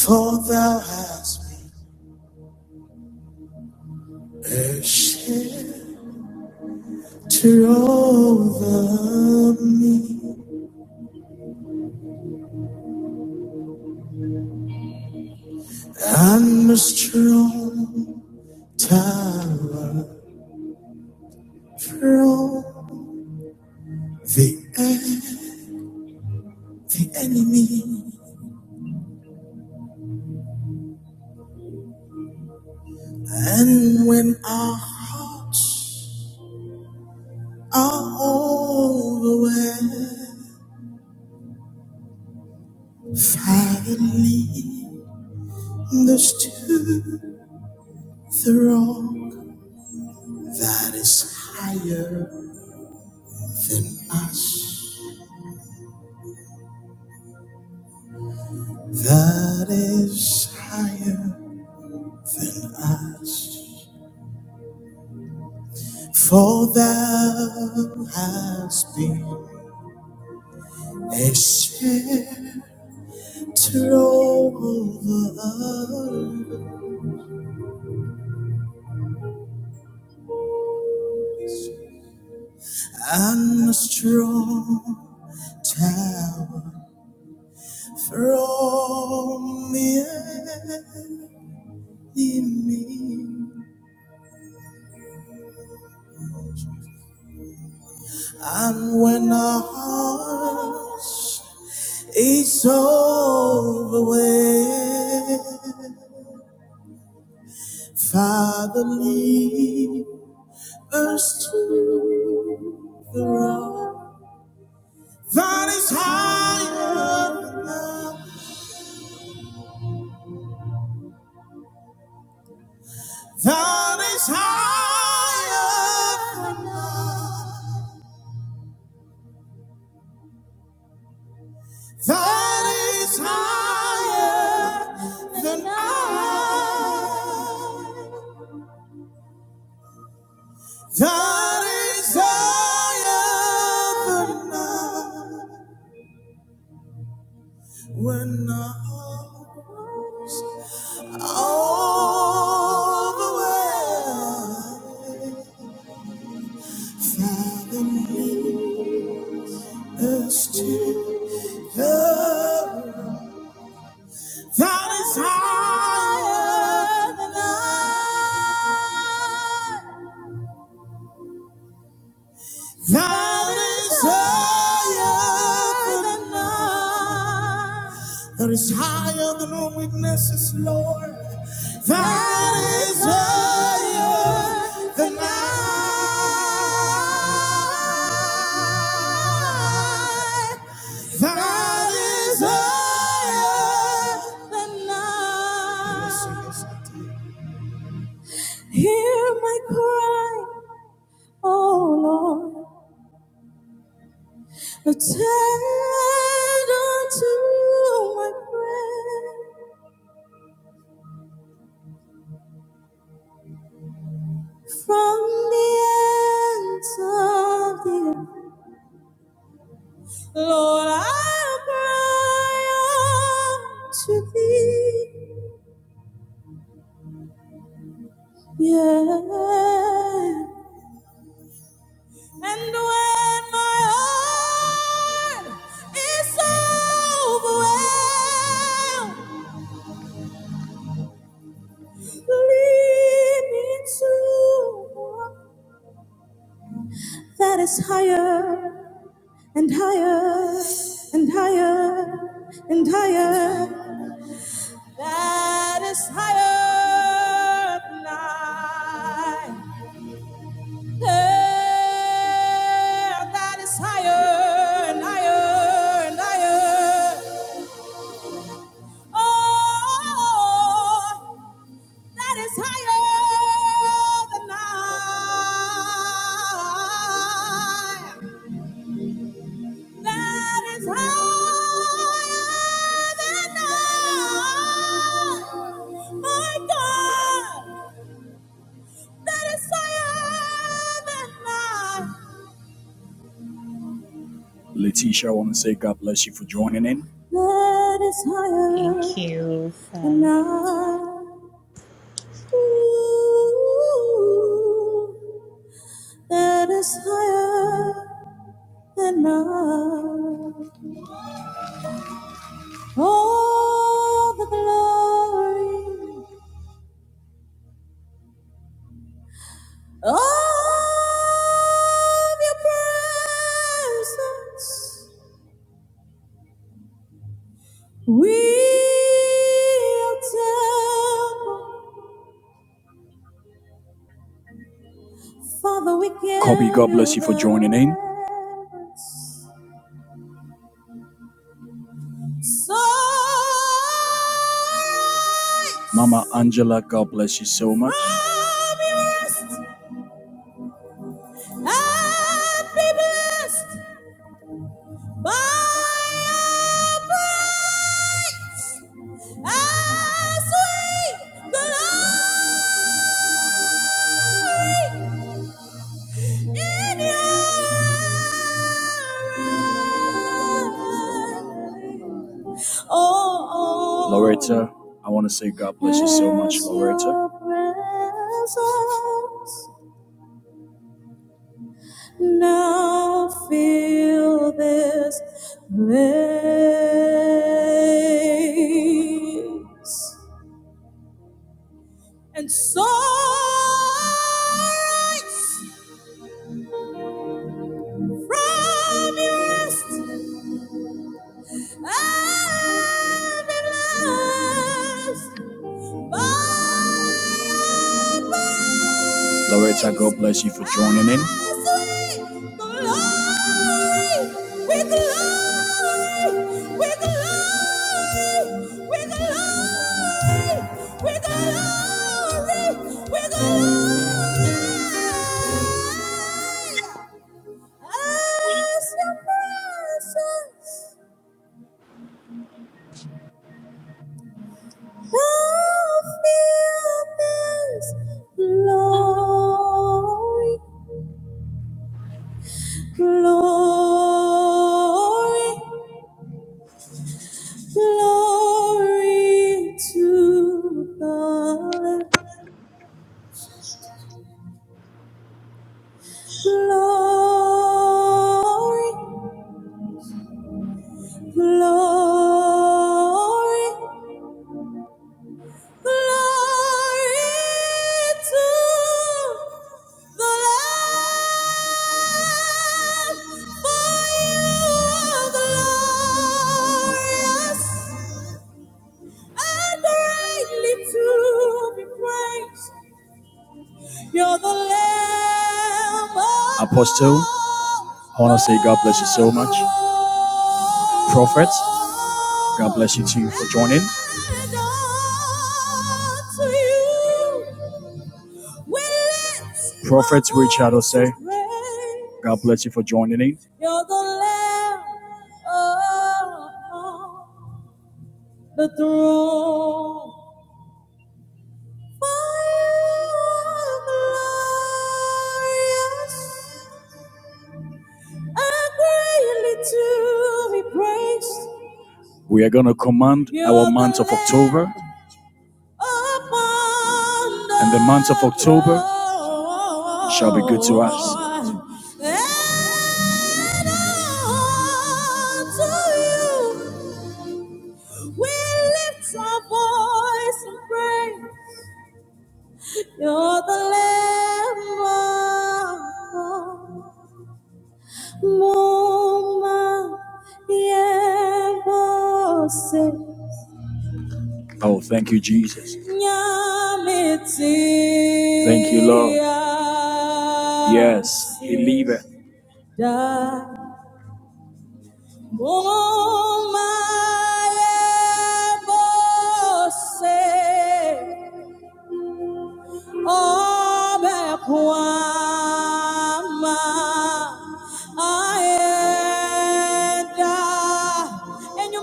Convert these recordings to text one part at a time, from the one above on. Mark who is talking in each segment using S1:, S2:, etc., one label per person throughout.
S1: For thou hast been a shelter over me, and a strong tower from the the enemy. And when our hearts are overwhelmed, finally there's to the rock that is higher than us. that is higher than us. For thou hast been a shelter over us and a strong tower from the enemy. And when our hearts is overwhelmed, Father, lead us to the road that is higher than I, that is higher than I, that is higher than I, that is higher than I, when I. All the world fathoming us to the that is higher than I. Thou is higher than I. There is higher than our weaknesses, Lord. That is higher than I. That is higher than I. Hear my cry, oh Lord. Attend unto my prayer from the ends of the earth. Lord, I cry unto thee, yeah. And when my heart is overwhelmed, lead me to one that is higher. and higher and higher and higher. That is higher than I. Yeah, That is higher and higher and higher. Oh, that is higher than I. That is higher than I. My God, that is higher than I. Letitia, I want to say God bless you for joining in. That is higher
S2: Thank you.
S1: than
S2: Um,
S1: I. Ooh, that is higher than I. All the glory. of your presence. We are temple. Father, we give Kobe, God bless you for joining in. So Mama Angela, God bless you so much. as we Oh, Loretta, I want to say God bless you so much, Loretta. now feel this place. And so rise from your rest Loretta, God bless you for joining in. With the Lord, with the Lord, with the Lord, as your presence. I'll feel this glory, glory, glory to the Lamb. Glory, glory, glory to the Lamb. Apostle, I want to say God bless you so much. Prophet, God bless you too for joining. Prophets Richard Osei, God bless you for joining in. You're the Lamb upon the throne. to be praised. We are going to command You're our month of October. And the month of October shall be good to us. to you. We lift our voice and pray. You're the Lamb of God. Moma yebose. Oh, thank you, Jesus. Thank you, Lord. Yes, believe it. Como é você? Oh, back I and you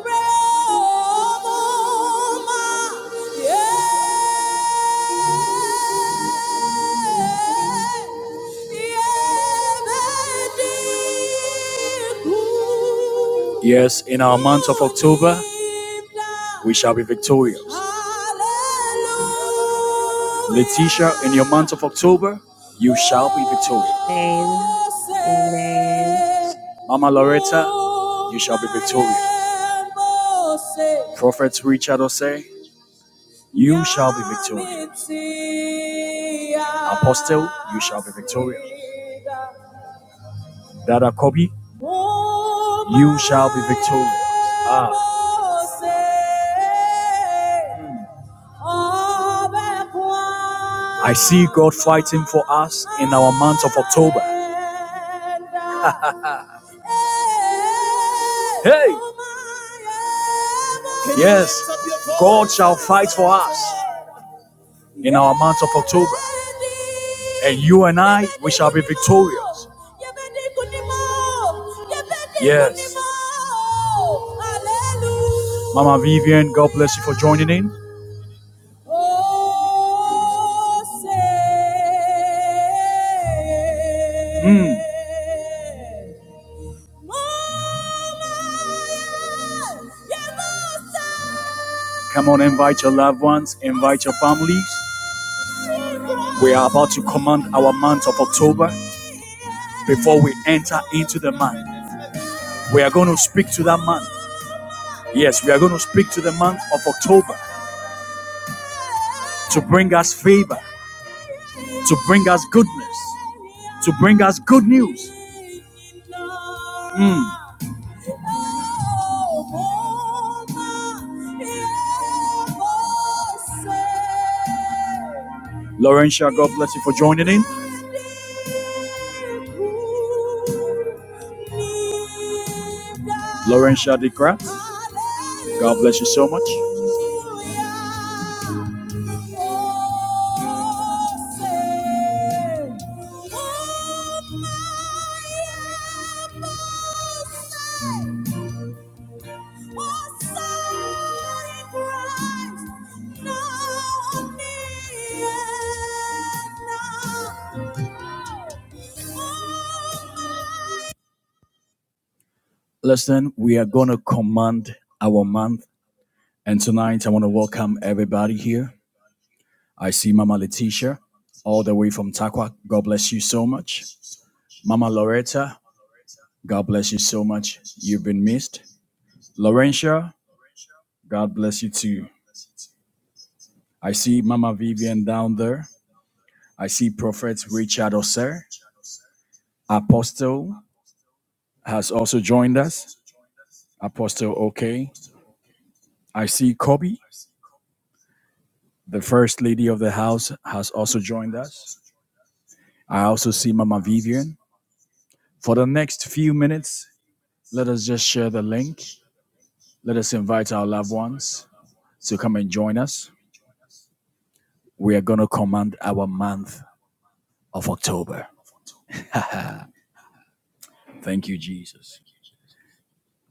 S1: Yes, in our month of October, we shall be victorious. Letitia, in your month of October, you shall be victorious.
S2: Amen. Amen.
S1: Mama Loretta, you shall be victorious. Prophet Richard Ose, you shall be victorious. Apostle, you shall be victorious. Dada Kobi, you shall be victorious. Ah. Hmm. I see God fighting for us in our month of October. hey! Yes, God shall fight for us in our month of October. And you and I, we shall be victorious. Yes. Mama Vivian, God bless you for joining in. Oh, say, mm. Come on, invite your loved ones, invite your families. We are about to command our month of October before we enter into the month. We are going to speak to that month. Yes, we are going to speak to the month of October to bring us favor, to bring us goodness, to bring us good news. Mm. Laurentia, God bless you for joining in. Lauren Shadikra, God bless you so much. Listen, we are going to command our month. And tonight, I want to welcome everybody here. I see Mama Letitia all the way from Takwa. God bless you so much. Mama Loretta, God bless you so much. You've been missed. Laurentia, God bless you too. I see Mama Vivian down there. I see Prophet Richard Osser. Apostle has also joined us. Apostle OK. I see Kobe, the first lady of the house, has also joined us. I also see Mama Vivian. For the next few minutes, let us just share the link. Let us invite our loved ones to come and join us. We are going to command our month of October. Thank you, Jesus.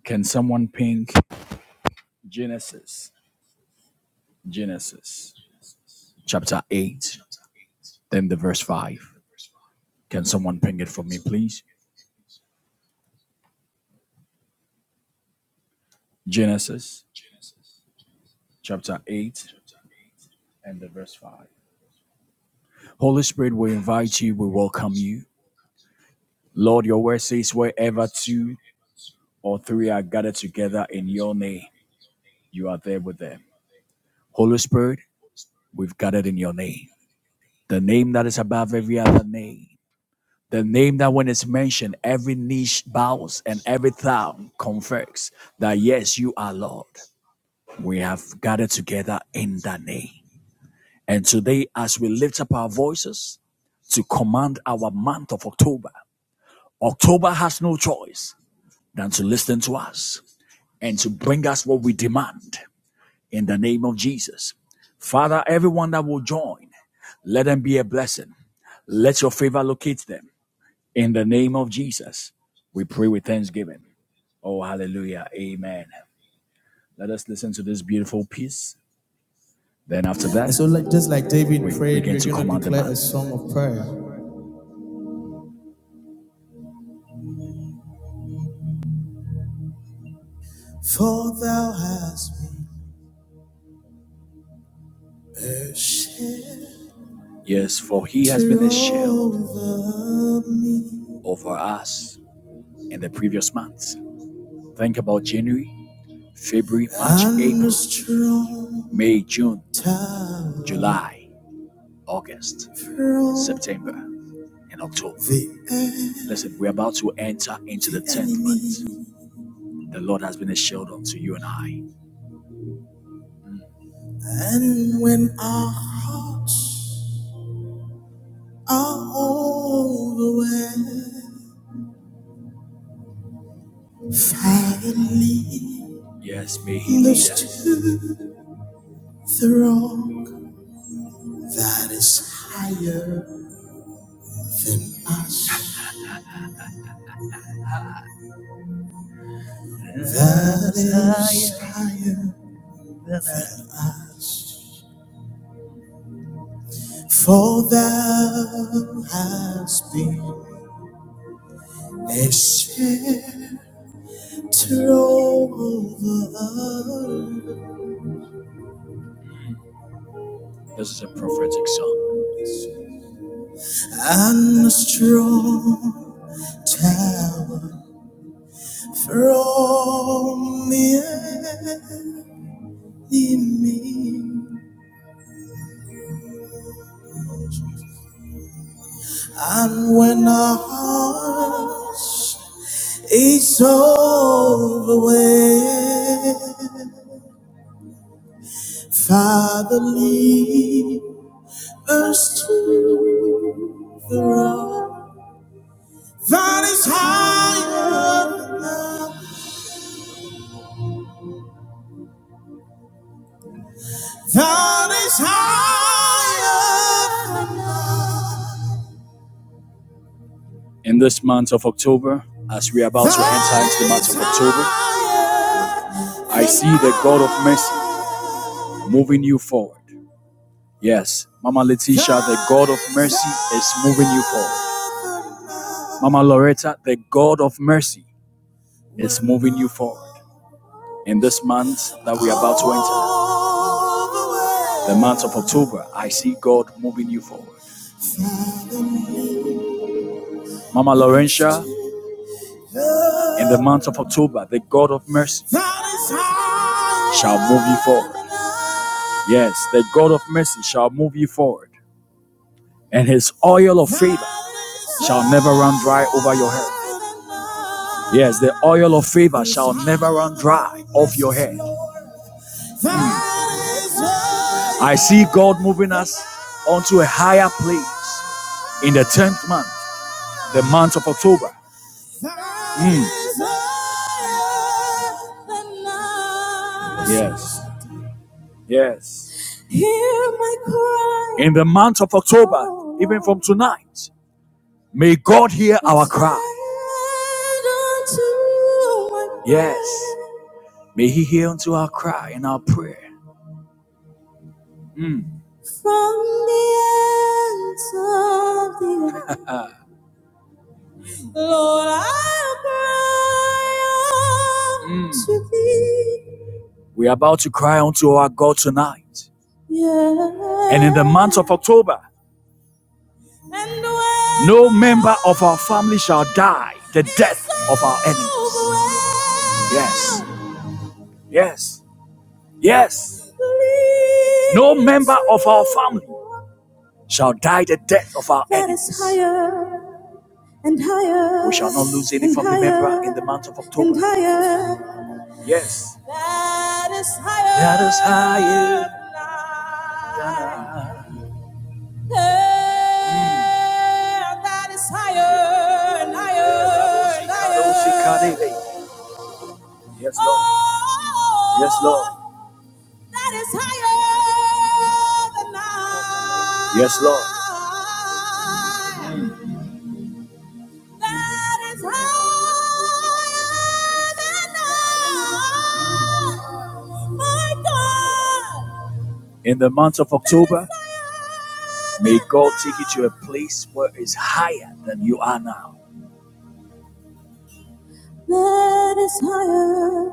S1: Can someone ping Genesis? Genesis chapter 8, then the verse 5. Can someone ping it for me, please? Genesis chapter 8 and the verse 5. Holy Spirit, we invite you, we welcome you. Lord, your word says, wherever two or three are gathered together in your name, you are there with them. Holy Spirit, we've gathered in your name, the name that is above every other name, the name that when it's mentioned, every niche bows and every tongue confesses that yes, you are Lord. We have gathered together in that name. And today, as we lift up our voices to command our month of October, October has no choice than to listen to us and to bring us what we demand in the name of Jesus. Father, everyone that will join, let them be a blessing. Let your favor locate them in the name of Jesus. We pray with thanksgiving. Oh, hallelujah. Amen. Let us listen to this beautiful piece. Then after that, so, like, just like David we prayed, we're to going to command the declare month. a song of prayer. For thou hast been a shield. Yes, for he has been a shield over me, over us in the previous months. Think about January, February, March, And April, May, June, July, August, September, and October. Listen, we're about to enter into the tenth month. The Lord has been a shield unto you and I. And when our hearts all the way. Finally, Yes, me. he lead us. the wrong that is higher than us. That is higher than us. For thou hast been a shelter over This is a prophetic song. and a strong tower. from the enemy. And when our hearts is overwhelmed, Father, lead us to the rock that is higher than us, that is higher than us. in this month of October, as we are about to enter into the month of October, I see the God of mercy moving you forward. Yes, Mama Letitia, the God of mercy is moving you forward. Mama Loretta, the God of mercy is moving you forward in this month that we are about to enter. The month of October, I see God moving you forward. Mama Laurentia, in the month of October, the God of mercy shall move you forward. Yes, the God of mercy shall move you forward, and his oil of favor shall never run dry over your head. Yes, the oil of favor shall never run dry off your head. Mm. I see God moving us onto a higher place in the 10th month, the month of October. Mm. Yes. Yes. In the month of October, even from tonight, may God hear our cry. Yes. May He hear unto our cry and our prayer. Mm. From the ends of the earth. Lord, I cry unto Mm. thee. We're about to cry unto our God tonight. Yeah. And in the month of October, no member of our family shall die the death of our enemies. Yes, yes, yes. No member of our family shall die the death of our enemies. and higher. We shall not lose any and family higher, member in the month of October. And higher. Yes. That is higher. That is higher. than I. Eh, That is higher and higher and higher. Yes, Lord. Yes, Lord. That is higher than I. Yes, Lord. That is higher than I. My God. In the month of October, may God take you to a place where it's higher than you are now. That is higher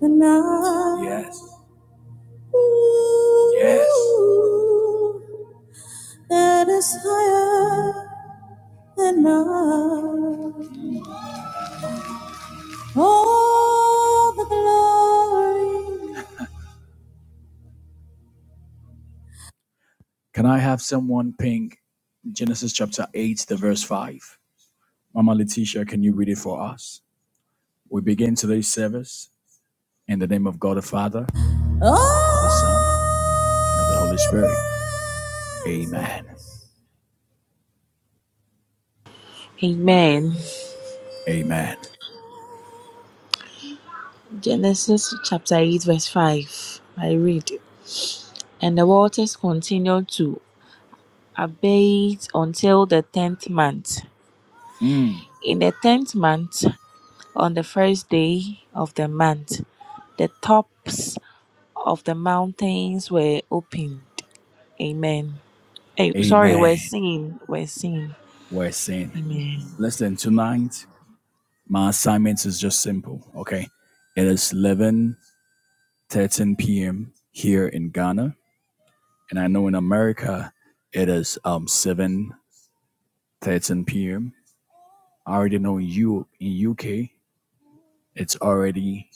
S1: than I. Yes. Ooh, Yes. That is higher than I. All the glory. Can I have someone ping Genesis chapter 8, the verse 5? Mama Letitia, can you read it for us? We begin today's service in the name of God the Father, the Son, and of the Holy Spirit. Amen.
S2: Amen.
S1: Amen.
S2: Genesis chapter 8, verse 5. I read, And the waters continued to abate until the tenth month.
S1: Mm,
S2: In the tenth month, on the first day of the month, the tops of the mountains were opened. Amen. Eh, sorry, we're
S1: amen.
S2: singing. We're singing.
S1: We're saying,
S2: Amen.
S1: listen, tonight, my assignment is just simple, okay? It is 11 p.m. here in Ghana. and I know in America it is um seven thirteen p.m. I already know in you in UK it's already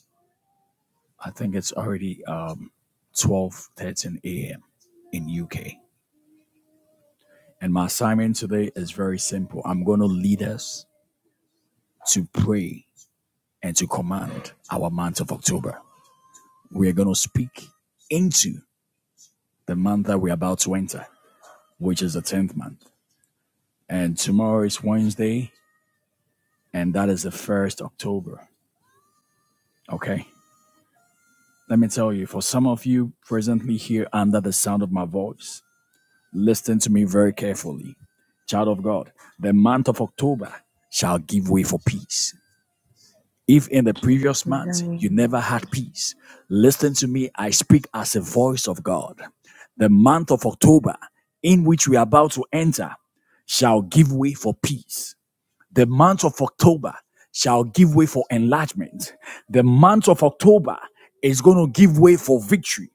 S1: I think it's already um twelve thirteen a.m. in UK. And my assignment today is very simple. I'm going to lead us to pray and to command our month of October. We are going to speak into the month that we're about to enter, which is the 10th month. And tomorrow is Wednesday, and that is the 1st October. Okay. Let me tell you, for some of you presently here under the sound of my voice, listen to me very carefully. Child of God, the month of October shall give way for peace. If in the previous months you
S2: Amen.
S1: never had peace, listen to me. I speak as a voice of God. The month of October, in which we are about to enter, shall give way for peace. The month of October shall give way for enlargement. The month of October is going to give way for victory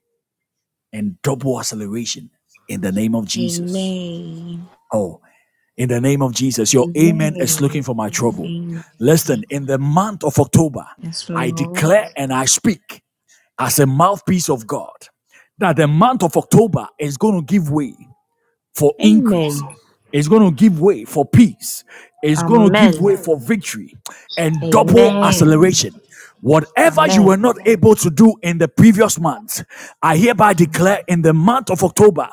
S1: and double acceleration in the name of Jesus.
S2: Amen.
S1: Oh, in the name of Jesus, your amen is looking
S2: Amen.
S1: for my trouble.
S2: Amen.
S1: Listen, in the month of October,
S2: Yes,
S1: I
S2: Lord.
S1: declare and I speak as a mouthpiece of God that the month of October is going to give way for increase.
S2: Amen.
S1: It's going to give way for peace. It's going to give
S2: Amen.
S1: way for victory and double
S2: Amen.
S1: acceleration. Whatever you
S2: Amen.
S1: were not able to do in the previous month, I hereby declare in the month of October,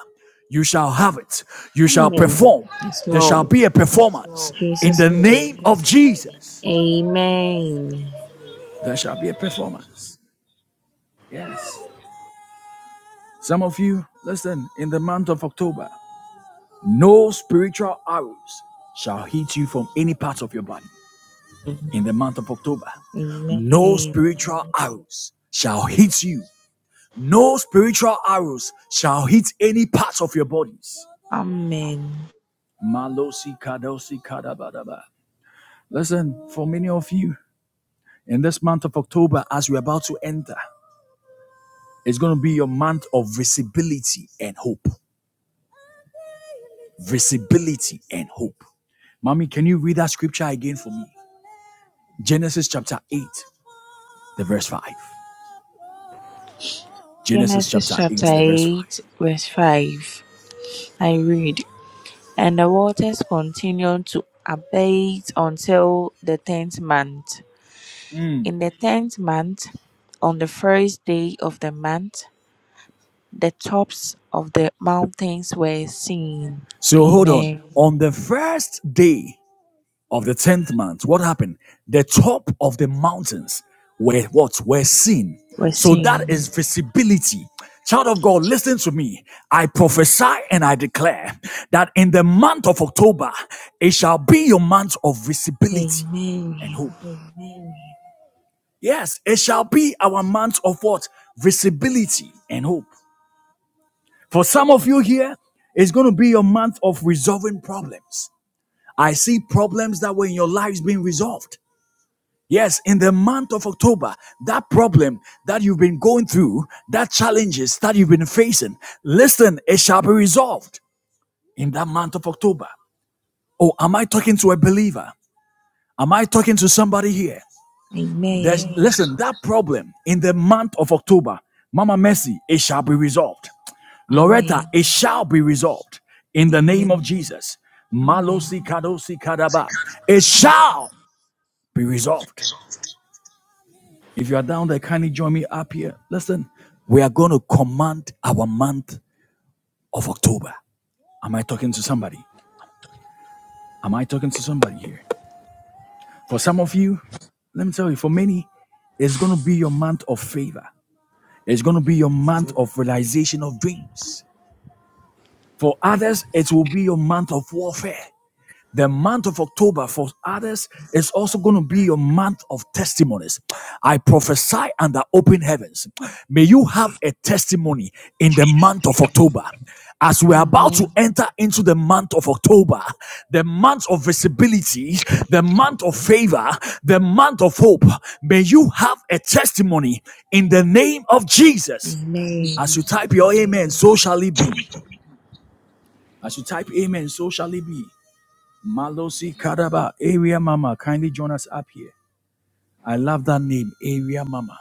S1: you shall have it. You shall
S2: Amen.
S1: perform.
S2: Yes,
S1: There shall
S2: Lord.
S1: be a performance
S2: In
S1: in
S2: Jesus'
S1: the name
S2: name.
S1: of Jesus.
S2: Amen.
S1: There shall be a performance. Yes. Some of you, listen, in the month of October, no spiritual arrows shall hit you from any part of your body. in the month of October. No
S2: Amen.
S1: spiritual arrows shall hit you. No spiritual arrows shall hit any parts of your bodies.
S2: Amen.
S1: Malosi kadosi kadabadaba. Listen, for many of you, in this month of October, as we're about to enter, it's going to be your month of visibility and hope. Visibility and hope. Mommy, can you read that scripture again for me? Genesis chapter 8, the verse 5. Genesis
S2: Genesis
S1: chapter 8,
S2: chapter
S1: the verse 5.
S2: 8, verse 5. I read, And the waters continued to abate until the tenth month.
S1: Mm.
S2: In the tenth month, on the first day of the month, The tops of the mountains were seen.
S1: So hold on.
S2: Amen.
S1: On the first day of the tenth month, what happened? The top of the mountains were what were seen.
S2: Were
S1: So that
S2: seen.
S1: is visibility. Child of God, listen to me. I prophesy and I declare that in the month of October, it shall be your month of visibility
S2: Amen.
S1: and hope. Yes, it shall be our month of what? Visibility and hope. For some of you here, it's going to be your month of resolving problems. I see problems that were in your lives being resolved. Yes, in the month of October, that problem that you've been going through, that challenges that you've been facing, listen, it shall be resolved in that month of October. Oh, am I talking to a believer? Am I talking to somebody here? There's
S2: Amen.
S1: listen, that problem in the month of October, Mama Mercy, it shall be resolved. Loretta,
S2: Amen.
S1: it shall be resolved in the name
S2: Amen.
S1: of Jesus.
S2: Amen.
S1: Malosi kadosi kadaba. It shall. be resolved. If you are down there, kindly join me up here. Listen, we are going to command our month of October. Am I talking to somebody? Am I talking to somebody here? For some of you, let me tell you, for many, it's going to be your month of favor. It's going to be your month of realization of dreams. For others, it will be your month of warfare. The month of October for others is also going to be your month of testimonies. I prophesy under open heavens. May you have a testimony in the month of October. As we're about to
S2: Amen.
S1: enter into the month of October, the month of visibility, the month of favor, the month of hope, may you have a testimony in the name of Jesus. As
S2: Amen.
S1: you type your amen, so shall it be. As you type amen, so shall it be. Malosi Kadaba, Area Mama, kindly join us up here. I love that name, Area Mama.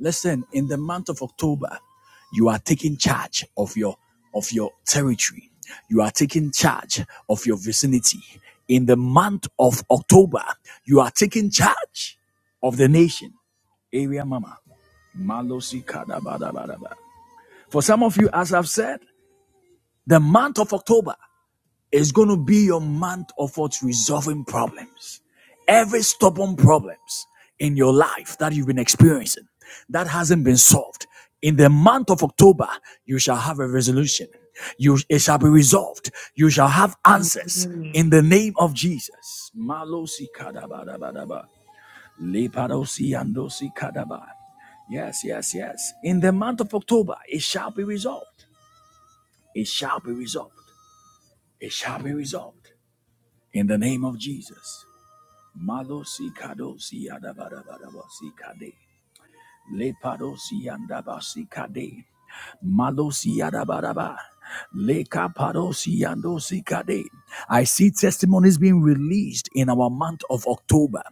S1: Listen, in the month of October, you are taking charge of your of your territory. You are taking charge of your vicinity. In the month of October, you are taking charge of the nation. Area Mama. Malosi Kadabadabadaba. For some of you, as I've said, the month of October it's going to be your month of what resolving problems. Every stubborn problems in your life that you've been experiencing that hasn't been solved. In the month of October, you shall have a resolution. You it shall be resolved. You shall have answers
S2: Amen.
S1: in the name of Jesus. Malosi kadaba, kadabadabadaba. Lepadosi andosi kadaba. Yes, yes, yes. In the month of October, it shall be resolved. It shall be resolved. It shall be resolved. In the name of Jesus. Malosi kadosi adabadabadabasi kade. Lepadosi andabasi kade. Malosi adabaraba. Leka padosi andosi kade. I see testimonies being released in our month of October.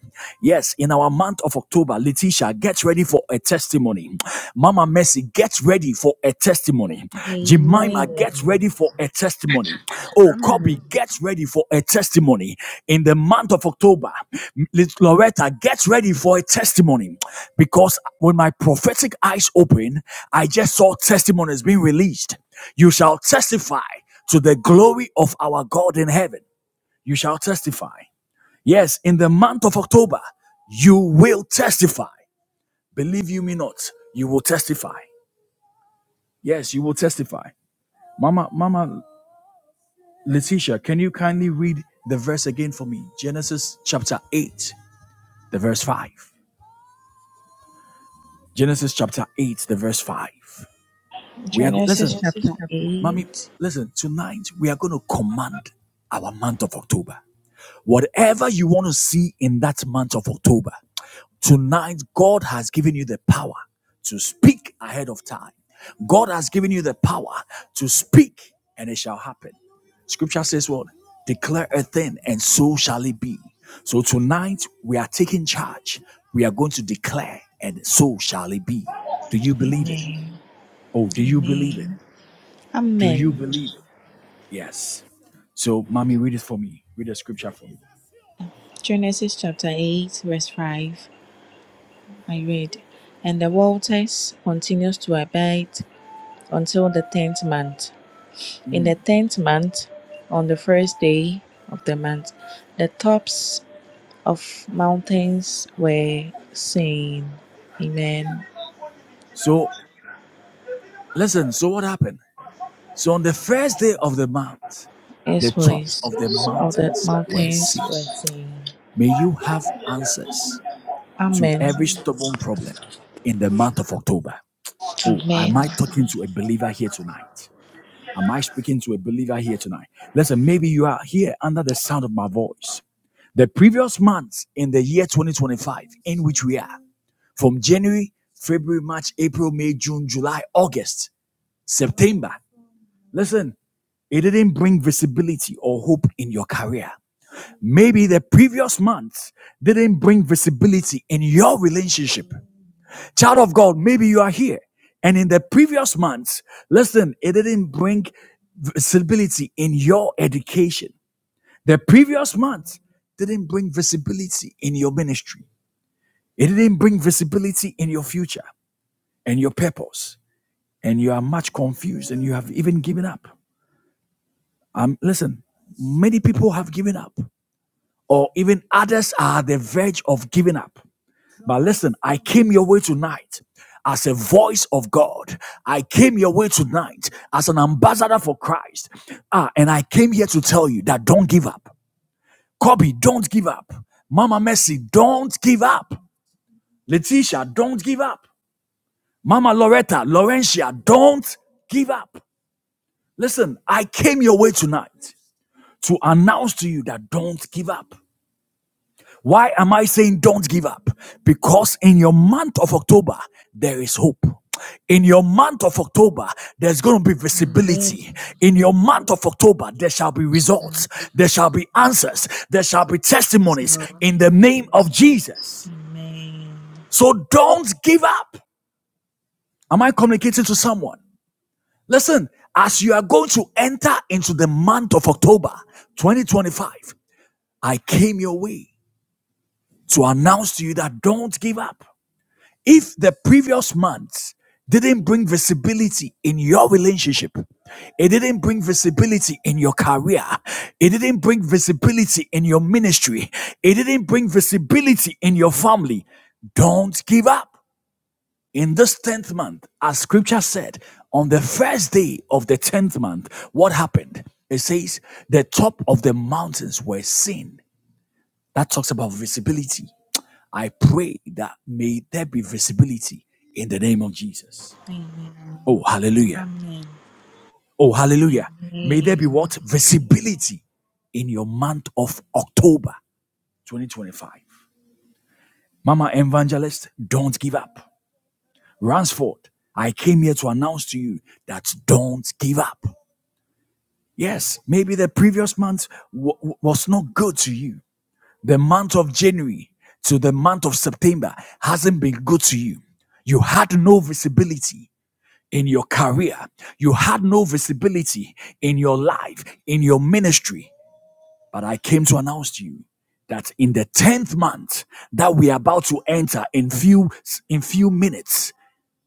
S1: Yes, in our month of October, Letitia, get ready for a testimony. Mama Mercy, get ready for a testimony. Jemima, get
S2: Amen.
S1: ready for a testimony. Oh, Kobe,
S2: Amen.
S1: get ready for a testimony in the month of October. Loretta, get ready for a testimony because when my prophetic eyes open, I just saw testimonies being released. You shall testify to the glory of our God in heaven. You shall testify. Yes, in the month of October, you will testify. Believe you me not, you will testify. Yes, you will testify. Mama, Mama Letitia, can you kindly read the verse again for me? Genesis chapter 8, the verse 5. Genesis chapter 8, the verse 5. We are go- listen,
S2: Genesis
S1: Genesis
S2: chapter
S1: mommy, eight.
S2: 8.
S1: listen, tonight we are going to command our month of October. Whatever you want to see in that month of October, Tonight, God has given you the power to speak ahead of time. God has given you the power to speak, and it shall happen. Scripture says, What? Declare a thing, and so shall it be. So tonight, we are taking charge. We are going to declare, and so shall it be. Do you believe it?
S2: Amen.
S1: Oh, do you believe it?
S2: Amen.
S1: Do you
S2: Amen.
S1: believe it? Yes. So, mommy, read it for me. Read the scripture for me.
S2: Genesis chapter 8, verse 5. I read, And the waters continues to abide until the tenth month. In the tenth month, on the first day of the month, the tops of mountains were seen. Amen.
S1: So, listen. So, what happened? So on the first day of the month, the tops
S2: Exploits
S1: of the
S2: of the
S1: mountains were
S2: mountains
S1: seen.
S2: were seen.
S1: May you have answers to
S2: Amen.
S1: every stubborn problem in the month of October. Oh, am
S2: Amen.
S1: I talking to a believer here tonight? Am I speaking to a believer here tonight? Listen, maybe you are here under the sound of my voice. The previous month in the year 2025, in which we are, from January, February, March, April, May, June, July, August, September. Listen, It didn't bring visibility or hope in your career. Maybe the previous month didn't bring visibility in your relationship. Child of God, maybe you are here. And in the previous months, listen, it didn't bring visibility in your education. The previous month didn't bring visibility in your ministry. It didn't bring visibility in your future and your purpose. And you are much confused and you have even given up. Um, listen, many people have given up. or even others are at the verge of giving up. But listen, I came your way tonight as a voice of God. I came your way tonight as an ambassador for Christ. Ah, and I came here to tell you that don't give up. Kobe, don't give up. Mama Mercy, don't give up. Letitia, don't give up. Mama Loretta, Laurentia, don't give up. Listen, I came your way tonight to announce to you that don't give up. Why am I saying don't give up? Because in your month of October, there is hope. In your month of October, there's going to be
S2: Amen.
S1: visibility. In your month of October, there shall be results. There shall be answers. There shall be testimonies
S2: So,
S1: in the name of Jesus.
S2: Amen.
S1: So don't give up. Am I communicating to someone? Listen, as you are going to enter into the month of October 2025, I came your way to announce to you that don't give up. If the previous month didn't bring visibility in your relationship, it didn't bring visibility in your career, it didn't bring visibility in your ministry, it didn't bring visibility in your family, don't give up in this 10th month, as scripture said, on the first day of the 10th month, what happened? It says the top of the mountains were seen. That talks about visibility. I pray that may there be visibility in the name of Jesus. Oh,
S2: Amen.
S1: hallelujah.
S2: Amen.
S1: Oh, hallelujah. May there be
S2: Amen.
S1: what? Visibility in your month of October 2025. Mama Evangelist, don't give up. Ransford, I came here to announce to you that don't give up. Yes, maybe the previous month wa- wa- was not good to you. The month of January to the month of September hasn't been good to you. You had no visibility. in your career. You had no visibility in your life, in your ministry. But I came to announce to you that in the 10th month that we are about to enter in few in few minutes,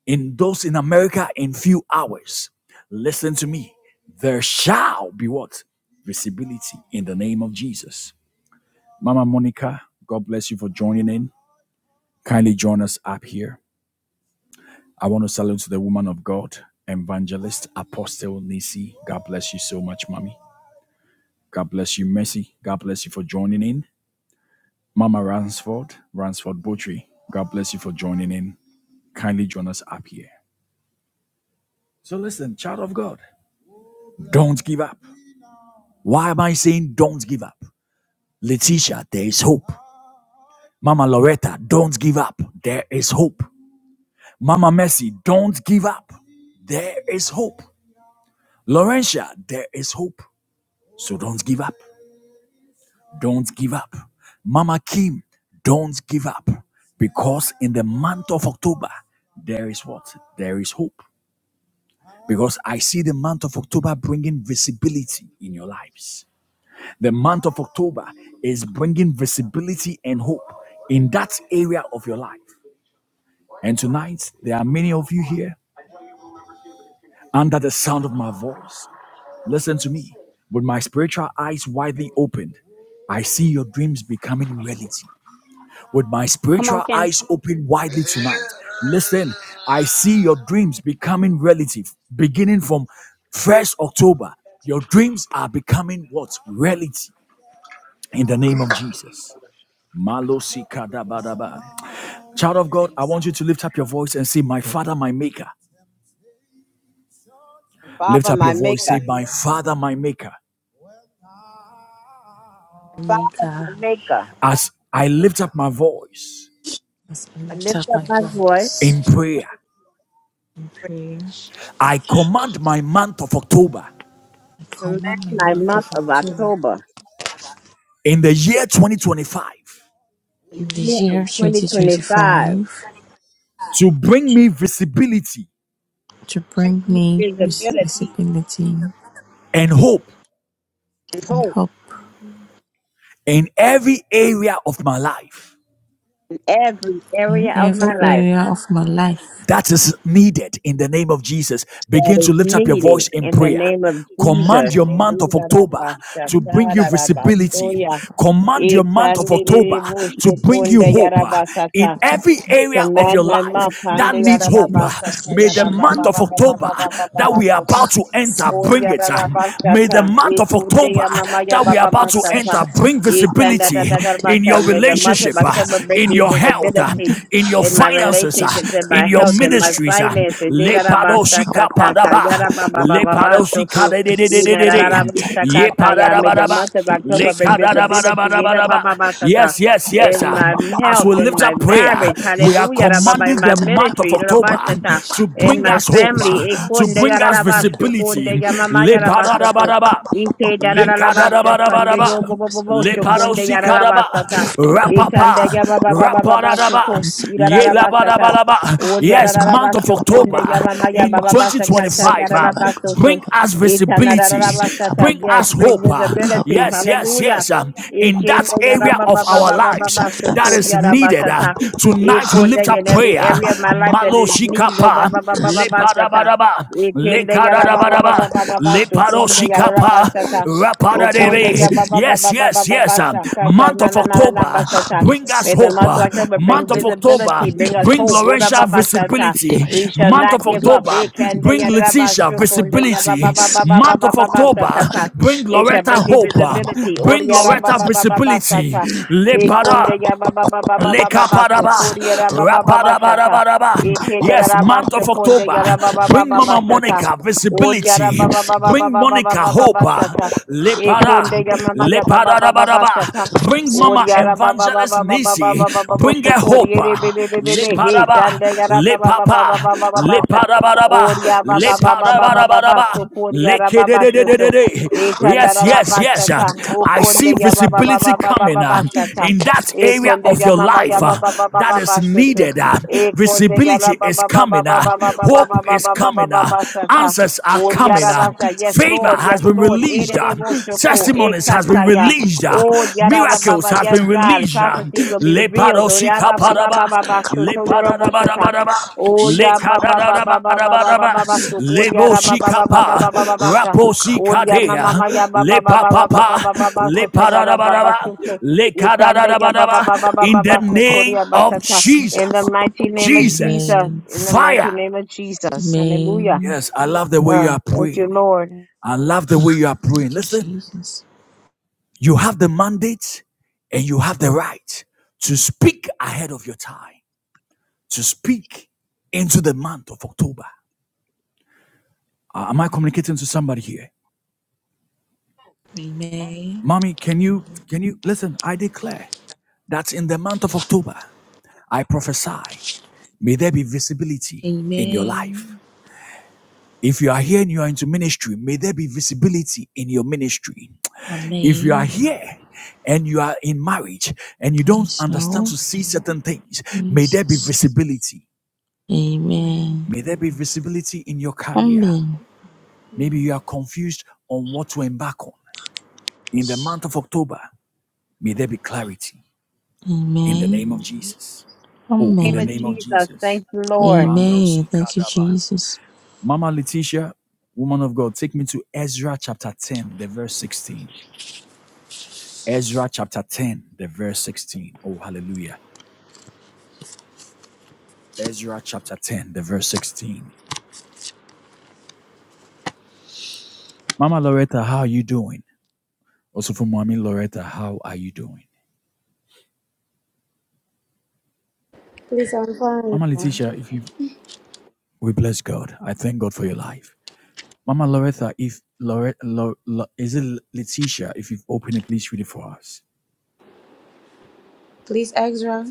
S1: in those in America in few hours, listen to me. There shall be what? Visibility in the name of Jesus. Mama Monica, God bless you for joining in. Kindly join us up here. I want to salute to the woman of God, evangelist, apostle Nisi. God bless you so much, mommy. God bless you, Mercy. God bless you for joining in. Mama Ransford, Ransford Butry. God bless you for joining in. Kindly join us up here. So listen, child of God, don't give up. Why am I saying don't give up? Letitia, there is hope. Mama Loretta, don't give up. There is hope. Mama Mercy, don't give up. There is hope. Laurentia, there is hope. So don't give up. don't give up. Mama Kim, don't give up. Because in the month of October, there is what? There is hope. Because I see the month of October bringing visibility in your lives. The month of October is bringing visibility and hope in that area of your life. And tonight, there are many of you here under the sound of my voice. Listen to me. With my spiritual eyes widely opened, I see your dreams becoming reality. with my
S3: Come on,
S1: spiritual
S3: Kenny.
S1: eyes open widely tonight. Listen, I see your dreams becoming reality beginning from 1st October. Your dreams are becoming what? Reality in the name of Jesus. Malosi kadabadaba. Child of God, I want you to lift up your voice and say, My Father, my Maker.
S4: And
S1: Lift
S4: Father,
S1: up
S4: my
S1: your voice,
S4: Maker.
S1: say, My Father, my Maker.
S4: And Father, my
S2: Maker,
S4: Maker.
S1: As I lift up my voice
S2: as I
S4: I
S2: lift
S4: lift
S2: up
S4: up
S2: my
S4: my voice
S1: in
S2: voice
S1: prayer,
S2: in
S4: to
S2: prayer,
S1: I command my month of October
S2: I
S4: commend
S2: command my
S4: my
S5: and
S2: month
S4: month
S2: of
S4: of
S2: October
S4: October,
S1: in the year 2025.
S4: the year
S2: this
S4: of
S5: patience,
S2: year
S5: but
S4: 2025.
S2: 2025
S1: to bring me visibility
S2: to
S5: to
S4: Bring
S2: bring
S4: me
S5: bring
S2: me
S5: it
S2: vis-
S4: visibility
S5: peaceably to
S2: visibility
S1: and hope
S4: and
S2: and
S4: hope
S2: hope
S5: every
S1: in every area of my life.
S4: in
S5: every
S4: every
S2: in
S4: area
S5: Amen.
S4: of
S2: every
S4: my life
S2: area of my life.
S1: that is needed in the name of Jesus.
S4: that
S1: Begin to
S4: is
S1: lift up your
S4: needed
S1: voice in
S4: in the
S1: prayer.
S4: name of
S1: Command
S4: Jesus.
S1: your month of October to bring you visibility. Command your month of October to bring you hope uh, in every area of
S4: Command
S1: your
S4: my
S1: life
S4: mouth.
S1: that needs hope. uh, May the month of October that we are about to enter bring it. uh, May the
S4: Orirarabasata,
S1: month of October
S4: ikundeya mamaya
S1: that we are about to
S4: babamasata,
S1: enter bring visibility in your
S4: itandadadadabasa.
S1: your
S4: May the month of
S1: relationship, uh,
S4: October bring
S1: in
S4: me
S1: your health, uh,
S4: visibility
S1: in your
S4: in my
S1: finances, uh,
S4: relationships, in
S1: in
S4: my
S1: your
S4: health, in my
S1: ministries. uh,
S4: finances. Irarabasakatata,
S1: Lepadoshikapadaba,
S4: yarabababababasuku,
S2: Lisa
S1: lepadoshikadededededede,
S2: Kapata
S4: inarararabasakataya.
S2: Kapapa,
S4: May the
S1: yepadadabadaba,
S4: month of
S2: the
S4: October bring
S2: gifted Lisa
S4: visibility
S2: Kapapa,
S1: lekadadabadabadabadaba.
S4: irabababasata,
S1: Yes, yes, yes.
S4: in
S1: uh,
S4: my
S1: As
S4: health,
S1: we
S4: in
S1: lift
S4: my
S1: up prayer,
S4: marriage.
S1: we are
S4: Hallelujah.
S2: Lisa
S4: rababa, In
S1: commanding
S4: my
S1: the month of
S4: ministry.
S2: Katapa,
S1: October
S4: irabasata
S1: to
S2: the
S4: in
S1: bring
S4: my
S2: company
S1: us
S2: was
S1: hope,
S2: reserved
S1: uh,
S4: family.
S1: to
S4: Ekunde
S2: Lisa
S1: bring us
S2: and
S4: yararabashu kunde
S1: visibility.
S4: yamama
S2: Kafta
S4: yarabasoko.
S1: Lepadadabadaba.
S4: Ite
S2: Kapapa,
S4: dararabasha
S2: to bring
S4: kunde
S1: Likadadabadabadaba.
S2: us
S4: yo
S2: up with the
S4: bobobobosho
S2: Disney
S4: kunde
S1: kadaba.
S4: yararabasata.
S2: gifted
S4: Ikande
S1: Rapapa.
S2: Kapapa,
S1: Rapadadaba.
S4: yabababababasoko
S2: Lisa Katapa,
S4: yararabasata.
S1: Yelabadabalaba.
S4: Ud
S1: Yes, month
S2: Lukapta
S1: of
S4: yararabashu kunde
S1: October
S4: yamama
S2: Papa,
S1: in
S4: yabababasha kata
S2: Lisa
S1: 2025.
S2: to the
S1: um,
S4: yararabasoto.
S1: bring
S2: bank.
S1: us visibility.
S4: Itanararabashata.
S1: Bring
S2: Sekapapa,
S4: Yes,
S1: us
S4: bring
S1: hope. uh,
S4: visibility.
S1: yes,
S2: lukapapa,
S1: yes,
S4: Hallelujah.
S1: yes. um, in that
S4: Ikinde
S1: area of our lives
S2: likapta,
S1: that
S4: yarabababababasoko
S1: is
S2: sekapapa,
S1: needed. uh,
S4: yarabasata.
S1: tonight we lift
S4: Ikundega in
S1: up
S4: every
S2: lukapta,
S1: prayer.
S4: area of my
S2: papapa,
S4: life that it is needed. Oh, ba
S1: Maloshikapa.
S4: ba ba ba ba
S1: Le
S4: ba
S2: kashetapa,
S4: shata.
S1: parabadaba le
S4: Ikundega ra ba ba ba
S1: Leparabaraba,
S4: ba ba ba
S2: tapapapapa,
S4: ba
S1: le
S4: so kundega ra ra
S2: likapapapa,
S4: ba
S1: paroshikapa,
S4: shata. O
S2: likapta,
S1: Raparadere.
S4: kundega ba ba
S2: sekapapa,
S4: ba
S1: Yes,
S4: ba ba ba
S1: yes,
S4: ba
S1: yes.
S4: ba
S1: um,
S4: shakata
S1: Month
S4: na
S1: of
S4: na na na na ba
S1: October,
S4: shata.
S1: bring us
S4: May the
S1: hope.
S4: month of
S1: uh,
S4: October
S2: likapapapa,
S4: bring
S1: Month of
S4: visibility,
S1: October,
S4: bring us
S1: bring
S4: hope. Oh, ra
S1: Lorenza
S4: ba ba shata.
S1: visibility.
S4: We shall
S1: Month
S4: not
S1: of
S4: give up.
S1: October, bring
S4: Ikundega ra ba
S1: Letitia
S4: shukundega ba ba
S1: visibility.
S4: ba ba ba ba
S1: Month
S4: ba
S1: of
S4: ba ba
S1: October,
S4: shakata.
S1: bring
S4: It shall
S1: Loretta
S4: bring me
S1: hope. uh,
S4: visibility. Oh,
S1: Bring
S4: ra ba
S1: Loretta
S4: ba ba ba ba
S1: visibility.
S4: shata.
S1: Le Lepara.
S4: Ekonde ya ba ba ba ba ba ba ba ba so
S1: Lekapadaba,
S4: koriya ra ba ba ba ba shata.
S2: I'm
S1: rapadabadabadaba.
S2: confident,
S4: Etene ra
S1: Yes,
S4: ra ba
S1: month
S2: I'm
S4: so
S1: of
S2: ready.
S4: konde
S1: October.
S4: ya
S2: I'm confident, I'm ready.
S4: ra
S2: I'm
S4: ba ba
S2: confident,
S4: ba
S1: Bring
S4: ba
S1: Mama
S4: ba
S2: I'm ready. I'm
S4: shata.
S1: Monica
S2: confident, I'm ready.
S4: Oriya ra
S2: I'm confident,
S1: visibility.
S4: ba ba ba
S2: I'm
S4: ba ba
S1: Bring
S4: ba ba ba
S1: Monica
S4: ba ba
S1: hope.
S4: ba shata.
S2: ready. I'm
S1: Lepada,
S4: Ekonde ya
S2: confident,
S4: mama ya
S2: I'm ready. I'm confident, I'm ready.
S4: ba ba ba ba ba
S1: lepadadabadaba.
S2: I'm
S4: shata.
S2: confident,
S1: Bring Mama
S4: Oriya ra
S2: I'm
S4: ba ba ba
S1: Evangelist
S4: ba ba ba ba
S1: Nisi.
S4: ba ba ba bo
S1: Bring
S4: so
S1: her hope.
S4: koriye re be be be be be he
S2: ready.
S1: Lepadaba,
S4: kande ya ra ba ba ba ba ba
S1: lepapa,
S4: ba ba ba ba sha.
S1: lepadabadaba.
S4: Oriya ba ba ba ba ba ba ba ba
S1: Lepadabadabadaba.
S4: so koriya ra ba ba shoto.
S1: Lekededededede. Yes, yes, yes. uh,
S4: Itandarabashata.
S1: I see
S4: Ukunde
S1: visibility coming uh,
S4: yabababababababashata.
S1: in that area
S4: Ikunde
S1: of your life uh, that is
S4: yamamababababababashata.
S1: needed. uh,
S4: Ikunde
S1: Visibility is coming. uh, Hope is coming. uh,
S4: yarabababababababababababababashata.
S1: Answers are coming. uh,
S4: Uriyarabasha. Yes,
S1: Favor
S4: Lord.
S1: has
S4: Yes,
S1: been
S4: Lord.
S1: released. uh,
S4: Erereboshoko.
S1: Testimonies has been
S4: Ekataya.
S1: released. uh,
S4: Oh,
S1: Miracles
S4: yarabababa.
S1: has
S4: Yes,
S1: been
S4: God.
S1: released. uh,
S4: Prophecies will be revealed.
S1: Lepadoshikapadaba,
S4: Uriyababababababashoto yoroboshata.
S1: lepadadabadabadaba,
S4: Oh, ya
S1: lekadadadabadabadaba,
S2: I'm
S1: leboshikapa,
S4: yabababababababababashukuriyarabababababababasha. Odia
S2: confident, I'm ready.
S4: mama
S1: raposhikadea,
S4: mama ya ba ba ba ba ba ba
S1: lepapapa,
S4: ba ba ba ba sata ya ba ba. ba
S1: lepadadabadaba,
S4: shuso. Ikande ya ba ba. ba
S1: lekadadadabadaba.
S4: ba
S2: Likanda
S4: ba ba
S2: pa
S4: ba
S1: In
S2: pa
S1: the
S4: baba
S2: pa
S4: baso
S2: pa.
S1: name
S4: ba
S1: of
S4: basata.
S2: Lisaka
S4: In the
S2: pa
S1: Jesus,
S2: pa pa
S4: mighty
S2: pa.
S4: name
S2: pa.
S4: of
S1: Jesus,
S4: Jesus.
S2: Amen.
S4: In the mighty
S1: fire.
S4: name of Jesus. Hallelujah.
S2: Amen.
S1: Yes, I love the way you
S4: Uh,
S1: are
S4: thank you,
S1: praying.
S4: Lord. In
S1: I love the way you are
S2: Thank
S1: praying.
S2: you,
S1: Listen.
S2: Jesus.
S1: You have the mandate and you have the right to speak ahead of your time, to speak into the month of October. Uh, am I communicating to somebody here?
S2: Amen.
S1: Mommy, can you can you listen? I declare that in the month of October, I prophesy, may there be visibility in your
S2: Amen.
S1: life. If you are here and you are into ministry, may there be visibility in your ministry.
S5: Amen.
S1: If
S2: Amen.
S1: you are here and you are in marriage and you don't
S2: Yes,
S1: understand
S2: Lord.
S1: to see certain things, may there be
S2: Jesus.
S1: visibility
S2: Amen.
S1: May there be visibility in your career.
S2: Amen.
S1: Maybe
S5: Amen.
S1: you are confused on what to embark on. In the month of October, may there be clarity in the
S2: Amen.
S1: name of Jesus. Oh,
S4: the
S1: in
S2: Amen.
S4: name
S1: the
S4: of
S1: name of
S4: Jesus.
S1: Jesus.
S4: Thank you, Lord.
S2: Amen.
S1: Malosi
S2: Thank you,
S1: kadaba.
S2: Jesus.
S1: Mama Letitia, woman of God, take me to Ezra chapter 10, the verse 16. Ezra chapter 10, the verse 16. Oh, hallelujah. Ezra chapter 10, the verse 16. Mama Loretta, how are you doing? Also for Mommy Loretta, how are you doing?
S6: Please, I'm fine.
S1: Mama Letitia, if you We bless God. I thank God for your life. Mama Loretta, if Lore, Lo, Lo- is it Letitia? If you've opened it, please read it for us.
S6: Please, Ezra.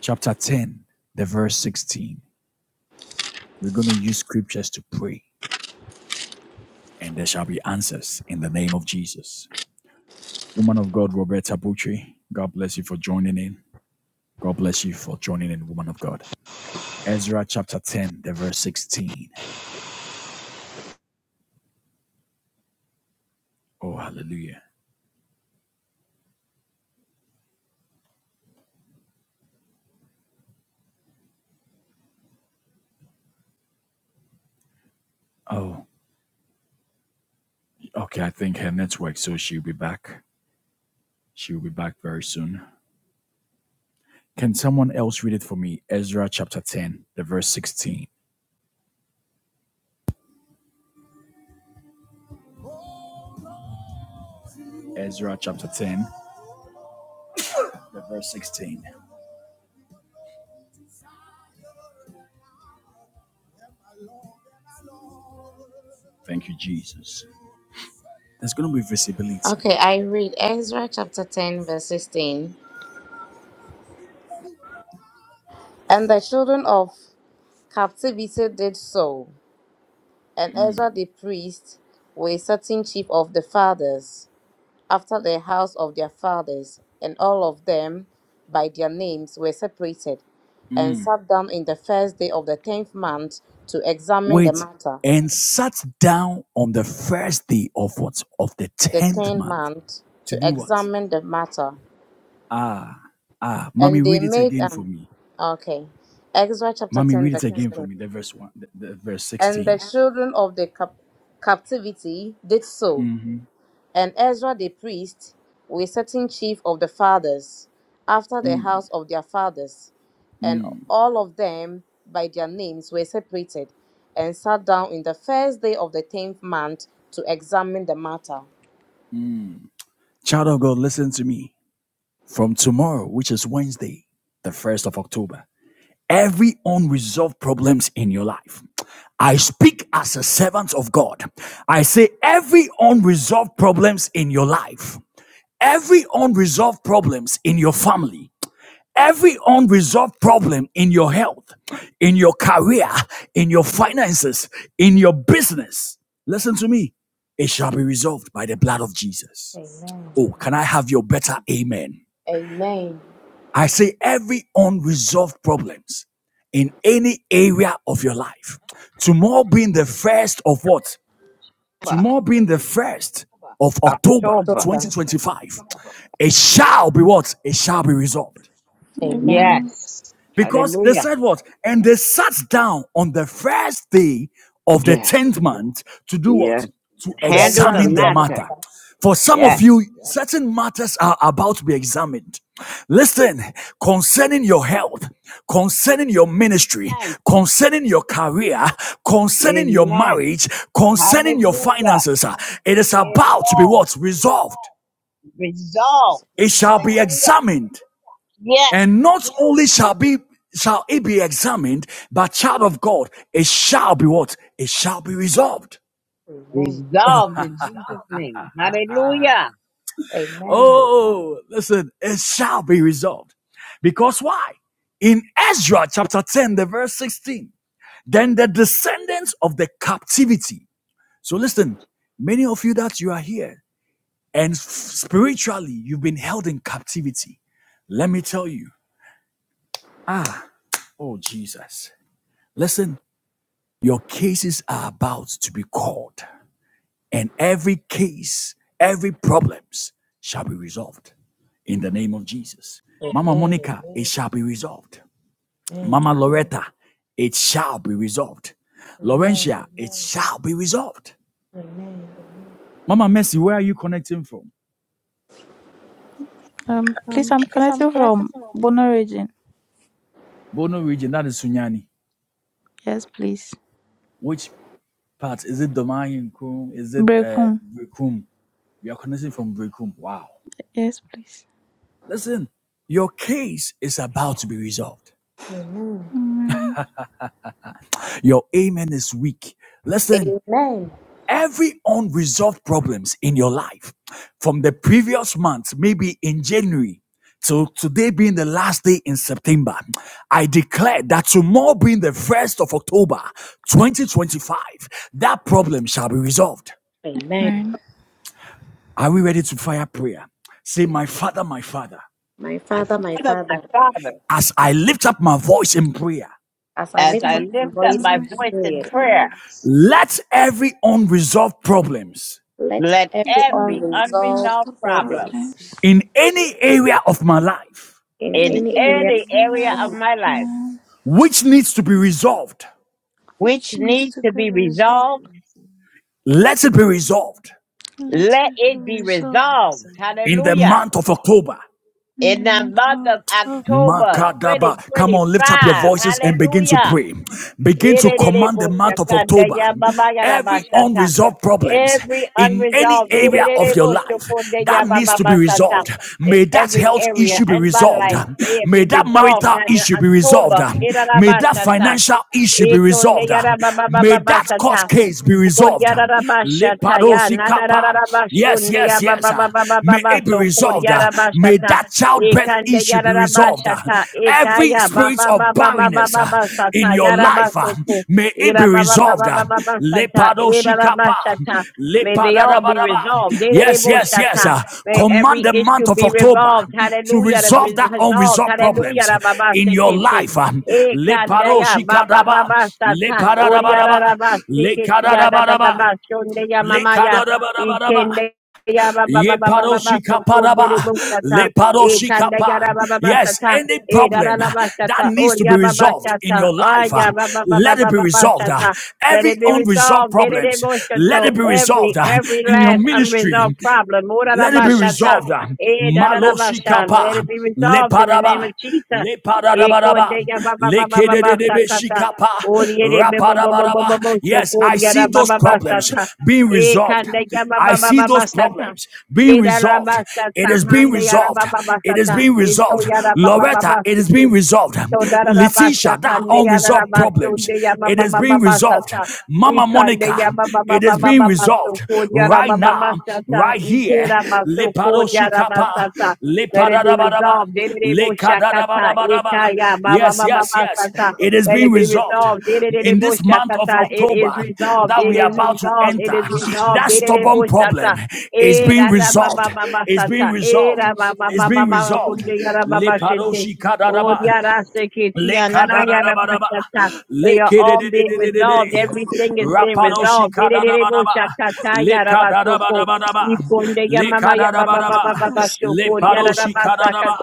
S1: Chapter 10, the verse 16. We're going to use scriptures to pray, and there shall be answers in the name of Jesus. Woman of God, Roberta Butchie, God bless you for joining in. God bless you for joining in, woman of God. Ezra chapter 10, the verse 16. Oh, hallelujah. Oh, okay. I think her network, so she'll be back. She'll be back very soon. Can someone else read it for me? Ezra chapter 10, the verse 16. Ezra chapter 10, the verse 16. Thank you, Jesus. There's going to be visibility.
S6: Okay, I read Ezra chapter 10, verse 16. And the children of captivity did so, and Ezra the priest was certain chief of the fathers, after the house of their fathers, and all of them by their names were separated, and sat down in the first day of the tenth month to examine the
S1: Wait,
S6: matter.
S1: and sat down on the first day of what? Of the
S6: The
S1: 10th
S6: tenth
S1: month.
S6: month
S1: To
S6: to
S1: do what?
S6: examine the matter.
S1: Ah, mommy,
S6: And they
S1: read it
S6: made
S1: again for
S6: um
S1: me.
S6: okay. Exodus chapter
S1: Mommy,
S6: 10,
S1: read
S6: verse
S1: it again for
S6: 16.
S1: me. The verse one, the, the verse
S6: And the
S1: 16.
S6: children of the cap- captivity did so. And Ezra the priest, with certain chief of the fathers, after the house of their fathers, and all of them by their names were separated, and sat down in the first day of the tenth month to examine the matter.
S1: Child of God, listen to me. From tomorrow, which is Wednesday, the 1st of October, every unresolved problems in your life. I speak as a servant of God. I say every unresolved problems in your life, every unresolved problems in your family, every unresolved problem in your health, in your career, in your finances, in your business. Listen to me. It shall be resolved by the blood of Jesus.
S6: Amen.
S1: Oh, can I have your better amen?
S6: Amen.
S1: I say every unresolved problems in any area of your life. Tomorrow being the first of what?
S4: October.
S1: Tomorrow being the first of October
S4: October.
S6: Sober.
S1: 2025. It shall be what? It shall be resolved.
S6: Amen.
S7: Amen.
S4: Yes.
S1: Because they
S4: Hallelujah.
S1: said what? And they sat down on the first day of the
S4: Yes.
S1: 10th month to do what?
S4: Yes.
S1: To
S6: To
S4: Handle the
S1: examine
S6: examine
S1: the
S6: the
S4: matter.
S1: matter.
S6: matter.
S1: For some of
S4: Yes.
S1: you, certain matters are about to be examined. Listen, concerning your health, concerning your ministry,
S4: Amen.
S1: concerning your career, concerning your
S4: Amen.
S1: marriage, concerning your
S4: Hallelujah.
S1: finances, uh, it is about to be
S4: Amen.
S1: what? Resolved.
S4: Resolved.
S1: It shall be
S4: Hallelujah.
S1: examined.
S4: Yes.
S1: And not only shall be shall it be examined, but child of God, it shall be what? It shall be resolved.
S6: Amen.
S4: Resolved in Jesus' name. Hallelujah.
S6: Amen.
S1: Oh, listen, it shall be resolved. Because why? In Ezra chapter 10, the verse 16, then the descendants of the captivity. So listen, many of you that you are here and spiritually you've been held in captivity. Let me tell you, ah, oh Jesus. Listen, Your cases are about to be called, and every case, every problems shall be resolved in the name of Jesus. Mama
S6: Amen.
S1: Monica, it shall be resolved.
S6: Amen.
S1: Mama Loretta, it shall be resolved.
S6: Amen.
S1: Laurentia, it shall be resolved.
S6: Amen.
S1: Mama Mercy, where are you connecting from?
S7: Um, please, I'm connecting from Bono region.
S1: Bono region, that is Sunyani.
S7: Yes, please.
S1: Which part? Is it Domain Kum? Is it uh,
S7: Brekum.
S1: Brikum? You are connecting from Brikum. Wow.
S7: Yes, please.
S1: Listen, your case is about to be resolved.
S6: Amen.
S7: Amen.
S1: Your amen is weak. Listen,
S6: Amen.
S1: every unresolved problems in your life from the previous month, maybe in January, to today being the last day in September, I declare that tomorrow being the first of October 2025, that problem shall be resolved.
S6: Amen.
S7: Amen.
S1: Are we ready to fire prayer? Say, My Father, my Father,
S6: My
S4: My
S6: Father, my
S4: Father, my
S6: Father,
S4: Father,
S1: as I lift up my voice in prayer,
S6: as I
S7: As
S4: as
S6: lift
S7: I
S5: Because
S4: I
S6: up
S5: my
S7: lift
S4: lift
S6: my
S7: up
S4: up
S7: my
S6: voice
S4: my
S6: in
S5: liberty
S7: voice
S4: voice
S5: is
S7: in
S4: in
S6: prayer,
S5: in
S4: prayer,
S7: prayer,
S5: progress.
S1: let every unresolved problems
S6: let
S4: let
S6: every
S7: It's
S5: And
S4: every
S7: a
S5: thank you, you
S7: noise
S5: are
S4: unresolved
S6: unresolved
S7: of
S5: to
S4: problem
S6: problems
S5: the
S7: problems
S1: in
S5: peace.
S1: any area of my life
S6: in
S4: in
S7: in
S6: any area.
S7: every
S4: any
S7: area
S4: area of
S7: of
S5: Amen.
S4: my life
S5: Amen.
S7: man
S1: which needs to be resolved.
S4: which
S7: which needs
S5: Just
S4: needs
S7: to
S4: to
S7: be
S4: be
S5: grace,
S7: resolved.
S4: resolved,
S5: mercy,
S1: Let it be resolved
S7: Let
S4: let
S7: it be
S4: it be
S5: gratitude,
S7: resolved
S5: and
S4: resolved.
S5: mercy.
S1: in the
S4: Hallelujah.
S1: month of October.
S7: in the
S4: In the
S5: And
S7: month of
S4: month
S5: among
S4: of
S5: the
S7: October.
S4: October
S5: people.
S1: Makadaba. Come
S4: 2025.
S1: on, lift up your voices and begin to
S4: Hallelujah.
S1: pray. Begin to command the month of October. Every
S4: Irerereboshakandeyababagabashata.
S1: unresolved problems
S4: Every
S1: in any
S4: unresolved
S1: area of your life that needs to be
S4: irerereboshakondeyabababasata
S1: resolved.
S4: in
S1: May that
S4: every
S1: health
S4: area
S1: issue be
S4: in my
S1: resolved.
S4: life, may it
S1: May
S4: be
S1: that
S4: resolved
S1: marital
S4: that in
S1: issue be resolved.
S4: October,
S1: May that
S4: irarabashata,
S1: financial issue be resolved. May that court
S4: itondeyarababababasata.
S1: case be resolved.
S4: Oriarabashata ya
S1: Lepadosi kapa. Yes,
S4: nadarabashunde ya
S1: yes, yes.
S4: baba baba baba
S1: May it be
S4: baso
S1: resolved. uh, May
S4: koriarabashata
S1: that childbirth
S4: ekande
S1: issue be resolved. uh.
S4: yarabashata
S1: Every
S4: ekaya
S1: spirit
S4: baba
S1: of
S4: baba baba
S1: barrenness uh,
S4: baba
S1: in
S4: sata
S1: your life, uh,
S4: yarabaso ko
S1: may it
S4: ira
S1: be
S4: baba baba
S1: resolved.
S4: baba
S1: uh.
S4: baba sata
S1: Lepado shikapa,
S4: irarabashata may they all be
S1: lepadadabadaba.
S4: resolved
S1: Yes, yes, yes.
S4: derereboshata
S1: uh.
S4: may every
S1: Command the
S4: issue
S1: month of
S4: be
S1: October
S4: resolved
S1: to
S4: hallelujah
S1: resolve that
S4: resolved
S1: unresolved
S4: hallelujah
S1: problems
S4: rababa
S1: in your
S4: sekete.
S1: life. uh.
S4: E
S1: Lepado
S4: kandaya baba
S1: shikadaba,
S4: baba sata oriara
S1: lepadadabadaba,
S4: raba sike tiya da da da ba shonde ya mama ya
S1: lekadadabadaba.
S4: ikende ya baba
S1: Ye
S4: baba baba baba
S1: paroshika
S4: so
S1: paraba.
S4: kondere bukata
S1: Le
S4: e
S1: paroshika
S4: kandaya
S1: pa.
S4: raba baba
S1: Yes,
S4: sata
S1: any
S4: e
S1: problem
S4: rara raba
S1: that
S4: sata
S1: needs to be
S4: oria baba
S1: resolved in
S4: sata
S1: your life, uh,
S4: aya baba baba
S1: let it be
S4: baba baba
S1: resolved. uh.
S4: sata let
S1: Every
S4: it be
S1: unresolved
S4: resolved. Dede
S1: problems,
S4: motion
S1: let
S4: to
S1: it be resolved
S4: every
S1: uh,
S4: every
S1: in your
S4: last
S1: ministry.
S4: unresolved problem. Ora
S1: Let it
S4: raba
S1: be
S4: sata.
S1: resolved.
S4: Eh, da da da ba sha. Let
S1: Maloshikapa,
S4: it be resolved in the
S1: lepadaba,
S4: name of Jesus.
S1: lepadadabadaba,
S4: Ekonde ya ba ba ba ba ba ba sakata.
S1: lekedededebeshikapa,
S4: Oriere be bo bo bo bo bo
S1: rapadabadaba.
S4: bo
S1: Yes,
S4: shokori
S1: I
S4: ya ra
S1: see
S4: ba
S1: those
S4: ba ba
S1: problems
S4: sata.
S1: being resolved.
S4: Ekande ya ba
S1: I
S4: ba ba
S1: see
S4: ba ba
S1: those
S4: sata.
S1: problems being
S4: Era ra
S1: resolved.
S4: ba sata.
S1: It is being
S4: Hande ya ra
S1: resolved.
S4: ba ba ba
S1: It is
S4: sata.
S1: being
S4: Eto
S1: resolved.
S4: ya ra ba ba ba ba
S1: Loretta, it is
S4: sata.
S1: being resolved.
S4: So darabasta
S1: Letitia, that
S4: kande
S1: unresolved
S4: yarabasta
S1: problems,
S4: unde yama
S1: it is
S4: mama
S1: being
S4: mama
S1: resolved.
S4: sata.
S1: Mama
S4: Ikande
S1: Monica,
S4: yama mama
S1: it is
S4: mama
S1: being
S4: mama so
S1: resolved
S4: ko
S1: right
S4: yarama
S1: now,
S4: mama sata.
S1: right here.
S4: Itera maso ko yarama sata. Let it be resolved. Dede mo shakata. Ikaya mama
S1: Yes,
S4: mama
S1: yes,
S4: mama
S1: yes.
S4: sata.
S1: It is
S4: Let
S1: being
S4: it be
S1: resolved
S4: resolved. Dede
S1: in
S4: mo
S1: this month of
S4: shakata. It is
S1: October
S4: resolved.
S1: that
S4: It
S1: we are
S4: is
S1: about to
S4: resolved. It
S1: enter.
S4: is resolved.
S1: That
S4: Dede
S1: stubborn
S4: mo shakata.
S1: problem is being
S4: Era da
S1: resolved.
S4: mama mama
S1: It's being
S4: sata.
S1: resolved.
S4: Era mama
S1: It's
S4: mama
S1: being
S4: mama
S1: resolved.
S4: kunde yarama mama shente. Oh,
S1: Lepadoshikadadaba.
S4: yada seketia, nana yada
S1: Lekadadadabadaba.
S4: They are all being
S1: Lekedededededede.
S4: resolved. Everything is being resolved. Dererebo
S1: Rapadoshikadadabadaba.
S4: shakata yada
S1: Lekadadabadabadaba.
S4: Iponde ya mama ya
S1: Lekadadabadaba. Lepadoshikadadaba.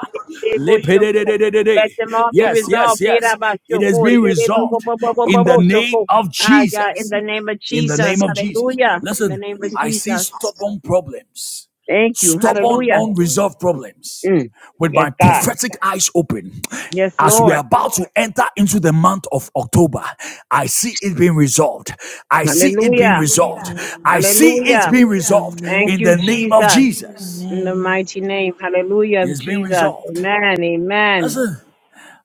S4: derebo shoko.
S1: Lepededededede.
S4: Let them all be
S1: Yes, yes,
S4: resolved. Yada
S1: yes.
S4: ba
S1: It has
S4: shoko.
S1: been
S4: Derebo
S1: resolved in the name of
S4: Ah, yeah, in
S1: Jesus.
S4: the name of
S1: In the
S4: Jesus.
S1: name of Jesus.
S4: Hallelujah. In the
S1: Listen,
S4: name of
S1: I see
S4: Jesus.
S1: stubborn problems
S4: Thank you.
S1: stubborn,
S4: Hallelujah.
S1: unresolved problems
S4: Mm.
S1: with
S4: Yes,
S1: my
S4: God.
S1: prophetic eyes open.
S4: Yes,
S1: As we are
S4: Lord.
S1: about to enter into the month of October, I see it being resolved. I see it being
S5: Amen.
S4: Hallelujah.
S1: resolved.
S2: Amen.
S1: I see
S4: Hallelujah.
S1: it being
S5: Amen.
S1: resolved
S4: Thank
S2: Amen.
S1: in
S4: you,
S1: the name of
S4: Jesus.
S1: Jesus.
S4: In the
S2: Amen.
S4: mighty name. Hallelujah of
S1: It's being
S4: Jesus.
S1: resolved.
S4: Amen. Amen.
S1: Listen,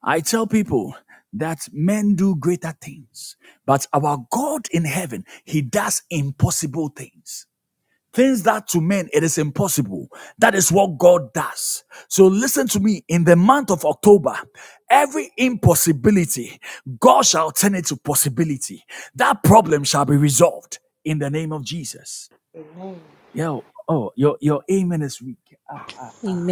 S1: I tell people that men do greater things, but our God in heaven, He does impossible things. Things that to men it is impossible. That is what God does. So listen to me. In the month of October, every impossibility, God shall turn it to possibility. That problem shall be resolved in the name of Jesus.
S6: Amen.
S1: Yeah. Oh, your, your amen is weak.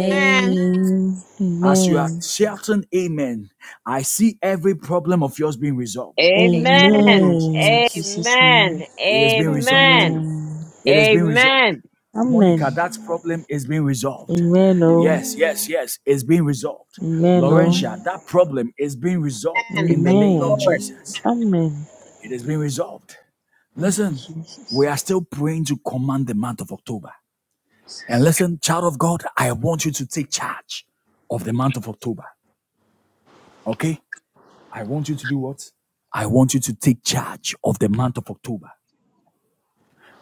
S6: Amen.
S4: Amen.
S1: As you
S2: Amen.
S1: are shouting amen, I see every problem of yours being resolved.
S6: Amen.
S1: In the name of
S4: Amen.
S2: Amen.
S1: Jesus,
S2: Jesus' name.
S4: Amen.
S1: it has been resolved.
S7: Amen.
S4: Amen.
S2: Amen.
S1: It
S4: Amen.
S1: has been resolved. Monica,
S2: Amen.
S1: that
S5: Amen.
S1: problem is being resolved.
S2: Amen. Oh.
S1: Yes,
S7: Amen.
S1: yes,
S5: Amen.
S1: yes, it's being resolved.
S2: Amen.
S6: Amen.
S2: Oh.
S7: Amen.
S1: Laurentia, that problem is being resolved
S4: Amen.
S1: in the
S4: Thank
S1: name
S4: you,
S1: of
S2: Amen.
S4: Lord.
S7: Amen.
S5: Amen.
S1: Jesus.
S2: Amen.
S1: It is being resolved.
S2: Thank
S6: Amen.
S2: you,
S1: Listen, we
S2: Jesus.
S1: are still praying to command the month of October. And listen, child of God, I want you to take charge of the month of October. Okay? I want you to do what? I want you to take charge of the month of October.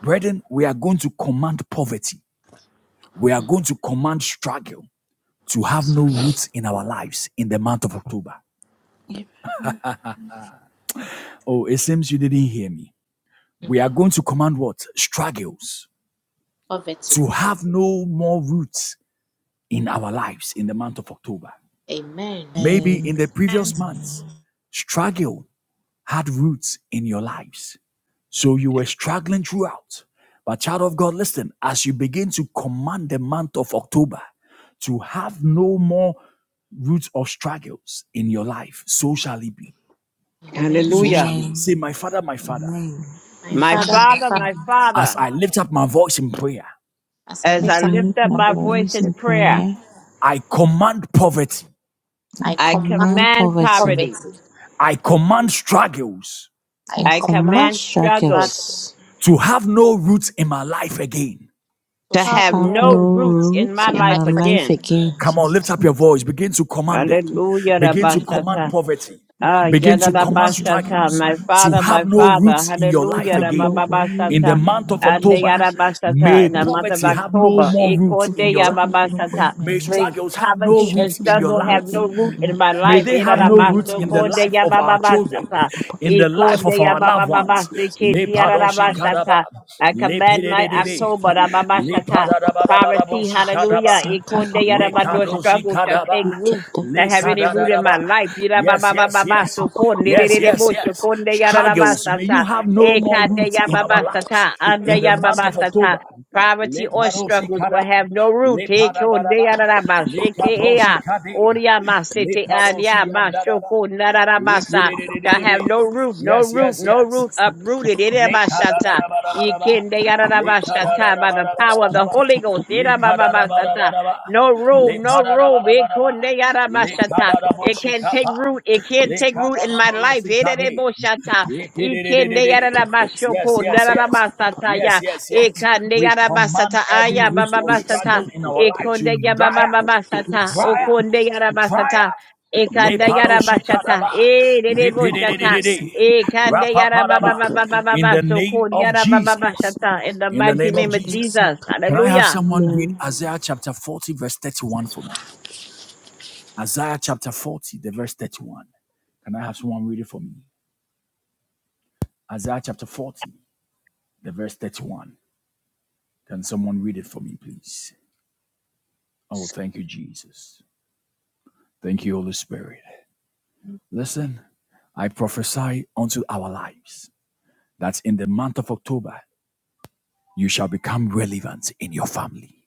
S1: Brethren, we are going to command poverty. We are going to command struggle. to have no roots in our lives in the month of October. Oh, it seems you didn't hear me.
S6: In
S1: We are going to command what? Struggles
S6: poverty.
S1: to have no more roots in our lives in the month of October.
S6: Amen.
S1: Maybe
S2: Amen.
S1: in the previous months, struggle had roots in your lives. So you were struggling throughout. But, child of God, listen, as you begin to command the month of October to have no more roots of struggles in your life, so shall it be.
S6: Amen.
S1: so
S5: Amen.
S4: Hallelujah.
S1: shall it be. Say,
S2: Amen.
S1: My Father, my Father,
S2: Amen.
S6: My
S2: My
S4: My
S5: My
S6: Father,
S2: Father,
S6: my
S2: my
S5: father
S4: Father,
S6: Father,
S4: my
S5: and
S2: Father.
S5: I,
S1: as
S4: Father,
S5: my
S1: I lift up
S5: brother,
S1: my voice in prayer,
S6: as I
S4: as I
S2: As
S5: is
S6: lift
S2: I
S6: up
S4: lift
S2: lift
S4: up
S6: my
S5: highly
S2: my
S4: my
S6: voice in
S4: voice
S5: qualified
S2: voice
S4: in
S6: prayer,
S5: to
S2: in
S4: prayer,
S5: create
S2: prayer,
S1: I command poverty,
S6: I
S2: I
S4: I
S5: a
S6: command
S2: command
S4: command
S5: community
S2: poverty.
S5: with
S4: poverty.
S6: poverty.
S5: a
S1: I command struggles
S6: I
S2: I
S4: I
S2: command
S6: command
S4: command
S5: common
S4: struggles
S6: struggle
S2: struggles
S5: father,
S1: to have no roots in my life again.
S6: to
S4: to
S2: to
S6: have
S4: have
S2: have
S4: no
S6: no
S2: no
S4: root
S5: happiness,
S4: in
S2: root
S4: my
S6: my
S2: in
S4: life
S6: life.
S2: my
S5: and
S6: for
S2: life
S4: again.
S5: everything.
S2: again.
S1: Come on, lift
S2: Jesus.
S1: up your voice, begin to command them, begin to command
S4: Hallelujah.
S1: poverty,
S2: I
S4: Ah,
S1: begin
S2: command
S1: to command
S2: poverty.
S4: Yadabashata,
S1: struggles
S4: my
S1: to
S4: father,
S1: have
S4: my
S1: no
S4: father,
S1: roots in your
S2: You
S1: life
S4: hallelujah,
S2: have
S1: again.
S2: no way
S1: In
S2: in
S1: the
S4: Rabababashata,
S1: month
S2: my
S1: of
S2: way
S4: and the
S1: October,
S2: against Jesus.
S4: Yadabashata,
S1: may
S4: in the
S2: That's
S4: month of
S1: poverty have no
S4: October,
S1: more roots in
S4: Ekonde
S1: your
S2: prophecy
S1: life.
S2: have no way
S4: Yababashata,
S2: in my
S1: May
S4: may
S2: life.
S1: struggles have no
S4: poverty and
S1: roots
S2: Bishops
S1: in your
S2: have
S4: struggle have
S2: no
S1: life.
S2: way
S4: no
S2: in
S4: root
S2: my
S4: in my
S2: life.
S1: May
S4: life,
S1: they have no
S2: Only
S1: roots
S4: Yadabasto,
S1: in the
S4: Konde
S2: Kawansa.
S1: life of our children,
S4: Yabababashata,
S1: in the life of
S4: Ekonde
S1: our
S2: They have
S1: loved
S2: no
S1: ones.
S4: Yababababasi,
S2: roots in
S1: Le
S4: Kiti
S2: my
S1: padoshi
S2: children.
S1: kadaba,
S4: Yadabashata, I
S1: le
S4: command my
S2: They
S1: pededebe,
S2: say, "Ka-
S4: October,
S2: pa- pa- pa-
S1: le
S2: pa- pa-
S4: Rababashata,
S2: pa-
S4: poverty,
S1: padadabadabadaboshi
S2: pa." they
S1: kadaba,
S4: hallelujah,
S2: say, "Ka-
S4: Ekonde
S2: pa- pa-
S1: le
S2: pa- pa-
S4: Yadabado,
S2: pa."
S1: kadoshi
S4: struggle shall
S1: kadaba,
S4: take
S2: they
S4: root
S2: kept that
S4: that
S2: they
S1: le
S4: have
S2: said,
S4: any root in my
S1: kadadadaba.
S2: "Ka-
S4: life. Yira ba
S1: Yes,
S4: ba ba
S1: yes,
S4: ba ba
S2: pa-
S1: yes.
S4: so
S2: pa- pa-
S4: konde
S2: pa-
S4: de
S2: pa-
S4: de
S1: Yes,
S4: de
S2: pa-
S1: yes,
S4: bo
S2: pa."
S4: so
S1: yes.
S4: konde yara la
S2: they
S4: ba
S2: said,
S1: Struggles, may you
S4: sata.
S1: have no
S4: E
S1: more
S4: kande
S1: roots
S4: ya
S1: in
S4: ba
S1: our
S4: ba
S1: lives.
S4: sata.
S2: they
S1: In
S4: Ande
S1: the
S4: ya
S2: kept
S4: ba
S1: month
S4: ba
S1: of
S4: sata.
S1: October,
S4: Poverty
S1: le
S4: or
S1: padosi
S4: struggles
S1: kada.
S4: will have no
S1: Le
S4: root. E konde
S1: Padabaraba,
S4: yara la ba
S1: Le
S4: sheke e
S1: Caposi
S4: ya.
S1: Cadea,
S4: Oria ma
S2: that
S1: Le
S4: sete
S2: they said,
S4: alia
S1: Padosi
S4: ma
S1: Andaraba.
S4: shoko nara la ba sa. That have no root, no
S1: Yes,
S4: root,
S1: yes,
S4: no
S1: yes.
S4: root, uprooted. Ere ba sata. E
S1: Lekadadadabadabadaba.
S4: kende yara la ba sata by the power of the
S1: Lekadadadabadabadabadaba.
S4: Holy Ghost. Ira ba ba ba sata.
S1: Lekadadabadabadaba.
S4: No room, no room. It
S1: Lepadadabadabadaba.
S4: couldn't- they got a mashata. It can't take
S1: Lekadadaboshikapa.
S4: root. It can't take root in my life. It ain't a
S1: Lekadadadorosikade.
S4: bullshata. It can't they got a
S1: Yepidididididi. Yes,
S4: mashoko. da
S1: yes,
S4: da da
S1: yes.
S4: basata,
S1: Yes,
S4: yeah.
S1: yes,
S4: It
S1: yes.
S4: can't they
S1: We
S4: got a
S1: command
S4: basata. Ah,
S1: every
S4: yeah,
S1: root of
S2: Listen
S4: basata.
S1: struggle
S2: to
S1: in
S2: what
S1: our
S4: It
S2: they
S1: life
S4: couldn't they
S1: to
S4: got ba
S1: dry
S2: come
S1: up,
S2: on, you
S4: basata.
S1: dry
S4: Oh,
S2: listen,
S1: up,
S4: couldn't they got a
S2: listen,
S1: dry
S4: basata.
S1: up.
S4: It
S2: look
S4: can't they
S2: at
S4: got a bashata.
S1: Lepadoshikadaba.
S4: Eh, they they bullshata.
S1: Lepidididididi.
S4: It can't they got a ba
S1: Rapapadaba.
S4: ba ba ba
S2: them,
S1: In the
S4: So
S1: name
S4: couldn't they
S1: of
S4: got a ba
S1: Jesus.
S4: bashata. In the
S1: In the
S4: mighty
S1: name
S2: look
S1: of
S4: name
S2: at
S4: of
S2: them,
S1: Jesus.
S4: Jesus.
S1: Can I have
S4: Hallelujah.
S1: someone read
S2: Amen.
S1: Isaiah chapter 40, verse 31 for me? Isaiah chapter 40, the verse 31. Can I have someone read it for me? Isaiah chapter 40, the verse 31. Can someone read it for me, please? Oh, thank you, Jesus. Thank you, Holy Spirit. Listen, I prophesy unto our lives that in the month of October, you shall become relevant in your family.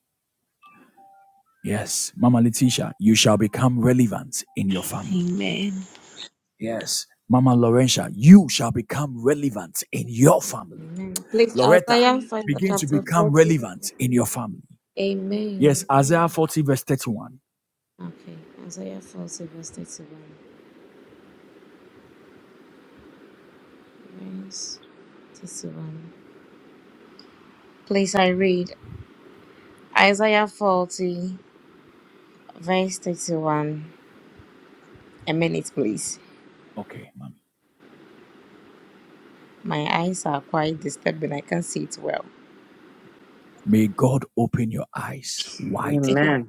S1: Yes, Mama Letitia, you shall become relevant in your family.
S2: Amen.
S1: Yes, Mama Laurentia, you shall become relevant in your family.
S6: Amen. Please,
S1: Loretta,
S6: Isaiah 5,
S5: Amen.
S1: begin to
S6: chapter
S1: become
S6: 40.
S1: relevant in your family. Yes,
S6: Amen.
S1: Isaiah 40, verse 31.
S6: Okay, Isaiah 40, verse 31. Verse 31. Please, I read Isaiah 40, verse 31. A minute, please.
S1: Okay, Mommy.
S6: My eyes are quite disturbed and I can't see it well.
S1: May God open your eyes widely.
S4: Amen.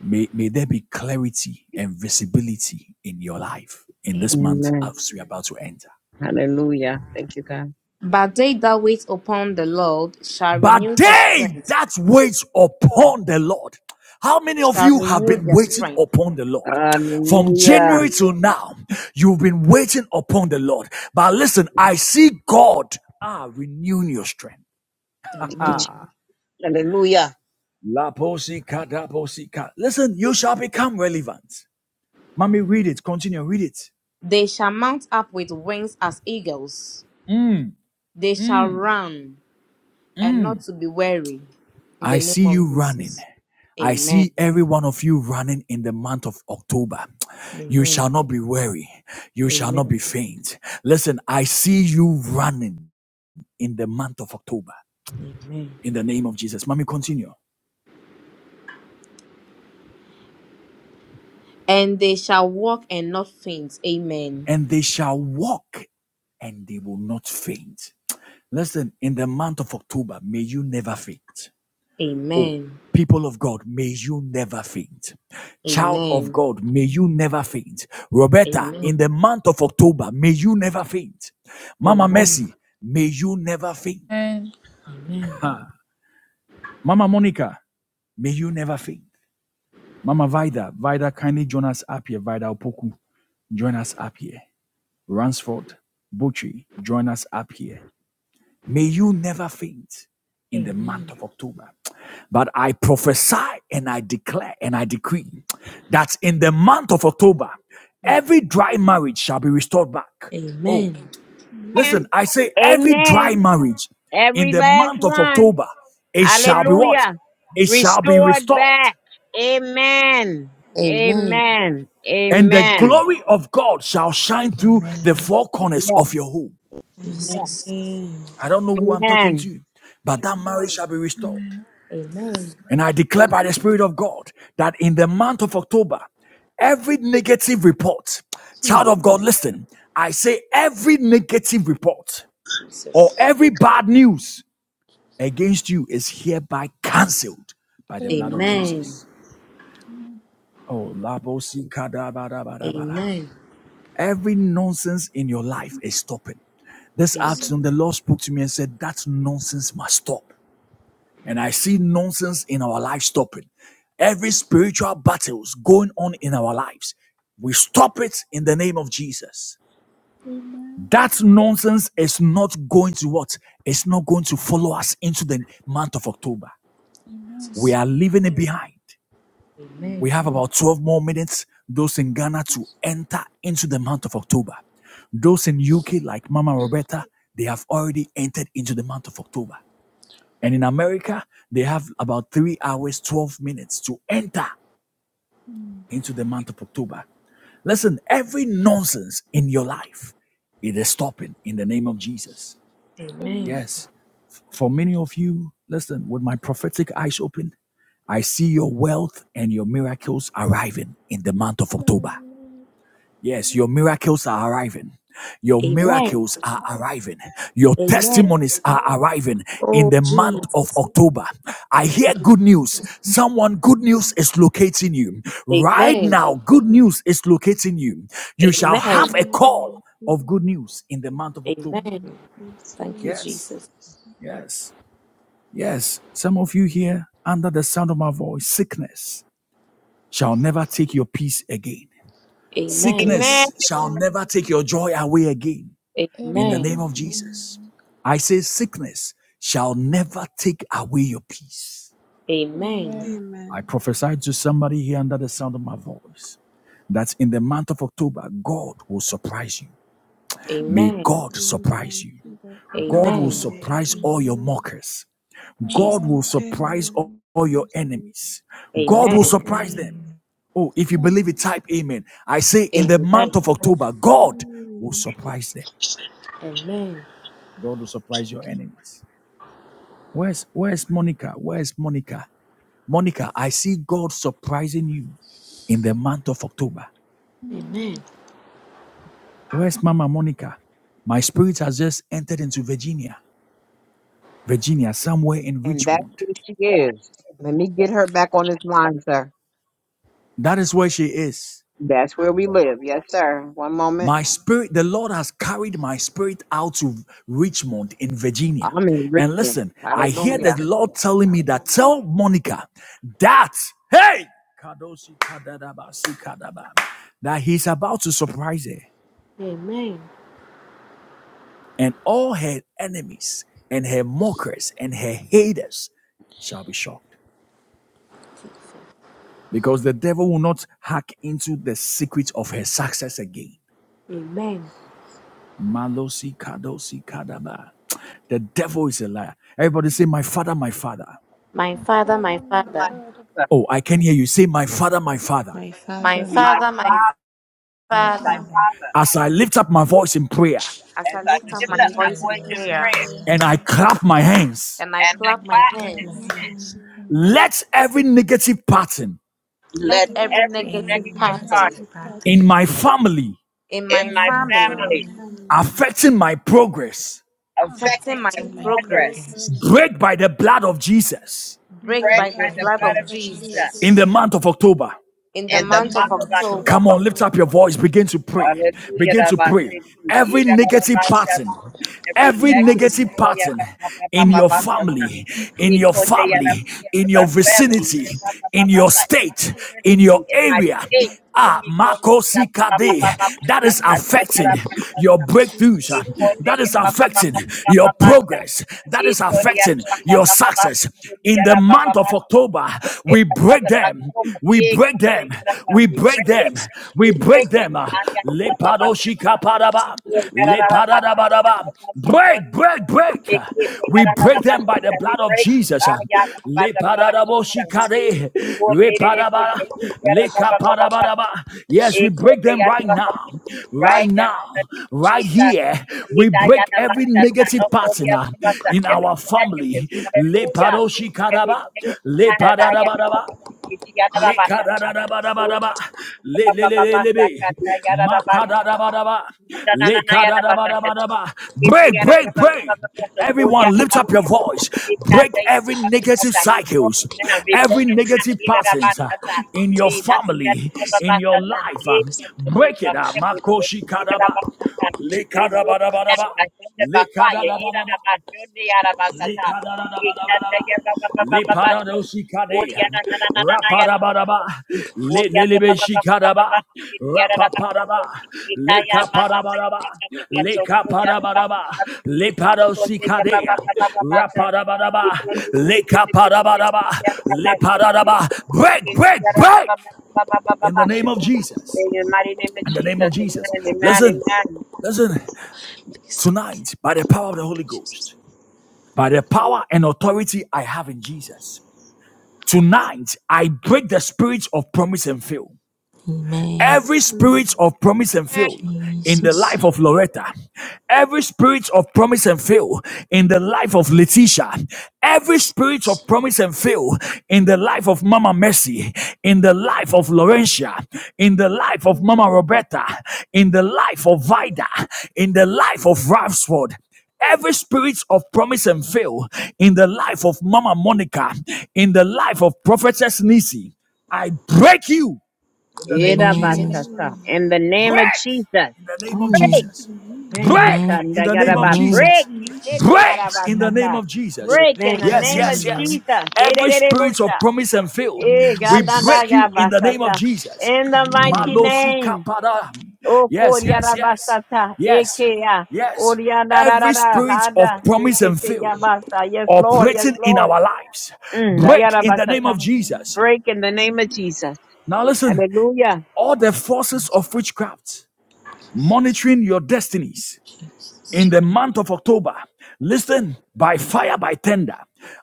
S1: May, may there be clarity and visibility in your life in this
S6: Amen.
S1: month
S4: Amen.
S1: as we're about to enter.
S4: Hallelujah. Thank you, God.
S6: But they that wait upon the Lord shall renew
S1: But
S6: their
S1: they
S6: strength,
S1: that wait upon the Lord. How many of
S6: shall
S1: you have
S6: renew
S1: been
S6: their
S1: waiting
S6: strength.
S1: upon the Lord? From
S4: Hallelujah.
S1: January till now, you've been waiting upon the Lord. But listen, I see God ah, renewing your strength.
S6: Amen.
S1: La posika, da posika. Listen, you shall become relevant. Mommy, read it. Continue, read it.
S6: They shall mount up with wings as eagles. They shall run and not to be weary. In the
S1: I
S6: name
S1: see you
S6: of
S1: running.
S6: Jesus.
S1: I
S6: Amen.
S1: see every one of you running in the month of October. You shall
S6: Amen.
S1: not be weary. You shall not
S6: Amen.
S1: be faint. Listen, I see you running in the month of October
S6: Amen.
S1: in the name of Jesus. Mommy, continue.
S6: And they shall walk and not faint. Amen.
S1: And they shall walk and they will not faint. Listen, in the month of October, may you never faint. Oh,
S6: Amen.
S1: people of God, may you never faint. Child of
S6: Amen.
S1: God, may you never faint. Roberta,
S6: Amen.
S1: in the month of October, may you never faint. Mama
S6: Amen.
S1: Mercy, may you never faint.
S7: Amen.
S6: Amen.
S1: Ha. Mama Monica, may you never faint. Mama Vida, Vida, kindly join us up here. Vida Opoku, join us up here. Ransford, Butchie, join us up here. May you never faint in the month
S6: Amen.
S1: of October. But I prophesy and I declare and I decree that in the month of October, every dry marriage shall be restored back. Oh,
S6: Amen.
S4: Amen.
S5: Now,
S1: listen, I say every dry
S4: Amen.
S1: marriage in
S4: Every
S1: the
S4: last
S1: month of
S4: one.
S1: October, it shall be what?
S4: Hallelujah.
S1: It shall be
S4: Restored
S1: restored.
S4: back. Amen.
S6: Amen.
S4: Amen.
S1: And the
S4: Amen.
S1: glory of God shall shine through
S2: Amen.
S1: the four corners
S4: Yeah.
S1: of your home.
S6: Jesus.
S2: Amen.
S1: I don't know who I'm talking
S4: Amen.
S1: to, but that marriage shall be restored.
S6: Amen.
S1: And I declare by the Spirit of God that in the month of October, every negative report, child
S7: Jesus.
S1: of God, listen, I say every negative report or
S6: Jesus.
S1: every bad news against you is hereby cancelled by the blood of
S7: Amen.
S6: Amen.
S1: Jesus. Oh, labosi kadabadabadabada.
S6: Amen.
S1: every nonsense in your life is stopping. This
S6: Jesus.
S1: afternoon,
S7: Amen.
S1: the Lord spoke to me and said, That nonsense must stop. And I see nonsense in our life stopping. Every spiritual battles going on in our lives, we stop it in the name of Jesus.
S7: Amen.
S1: That nonsense is not going to what? It's not going to follow us into the month of October.
S7: Amen.
S1: We are leaving it behind. We
S6: Amen.
S1: have about 12 more minutes, those in Ghana, to enter into the month of October. Those in UK, like Mama Roberta, they have already entered into the month of October. And in America, they have about three hours, 12 minutes to enter into the month of October. Listen, every nonsense in your life, it is stopping in the name of Jesus.
S6: Amen.
S1: Yes. For many of you, listen, with my prophetic eyes open, I see your wealth and your miracles arriving in the month of October.
S7: Amen.
S1: Yes, your miracles are arriving. Your
S7: Amen.
S6: Amen.
S7: Amen.
S1: miracles are arriving. Your
S6: Amen.
S7: Amen.
S1: testimonies are arriving in
S6: Oh
S1: the month of
S6: Jesus.
S1: October. I hear good news. Someone, good news is locating you. Right
S6: Amen.
S7: Amen.
S1: now, good news is locating you. You shall
S6: Amen.
S1: have
S7: Amen.
S1: a
S5: Amen. Amen. Amen.
S1: call
S5: Amen.
S1: of good news in the month of October.
S6: Amen. Thank you,
S5: it in
S1: Yes,
S6: Jesus.
S5: Jesus'
S1: yes, yes. Some of you here, under the sound of my voice, sickness shall never take your peace again.
S6: Amen.
S7: Amen.
S4: Amen.
S1: Sickness shall never
S5: name.
S1: take your joy away again. in the
S6: Amen.
S1: name
S7: Amen.
S1: of Jesus.
S5: Amen.
S1: I say sickness shall never take away your peace.
S6: Amen.
S1: I
S5: Amen.
S1: prophesied to somebody here under the sound of my voice that in the month of October, God will surprise you. May
S7: Amen.
S6: Amen.
S1: God surprise
S5: Amen.
S1: you.
S5: Receive it.
S1: God will
S6: Amen.
S7: Amen.
S1: surprise
S2: Amen.
S1: all your
S5: Amen.
S1: mockers.
S6: Jesus.
S1: God will
S7: Amen.
S1: surprise all
S5: Amen.
S1: all your
S5: Receive.
S1: enemies. God will
S6: Amen.
S7: Amen.
S1: surprise them.
S5: Amen.
S2: Amen.
S1: Oh, if you
S7: My
S1: believe it, type amen. I say in the
S6: Amen.
S1: month of October, God will
S5: Amen.
S1: surprise them.
S6: Amen.
S1: God will surprise your enemies. Where's where's Monica? Where's Monica? Monica, I see God surprising you in the month of October.
S6: Amen.
S1: Where's Mama Monica? My spirit has just entered into Virginia. Virginia, somewhere in
S4: And that's
S1: Richmond.
S4: who she is. Let me get her back on this line, sir.
S1: That is where she is.
S4: That's where we live. Yes, sir. One moment.
S1: My spirit, the Lord has carried my spirit out to Richmond in Virginia.
S4: I'm in
S1: And
S4: Richmond.
S1: listen, I hear the
S4: Hallelujah.
S1: Lord telling me that tell Monica that, hey, Kadoshi Kadadaba, Sikadaba, that He's about to surprise her.
S6: Amen.
S1: and all her enemies and her mockers and her haters shall be shocked because the devil will not hack into the secret of her success again.
S6: Amen.
S1: Malosi kadosi kadaba. The devil is a liar. Everybody say, My father, my father.
S6: My Father, my
S7: Father, my
S4: My,
S6: Father,
S7: Father,
S1: Oh, I can hear you. Say, My father, my father.
S2: My
S7: my
S6: my
S2: Father,
S4: my
S7: Father,
S6: Father,
S7: my
S5: My
S4: father,
S6: my
S2: my
S5: father,
S7: Father.
S4: my
S6: Father,
S2: Father,
S4: father.
S1: As I lift up my voice in prayer
S6: as
S4: as
S6: I
S4: I
S7: As
S6: lift
S2: As
S7: I
S6: up
S2: I
S4: lift
S6: my
S4: up
S7: lift
S2: lift
S7: up
S5: receive
S4: my
S2: my
S6: voice
S7: my
S6: in
S5: it
S4: voice in
S7: voice
S5: in
S2: voice in
S7: in
S6: prayer
S4: prayer
S7: prayer,
S5: Jesus'
S2: prayer,
S1: and I
S5: name.
S1: clap my hands,
S6: and I
S4: and I
S6: clap
S7: and
S2: I
S6: my
S4: clap
S7: I
S4: my
S2: clap
S7: come
S2: my
S6: hands,
S7: in
S4: hands,
S2: hands.
S7: him. him.
S1: let every negative pattern
S6: let
S4: let
S2: let
S6: every
S7: Let
S4: every
S2: Any
S6: negative
S7: every
S4: negative part
S6: pattern
S2: negative
S7: negative
S2: pattern
S1: in
S7: pattern
S1: my family
S6: in
S4: in
S6: my
S7: in
S4: my
S2: in
S7: my
S2: my
S6: family
S4: family
S2: family
S7: family
S1: affecting my progress
S6: affecting
S4: affecting my
S6: my
S2: affecting
S7: affecting
S2: my
S7: my
S4: progress
S6: progress
S2: progress
S7: progress
S1: break by the blood of Jesus
S6: break
S7: break
S4: spread
S6: by
S2: break
S6: the
S4: by
S7: by
S2: by
S4: the
S7: the
S2: the
S6: blood
S4: blood
S2: blood
S6: of
S4: of
S7: blood
S2: of
S7: of
S4: Jesus
S6: Jesus
S1: in the
S2: Jesus.
S7: Jesus.
S1: month of October.
S6: in
S2: In
S6: the
S4: in
S2: the
S4: the
S7: And
S6: month
S2: month
S7: then
S6: of
S4: month
S2: of
S4: of
S7: one for
S6: October.
S2: October,
S1: Come
S4: October.
S1: on, lift up
S7: Costello.
S1: your voice. Begin to pray.
S7: She
S4: Hallelujah.
S7: said
S1: Begin to
S4: Rabbi
S1: pray.
S4: Satan.
S1: Every
S4: Ida Rabbi
S1: negative pattern,
S7: that I
S4: Satan. Every
S7: did it.
S1: every
S4: negative
S1: negative
S4: Lord, I am
S1: pattern
S4: a- a- a-
S1: in
S4: a-
S1: your
S4: a-
S7: I
S4: a- a-
S1: family, in
S4: it
S1: your
S4: could
S7: remember
S4: be a
S1: family,
S4: Rabbi Satan
S1: in
S4: in my
S1: your
S7: nurses
S4: family, in
S1: vicinity,
S4: my in my-
S1: in
S4: my-
S1: your
S4: my- in
S7: not
S4: my
S1: state,
S7: good
S1: in
S4: vicinity,
S1: your
S4: in my
S7: blue
S1: area.
S4: state.
S7: blood
S1: Ah,
S7: blood
S4: It could be
S7: Jesus.
S4: a
S1: Makosi
S4: Papa
S1: Kade,
S4: Baba
S7: I'm
S1: that
S7: sorry,
S4: Satan,
S1: is
S4: a
S1: affecting
S4: Rabbi
S1: your
S4: Satan,
S7: Jesus.
S1: breakthroughs. ah.
S4: It could
S1: That
S4: be
S1: is
S4: a Papa
S1: affecting
S4: Baba
S1: your
S4: Baba Satan.
S1: progress. That
S4: It
S1: is
S4: could be a
S1: affecting
S4: Papa
S1: your
S4: Baba
S1: success.
S4: Satan, a
S1: In the
S4: Rabbi
S1: month
S4: Baba
S1: of
S4: Satan. ikhonde yamamamasha ikhonde yamamamasha
S1: October,
S4: in
S1: we
S4: the month
S1: break
S4: of
S1: them.
S4: October.
S1: We
S4: eh,
S1: break break them.
S4: Kurengara,
S1: We
S4: We
S1: break
S4: break it.
S1: them. We
S4: We
S1: break
S4: break it.
S1: them. Ah,
S4: Now
S1: Le
S4: about to Naya Namamashu. We yeah, la, la, la, la, shake it.
S1: lepadadabadaba. Break, break, break. We break them by the
S4: We
S1: blood of
S4: break it.
S1: Jesus.
S4: Ah,
S1: Ah,
S4: yeah, la, by
S1: Le
S4: the
S1: Ah,
S4: blood of Jesus.
S1: lepadadaboshikade,
S4: We coordinated it. We
S1: repadaba,
S4: take it.
S1: lekapadabadaba. Yes, we
S4: It
S1: break
S4: could be
S1: them
S4: out of
S1: right
S4: my
S1: now. Right
S4: Right there
S1: now.
S4: in the name of
S1: Right
S4: Jesus.
S1: here.
S4: We
S1: We
S4: die
S1: break
S4: out of my
S1: every
S4: shut down.
S1: negative
S4: Oh, for the up
S1: partner
S4: in
S1: in
S4: Every
S1: our
S4: negative.
S1: family. Le
S4: Hallelujah. Every
S1: padoshikadaba.
S4: negative
S1: Le
S4: pattern. I got to my
S1: lepadadabadaba.
S4: mouth, She got out of
S1: Le
S4: my shut
S1: kadada
S4: down.
S1: bada
S4: Oh,
S1: bada ba,
S4: the
S1: Le- le-
S4: number
S1: le- le-
S4: of
S1: le- be.
S4: Satan. That got the number of
S1: bada
S4: Satan.
S1: bada ba,
S4: Be broken
S1: le
S4: now.
S1: kadada bada bada ba, Break, break, break. Everyone, lift up your voice. Break every negative cycles,
S4: Be
S1: every
S4: broken now.
S1: negative
S4: Ida
S1: patterns uh, in your
S4: Be
S1: family, in your life. uh, Break it up. Makoshi kadaba. le le kadada kadada
S4: broken
S1: bada bada
S4: now.
S1: ba,
S4: By thunder, by
S1: le
S4: fire.
S1: kadada
S4: We da
S1: bada ba.
S4: ba sa di ya da ba sa sa. Ida da
S1: Lekadadadabadabadaba.
S4: ya ba ba ba ba ba ba sa. Ori
S1: Leparadosikade.
S4: ya na na na na na na ya da ba sa.
S1: Rapadabadaba.
S4: Ori ya ba ba
S1: Lelelebeshikadaba. Rapapadaba.
S4: Ikaya mama mama
S1: Lekapadabadaba.
S4: mama sokoya mama
S1: Lekapadabadaba.
S4: mama ikonde ya
S1: Leparosikade.
S4: mama mama mama sa
S1: Rapadabadaba.
S4: ikonde ni ni ni ni ni ni
S1: Lekapadabadaba.
S4: ya mama shoni
S1: Leparadaba. Break,
S4: ikindi
S1: break,
S4: ya
S1: break
S4: mama mama mama
S1: in
S4: mama
S1: the name of
S4: shoni
S1: Jesus.
S4: in the mighty name of
S1: In the name of
S4: Jesus amen
S1: Jesus. Listen,
S4: amen amen
S1: listen. Tonight, by the power of the Holy Ghost by the power and authority I have in Jesus. Tonight, I break the spirit of promise and fail.
S2: Amen.
S1: Every spirit of promise and fail in the life
S2: Jesus.
S1: of Loretta, every spirit of promise and fail in the life of Letitia, every spirit of promise and fail in the life of Mama Mercy, in the life of Laurentia, in the life of Mama Roberta, in the life of Vida, in the life of Ralphsford, Every spirit of promise and fail in the life of Mama Monica, in the life of Prophetess Nisi, I break you in the name
S6: Amen.
S1: of
S4: Ida
S2: Amen.
S1: Jesus.
S4: basata in the name
S1: Break
S4: of Jesus
S1: in the name of
S4: break
S2: Amen.
S1: Jesus. Break
S2: Amen.
S1: in
S4: ikanda
S1: the
S4: ya
S1: name of
S2: Amen.
S4: break
S1: Jesus.
S4: ikende ya
S1: Break
S4: raba
S1: in the
S2: Amen.
S1: name
S4: sata
S1: of Jesus.
S4: break in the
S6: Amen.
S1: Yes,
S4: name of
S1: yes, yes.
S2: Amen.
S4: Jesus Ida
S1: Every
S4: de
S1: spirit of promise and fail,
S4: Eh,
S1: we
S2: Jesus.
S4: gadanda
S1: break
S4: ya
S1: you in the name of
S4: basata.
S1: Jesus.
S4: In the mighty
S2: Amen.
S1: Malosi
S4: name.
S1: kapada.
S4: O
S1: Yes, yes,
S4: koriara
S1: yes.
S4: basata.
S1: Yes,
S4: Ekea.
S1: yes.
S4: Oriana
S1: Every
S4: rarara.
S1: spirit of
S4: Hada.
S1: promise and
S4: Zekete
S1: fail
S4: ya basa. Yes, Lord. Yes,
S1: operating in
S4: Lord.
S1: our lives,
S4: Mm,
S1: break
S4: ayara
S1: in the name of
S4: basata.
S1: Jesus.
S4: Break in the name of Jesus.
S1: Now listen,
S4: Hallelujah.
S1: all the forces of witchcraft monitoring your destinies in
S2: Jesus.
S1: the month of October. Listen, by fire, by tender,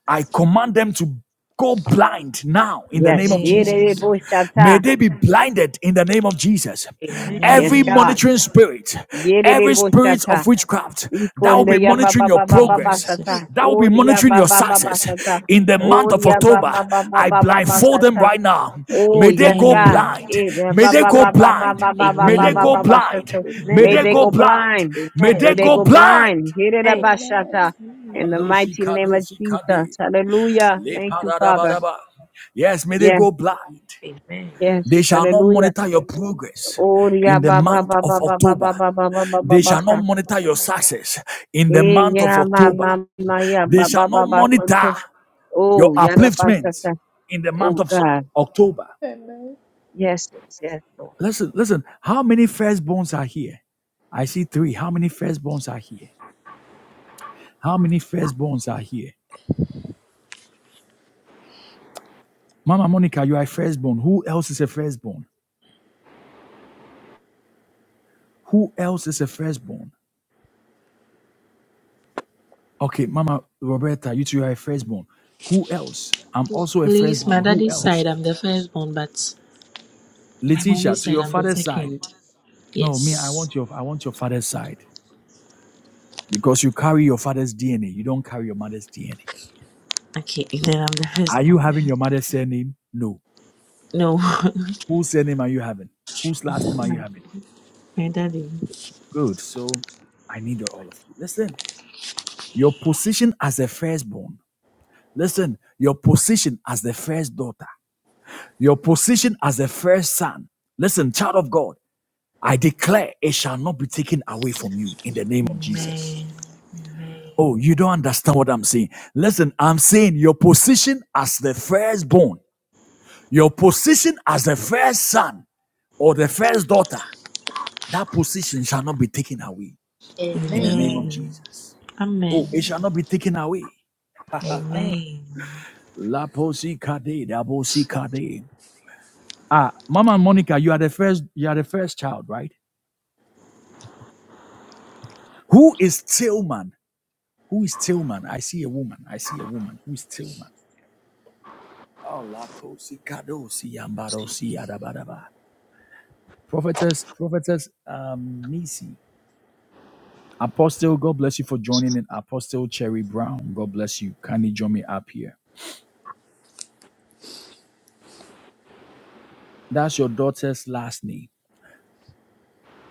S1: I command them to go blind now in the name
S4: Yes.
S1: of
S7: Amen.
S4: Yerere
S2: Amen.
S1: Jesus. May
S4: boshata.
S1: they be blinded in the name of Jesus.
S7: Amen.
S6: Amen.
S7: Amen.
S4: Yes,
S1: Every
S2: Amen.
S4: God.
S1: monitoring spirit,
S4: Yerere
S1: every spirit
S4: boshata.
S1: of witchcraft, that will be
S4: Ikonde ya ba
S1: monitoring
S4: ba
S1: your
S4: ba ba ba
S1: progress,
S2: Jesus.
S4: basata.
S1: that will be
S4: Oria
S1: monitoring
S4: ba
S1: your
S4: ba ba
S1: success
S4: basata.
S1: in the month of
S4: Oria ba
S1: October.
S4: ba ba ba
S1: I
S4: ba ba
S1: blindfold them
S4: basata.
S1: right now.
S4: Oh,
S1: May they
S4: yes,
S1: go
S4: God.
S2: Amen.
S1: blind.
S4: Eh, da-
S1: May
S4: ba-
S2: Yes.
S1: they
S7: Amen.
S4: ba-
S1: go
S4: ba-
S7: Amen.
S4: ba- ba-
S1: blind.
S4: ba- ba- ba-
S6: Amen.
S1: May
S4: ba-
S1: they
S4: ba-
S1: go
S2: Amen.
S4: ba- ba-
S1: blind.
S4: shata.
S1: May
S4: May
S6: Amen.
S1: they
S4: they
S2: Amen.
S1: go
S4: go
S7: Amen.
S1: blind.
S4: blind.
S1: May
S6: Amen.
S4: May
S1: they
S4: they
S1: go
S7: Amen.
S4: go
S2: Amen.
S1: blind.
S4: blind. Hit it up,
S6: Amen.
S7: Amen.
S4: Bashata. In
S6: Thank
S4: the
S6: you.
S1: Malosi
S4: mighty name of
S1: kadosi
S4: Jesus.
S1: kade,
S4: Hallelujah.
S1: le
S4: Thank you, Father.
S1: paradabadaba. Yes, may they
S4: Yes,
S1: go blind.
S6: Amen.
S4: yes.
S1: They shall not
S4: Hallelujah.
S1: monitor your progress
S4: Oh, yeah,
S1: in the
S4: ba, ba,
S1: month
S4: ba,
S1: of
S4: ba, ba, ba,
S1: October.
S4: ba, ba, ba, ba, ba, ba,
S1: They
S4: ba,
S1: shall not
S4: sha.
S1: monitor your success in the
S4: Eh,
S1: month of
S4: yeah, ma, ma,
S1: October.
S4: ma, yeah,
S1: They
S4: ba, ba,
S1: shall
S4: ba,
S1: not
S4: ba,
S1: monitor
S4: shata.
S1: your
S4: Oh, yeah, da, ba,
S1: upliftment
S4: shata.
S1: in the month
S4: Oh,
S1: of so-
S4: God.
S1: October.
S7: Amen.
S4: Yes, yes, yes, Lord.
S1: Listen, listen. How many firstborns are here? I see three. How many firstborns are here? How many firstborns are here? Mama Monica, you are a firstborn. Who else is a firstborn? Who else is a firstborn? Okay, Mama Roberta, you two are a firstborn. Who else? I'm also a
S2: Please, my
S1: firstborn. Who
S2: daddy's
S1: else?
S2: side, I'm the firstborn, but my
S1: Letitia,
S2: mommy's
S1: to
S2: side,
S1: your
S2: I'm the
S1: father's side.
S2: second.
S1: No, me, I
S2: Yes.
S1: want your I want your father's side. Because you carry your father's DNA. You don't carry your mother's DNA.
S2: Okay, then I'm the
S1: Are you
S2: firstborn.
S1: having your mother's surname? No.
S2: No,
S1: Whose surname are you having? Whose last name are
S2: my,
S1: you having?
S2: my daddy.
S1: Good. So I need all of you. Listen, your position as the firstborn. Listen, your position as the first daughter. Your position as the first son. Listen, child of God, I declare it shall not be taken away from you in the name of Jesus.
S2: Amen.
S1: Oh, you don't understand what I'm saying. Listen, I'm saying your position as the firstborn, your position as the first son or the first daughter That position shall not be taken away
S7: Amen.
S1: in the
S6: Amen.
S1: name of
S7: Amen.
S2: Amen.
S1: Jesus.
S2: Amen.
S1: Oh, it
S7: Amen.
S1: shall not be taken away.
S6: Amen.
S2: Amen.
S1: La posi kade, da posi kade. Ah, Mama Monica, you are the first, you are the first child, right? Who is Tillman? Who is Tillman? I see a woman. I see a woman. Who is Tillman? Oh, la kosi kado si ambaro si adabadaba. Prophetess, prophetess, um, Nisi. Apostle, God bless you for joining in. Apostle Cherry Brown, God bless you. Kindly join me up here. That's your daughter's last name.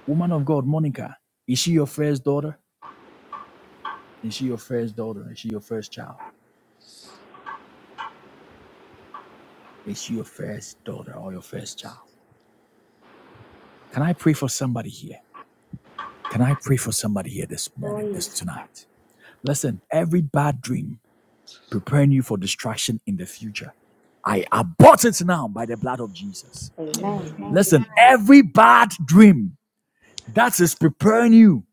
S1: Woman of God, Monica, is she your first daughter? Is she your first daughter? Is she your first child? Is she your first daughter or your first child? Can I pray for somebody here? Can I pray for somebody here this
S6: Oh
S1: morning, this
S6: yes, Papa.
S1: tonight? Listen, every bad dream preparing you for destruction in the future. I abort it now by the blood of Jesus.
S7: Amen.
S2: Amen.
S6: Amen.
S7: Amen.
S1: Listen, every bad dream that is preparing you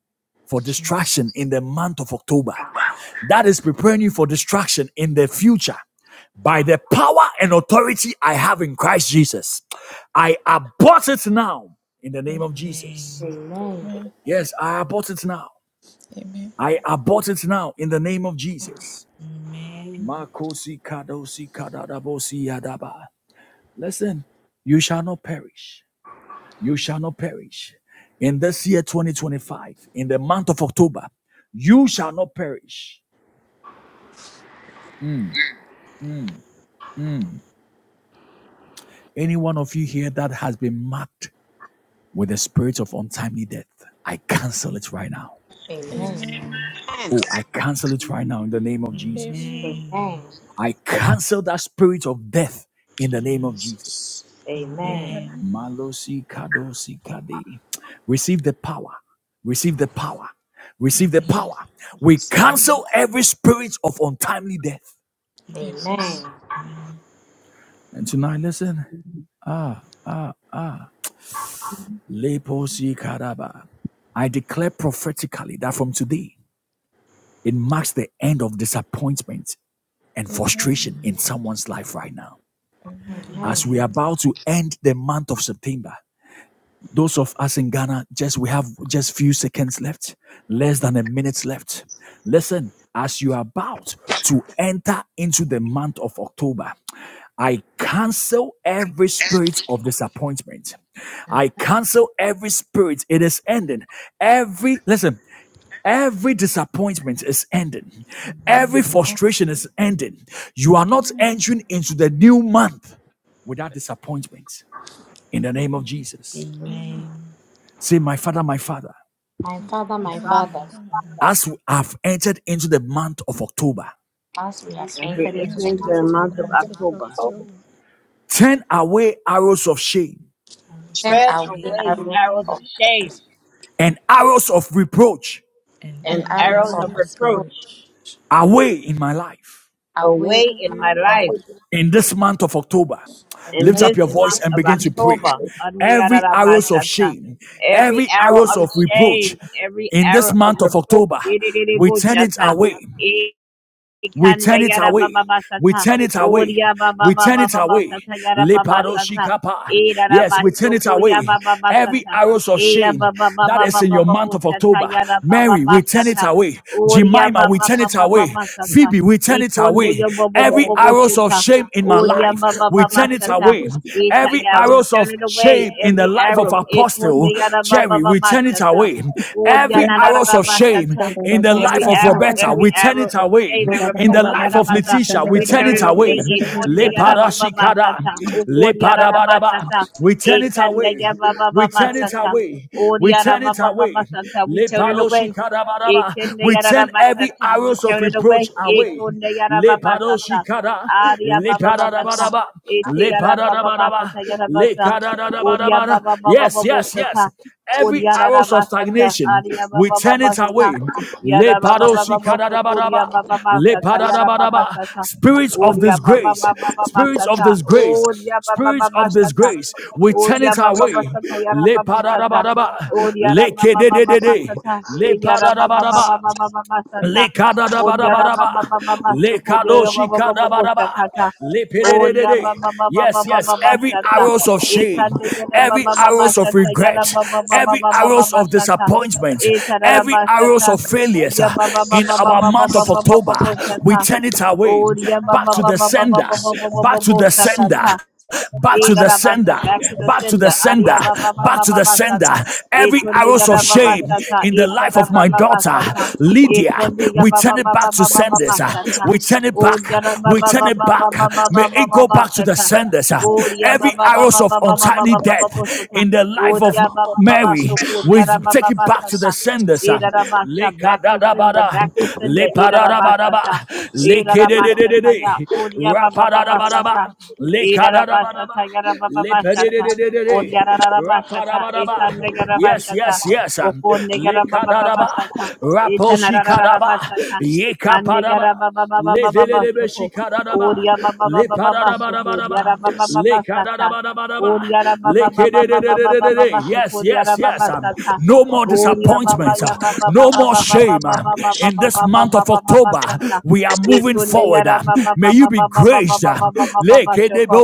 S1: for destruction
S2: Jesus.
S1: in the month of October, that is preparing you for destruction in the future. By the power and authority I have in Christ Jesus, I abort it now in the name of Jesus.
S2: Amen.
S6: Amen.
S1: Yes, I abort it now.
S7: Amen.
S1: I abort it now in the name of Jesus.
S2: Amen.
S1: Makosi kadosi kadadabosi yadaba. Listen, you shall not perish. You shall not perish. In this year 2025, in the month of October, you shall not perish. Mm, mm, mm. Any one of you here that has been marked with the spirit of untimely death. I cancel it right now.
S6: Amen.
S7: Amen.
S2: Amen.
S4: And,
S1: Oh, I cancel it right
S8: No,
S1: now in the name of Jesus.
S2: Amen.
S6: Amen.
S1: I cancel that spirit of death in the name of Jesus.
S2: Jesus.
S6: Amen.
S2: Amen.
S7: Amen.
S1: Malosi kadosi kade. Receive the power. Receive the power. Receive the
S2: Amen.
S1: power.
S2: I
S1: We
S2: Receive it.
S7: Amen.
S1: cancel every spirit of untimely death.
S7: Amen.
S2: Jesus.
S6: Amen.
S2: Amen.
S1: And tonight, listen. Ah, ah, ah. Leposi kadaba. I declare prophetically that from today, it marks the end of disappointment and
S7: Amen.
S1: frustration
S2: Amen.
S1: in someone's life right now.
S7: Amen.
S1: As
S6: Amen.
S1: we are
S2: Amen.
S1: about to end the month of September, those of us in Ghana, just we have just few seconds left, less than a minute left. Listen, as you are about to enter into the month of October, I cancel every spirit of disappointment. I cancel every spirit. It is ending. Every listen. Every disappointment is ending. Every
S2: Amen.
S1: frustration is ending. You are not
S7: Amen.
S1: entering into the new month without disappointment. In the name of Jesus.
S7: Amen.
S2: Amen.
S1: Say, My Father, my Father,
S6: My father,
S2: My
S6: my
S7: Father,
S2: Father,
S7: my
S4: Father,
S2: my
S6: father,
S7: Father,
S2: Father,
S1: as we have entered into the month of October,
S6: as we have
S2: as
S4: as
S2: we
S4: we're
S2: have
S6: entered into the
S7: enter
S2: entered
S4: entering
S6: month
S4: the
S2: into
S6: of
S2: the
S7: into the
S4: month
S6: October,
S4: of
S2: night
S7: month
S2: of
S7: of
S2: the
S4: October.
S2: living,
S7: October.
S1: turn away arrows of shame
S2: I worship
S6: send
S4: Tread
S6: away
S2: you.
S4: away
S7: I
S6: arrows
S4: arrows of
S6: of
S7: will
S6: pain
S4: shame
S1: and arrows of reproach
S2: and
S6: and
S4: and
S7: and I
S6: arrows
S4: arrows
S2: powers
S6: of
S4: of
S2: of
S7: will
S2: the
S7: search.
S4: reproach
S2: good
S1: away in my life.
S6: away
S4: away
S6: in
S7: I will
S4: in my
S6: my life,
S4: life
S7: remain
S1: in this month of October.
S6: and
S4: in
S1: Lift
S6: that's
S1: up
S4: this
S7: in
S1: your
S7: this
S1: voice
S4: month
S1: and
S4: of
S7: month
S1: begin
S7: of
S1: to pray.
S4: October.
S7: October.
S1: Every arrows of
S4: Andigarabashata.
S1: shame,
S4: Every
S1: every
S4: arrow
S1: arrows
S4: of
S1: of reproach
S4: shame, every
S1: in this
S4: arrow of
S1: month of
S4: reproach.
S1: October, we turn it
S4: Idididibushata.
S1: away. We
S4: Ikande
S1: turn it
S4: yara
S1: away.
S4: baba
S1: We
S4: basata.
S1: turn it away.
S4: Oria baba
S1: We turn
S4: baba
S1: it
S4: baba
S1: away.
S4: sata yara baba
S1: Lepado
S4: sata.
S1: shikapa.
S4: E rara
S1: Yes, we turn it
S4: bashoko ya
S1: away.
S4: baba
S1: Every
S4: basata.
S1: arrows of
S4: E ya
S1: shame
S4: baba baba
S1: that is
S4: baba
S1: in your month
S4: baba
S1: of
S4: sata
S1: October.
S4: yara baba
S1: Mary, we turn it
S4: basata.
S1: away.
S4: Oria
S1: Jemima, we
S4: baba
S1: turn it
S4: baba
S1: away.
S4: baba sata.
S1: Phoebe, we turn it
S4: Ikonde
S1: away.
S4: yo baba
S1: Every
S4: baba
S1: arrows of
S4: boshata.
S1: shame in my
S4: Oria
S1: life,
S4: baba
S1: we
S4: baba
S1: turn it
S4: sata.
S1: away.
S4: Eta
S1: Every
S4: ya we
S1: arrows
S4: turn
S1: of
S4: it away
S1: shame in the
S4: every
S1: life of
S4: arrow.
S1: Apostle
S4: Ikonde yara baba
S1: Jerry, We we
S4: baba
S1: turn it
S4: sata.
S1: away.
S4: Oria
S1: Every
S4: na
S1: arrows
S4: rara
S1: of shame
S4: bashata.
S1: in the life
S4: Every
S1: of
S4: arrow,
S1: Roberta,
S4: every
S1: we turn
S4: arrow
S1: it
S4: of
S1: away.
S4: shame and
S1: In the
S4: reproach,
S1: life of
S4: Yarabasa,
S1: Letitia, we
S4: we
S1: turn
S4: turn
S1: it
S4: it away.
S1: away.
S4: Ekonde
S1: Le
S2: remain
S1: parashikada,
S4: Yarababasata, Okod
S1: le leparabadaba.
S4: Yarabasata,
S1: We turn it
S4: Ekanda
S1: away. We turn it
S4: Yabababasata,
S1: away.
S4: Od
S1: We turn it away.
S4: Yarabababasata, we
S1: Le
S4: turn it away.
S1: Leparoshikadabadaba.
S4: Ekende
S1: We turn every
S4: Yarabasata, we
S1: arrows of
S4: turn it
S1: reproach
S4: away.
S1: away.
S4: Ekonde
S1: Le
S4: Yarababasata,
S1: paroshikada,
S4: Aria
S1: le
S2: a
S4: Bababasata,
S2: set
S1: Leparoshikada, leparabadaba,
S4: Ete
S1: leparabadaba,
S4: Yarababasata, Yarabasa, Od
S1: lekadadabadabada. Yes, yes, yes
S4: Yarabababasata, Od
S2: of
S1: every arrows of
S4: Yarabasata,
S1: stagnation,
S4: Aria
S1: we turn it
S4: Bababasata,
S1: away. Le
S4: Yara baba baba
S1: Lepadosi
S4: bosho kuria
S1: kadadabadaba,
S4: baba masata yara baba
S1: lepadadabadaba.
S4: sata
S1: Spirits of
S4: uria baba
S1: disgrace,
S4: baba baba
S1: spirits of
S4: sata
S1: disgrace,
S4: uria baba
S1: spirits
S4: baba
S1: of
S4: sata
S1: disgrace, we turn
S4: uria
S1: it
S4: baba baba
S1: away.
S4: sata yara
S1: Le
S4: baba sata
S1: padadabadaba,
S4: uria
S1: le Lepadadabadaba,
S4: baba baba baba
S1: lekedededede,
S4: sata yara
S2: gifts
S4: baba
S2: and
S4: baba
S1: lepadadabadaba.
S4: baba baba sata uria baba
S1: Lekadadabadabadaba.
S4: baba baba shukuria baba baba bosha
S1: Lekadoshikadabadaba.
S4: kata uria
S1: Lepedededede.
S4: baba baba
S1: Yes,
S4: baba
S1: yes.
S4: baba
S1: Every
S4: sata
S1: arrows of shame,
S4: ekande yara
S1: every
S4: baba baba
S1: arrows of
S4: sata yara
S1: regret,
S4: baba baba
S1: every
S4: baba
S1: arrows
S4: baba
S1: of
S4: sata
S1: disappointment,
S4: etarara
S1: every arrows of failures
S4: Ya
S1: uh,
S4: ba ba ba
S1: in
S4: ba ba
S1: our
S4: ba ba
S1: month
S4: ba
S1: of
S4: ba ba ba
S1: October,
S4: ba
S1: we
S4: shata.
S1: turn it away
S4: Oh, ya ba
S1: back
S4: ba
S1: to
S4: ba
S1: the
S4: ba ba ba ba
S1: sender,
S4: ba
S2: so
S4: ba ba ba
S1: back to
S2: they
S4: ba
S1: the
S2: listen
S1: sender
S4: shakata.
S2: to
S1: back to the
S2: Jesus.
S4: Irabasha
S1: sender,
S4: back to the
S2: look
S1: back to the
S2: up
S4: sender.
S1: sender,
S4: Ariaba Baba
S1: back
S4: Baba
S1: to the
S4: baba
S1: sender.
S4: Basata.
S1: Every
S4: Etunde
S1: arrows of
S4: Yaraba
S1: shame
S4: Basata.
S1: in the life of my
S4: baba
S1: daughter,
S4: Basata.
S2: look up
S1: Lydia,
S4: Ekonde
S1: we
S4: Yababa
S1: turn it
S4: Baba
S1: back to
S4: Baba
S1: senders. uh,
S4: Basata.
S1: We turn it
S4: O
S1: back.
S4: Yaraba
S1: We turn
S4: Baba
S1: it
S4: Baba
S1: back. May
S4: Baba
S1: it
S4: Baba
S1: go back to the
S4: Basata.
S1: senders. uh.
S4: O Yaba
S1: Every
S4: Baba
S1: arrows of
S4: Baba Baba
S1: untimely
S4: Baba Baba
S1: death
S4: Basata.
S1: in the
S4: O
S1: life of
S4: Yaba Baba
S1: Mary
S4: Sukur
S1: was
S4: Yaraba
S1: take it back to the
S4: Basata.
S1: senders. uh,
S4: Irabasha back to sender.
S1: Lekadadabada,
S4: Back to sender.
S1: lepadadabadaba,
S4: Irabasata. Irabasha Taya.
S1: lekedededede,
S4: O Yaba Baba
S1: rapadadabadaba,
S4: Basata.
S1: lekadadabadaba,
S4: Irarabashata yarababashata.
S1: lepedededede,
S4: Oryararabashata
S1: rapadabadaba.
S4: itande
S1: Yes,
S4: yarabashata.
S1: yes, yes. um,
S4: Okonde
S1: Lekadadaba,
S4: yarabababashata.
S1: raposhikadaba,
S4: Itanararabashata. Ande
S1: yekapadaba. Levelelebe
S4: yarababababashoko.
S1: shikaradaba,
S4: Oryababababashoko.
S1: lepararabarabaraba,
S2: give the same
S4: Yarababababashata.
S1: lekadadabarabaraba, lekedededededede.
S4: Oryarabababababababashoko.
S1: Yes, yes, yes. um,
S4: Yarababashata.
S1: No more
S4: Oryababa
S1: disappointments. uh, No more shame. uh, In this month of October,
S4: yababababababababababababababashata.
S1: we are moving
S4: Itunde
S1: forward.
S4: yara
S1: uh,
S4: baba
S1: May
S4: baba
S1: you be
S4: baba baba
S1: graced. um,
S4: baba baba baba shoko.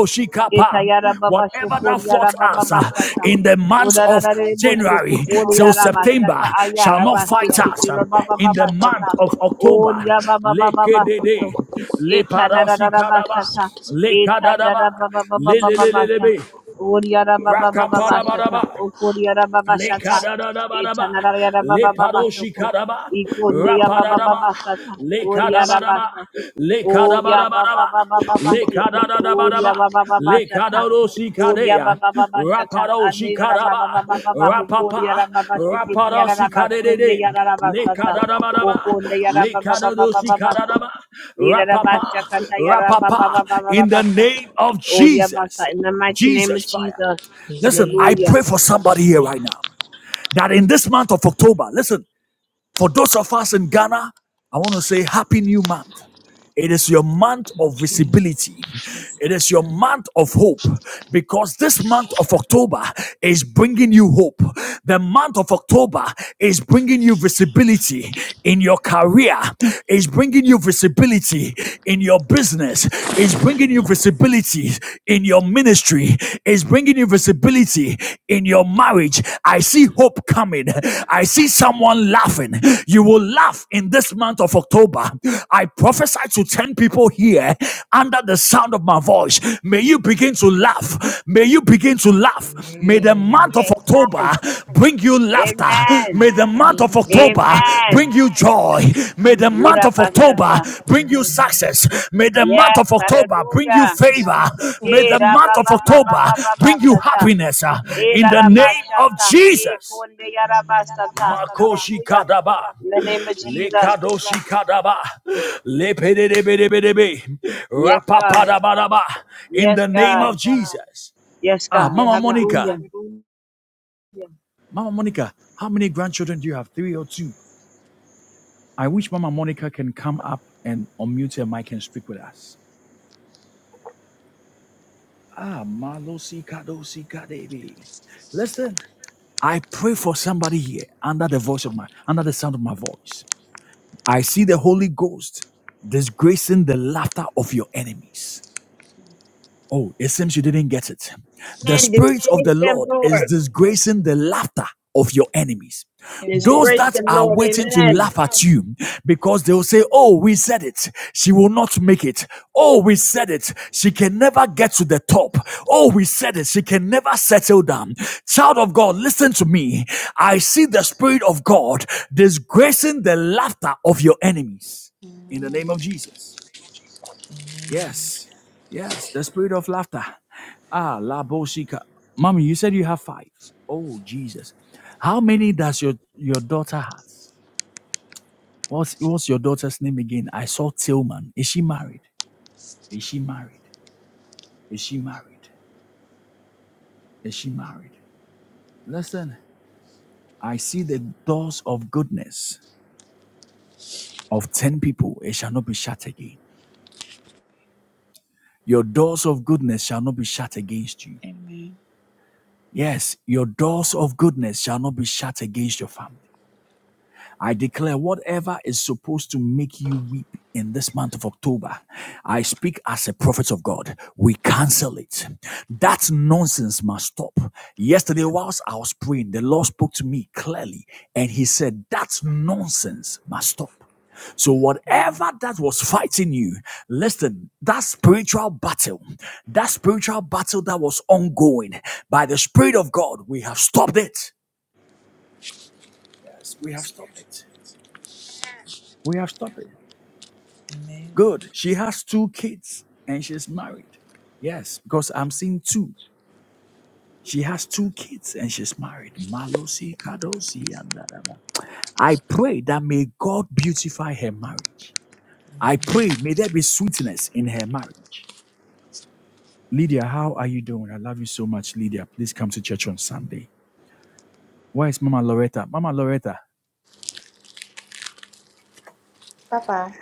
S4: Ita yara baba
S1: Whatever
S4: shoko
S1: that fought
S4: yara baba
S1: us uh,
S4: basata.
S1: in the month
S4: Oda da
S1: of
S4: da de bo shoko
S1: January
S4: ori
S1: till
S4: yara basata
S1: September shall
S4: ayara
S1: not fight
S4: basiki
S1: us
S4: tiro
S1: um,
S4: baba
S1: in the
S4: baba
S1: month
S4: sata.
S1: of
S4: Ori
S1: October.
S4: yara baba baba basoto.
S1: Lekedede.
S4: Ita na da da da
S2: so they
S4: basata.
S2: listen.
S4: Ita da da baba baba baba basha. Ori yara baba baba basata. Okori yara baba
S1: Le
S4: shata. Ita
S1: kadadabadaba,
S4: na da yara
S1: le
S4: baba baba
S1: paroshi
S4: shoko.
S1: kadaba,
S4: Ikondeya baba
S1: rapadadaba,
S4: baba sata.
S1: le
S4: Oria raba
S1: kadabadaba,
S4: sa.
S1: le
S4: Oria baba
S1: kadabadabadaba,
S4: baba baba
S1: le
S4: siti. Oria
S1: kadadabadaba,
S4: baba baba
S1: le
S4: sata.
S1: kadaroshi
S4: Oria
S1: kadea,
S4: baba baba sata.
S1: raparoshi
S4: Anera raba
S1: kadaba,
S4: baba baba baba hukoria
S1: rapapa,
S4: raba baba siti. Tiara
S1: raparoshi
S4: raba sonde
S1: kadede,
S4: yara raba
S1: le
S4: sata.
S1: kadadabadaba,
S4: Okonde yara
S1: le
S4: baba baba baba
S1: kadadoshi
S4: baba sho.
S1: kadadaba,
S4: Ira raba
S1: rapapa,
S4: shakata yara baba
S1: rapapa,
S4: baba baba
S1: in
S4: baba
S1: the
S4: sa.
S1: name of
S4: Oria basa.
S1: Jesus,
S4: In the mighty name of
S1: Jesus fire.
S4: Jesus.
S1: Listen,
S2: Amen.
S1: I
S4: Hallelujah.
S1: pray for somebody here right now that in this month of October, listen, for those of us in Ghana, I want to say Happy New Month. It is your month of
S2: Thank you.
S1: visibility. It is your month of hope because this month of October is bringing you hope. The month of October is bringing you visibility in your career, is bringing you visibility in your business, is bringing you visibility in your ministry, is bringing you visibility in your marriage. I see hope coming. I see someone laughing. You will laugh in this month of October. I prophesy to 10 people here under the sound of my voice. May you begin to
S2: Amen.
S1: laugh. May you begin to laugh. May the
S7: Amen.
S1: month of October
S4: Amen.
S1: bring you laughter.
S4: Amen.
S1: May the month of
S7: Amen.
S2: Amen.
S1: October bring
S4: Amen.
S1: you joy. May the
S2: Amen.
S1: month
S4: Mira
S1: of October
S4: bashata.
S1: bring you
S2: Amen.
S1: success. May the
S7: Amen.
S1: month
S4: Yes,
S1: of October bring you
S4: hallelujah.
S2: Jesus'
S1: favor.
S2: name.
S1: May
S4: Eh,
S7: Amen.
S1: the
S2: Amen.
S4: da
S1: month
S4: ba
S1: of
S4: ba ba ba
S1: October
S4: ba ba ba
S1: bring you
S4: sata.
S1: happiness uh,
S4: Eh, da
S1: in the
S4: da
S2: Amen.
S4: ba
S1: name of
S4: shata. Eh,
S1: Jesus.
S4: konde ya da ba sata.
S1: Makoshi
S4: Hallelujah.
S1: Kadaba.
S4: In the name of Jesus.
S1: Lekadoshi Kadaba. Lepedebedebedebe.
S4: Yes, God.
S1: Rapapadabadaba. In
S4: Yes,
S1: the name of
S4: God.
S1: Jesus.
S4: Yes,
S1: Ah,
S4: God.
S1: Mama,
S4: Hallelujah.
S1: Mama Monica, how many grandchildren do you have? Three or two? I wish Mama Monica can come up and unmute her mic and speak with us. Ah, Malosi Kadosi Kadebe. Listen, I pray for somebody here under the voice of my under the sound of my voice. I see the Holy Ghost disgracing the laughter of your enemies. Oh, it seems you didn't get it. The
S4: Amen.
S1: Spirit of
S4: Disgrace
S1: the
S4: them,
S1: Lord is
S4: Lord.
S1: disgracing the laughter of your enemies. Those
S7: Amen.
S4: Disgrace
S1: that
S4: them,
S1: are
S4: Lord.
S1: waiting to
S4: Amen.
S1: laugh at you because they will say, Oh, we said it. She will not make it. Oh, we said it. She can never get to the top. Oh, we said it. She can never settle down. Child of God, listen to me. I see the Spirit of God disgracing the laughter of your enemies in the name of Jesus.
S2: Amen. Amen.
S1: Yes. Yes. The spirit of laughter. Ah, la bosika. Mommy, you said you have five. Oh, Jesus. How many does your, your daughter has? What's, what's your daughter's name again? I saw Tillman. Is she married? Is she married? Is she married? Is she married? Listen, I see the doors of goodness of 10 people. It shall not be shut again. Your doors of goodness shall not be shut against you.
S7: Amen.
S1: Yes, your doors of goodness shall not be shut against your family. I declare whatever is supposed to make you weep in this month of October, I speak as a prophet of God. We cancel it. That nonsense must stop. Yesterday, whilst I was praying, the Lord spoke to me clearly and He said, That nonsense must stop. So, whatever that was fighting you, listen, that spiritual battle, that spiritual battle that was ongoing by the Spirit of God, we have stopped it. Yes, we have stopped it. We have stopped it.
S2: Amen.
S1: Good. She has two kids and she's married. Yes, because I'm seeing two. She has two kids and she's married. Malosi, Kadosi, and da, da, da. I pray that may God beautify her marriage. I pray may there be sweetness in her marriage. Lydia, how are you doing? I love you so much, Lydia. Please come to church on Sunday. Where is Mama Loretta? Mama Loretta,
S6: Papa.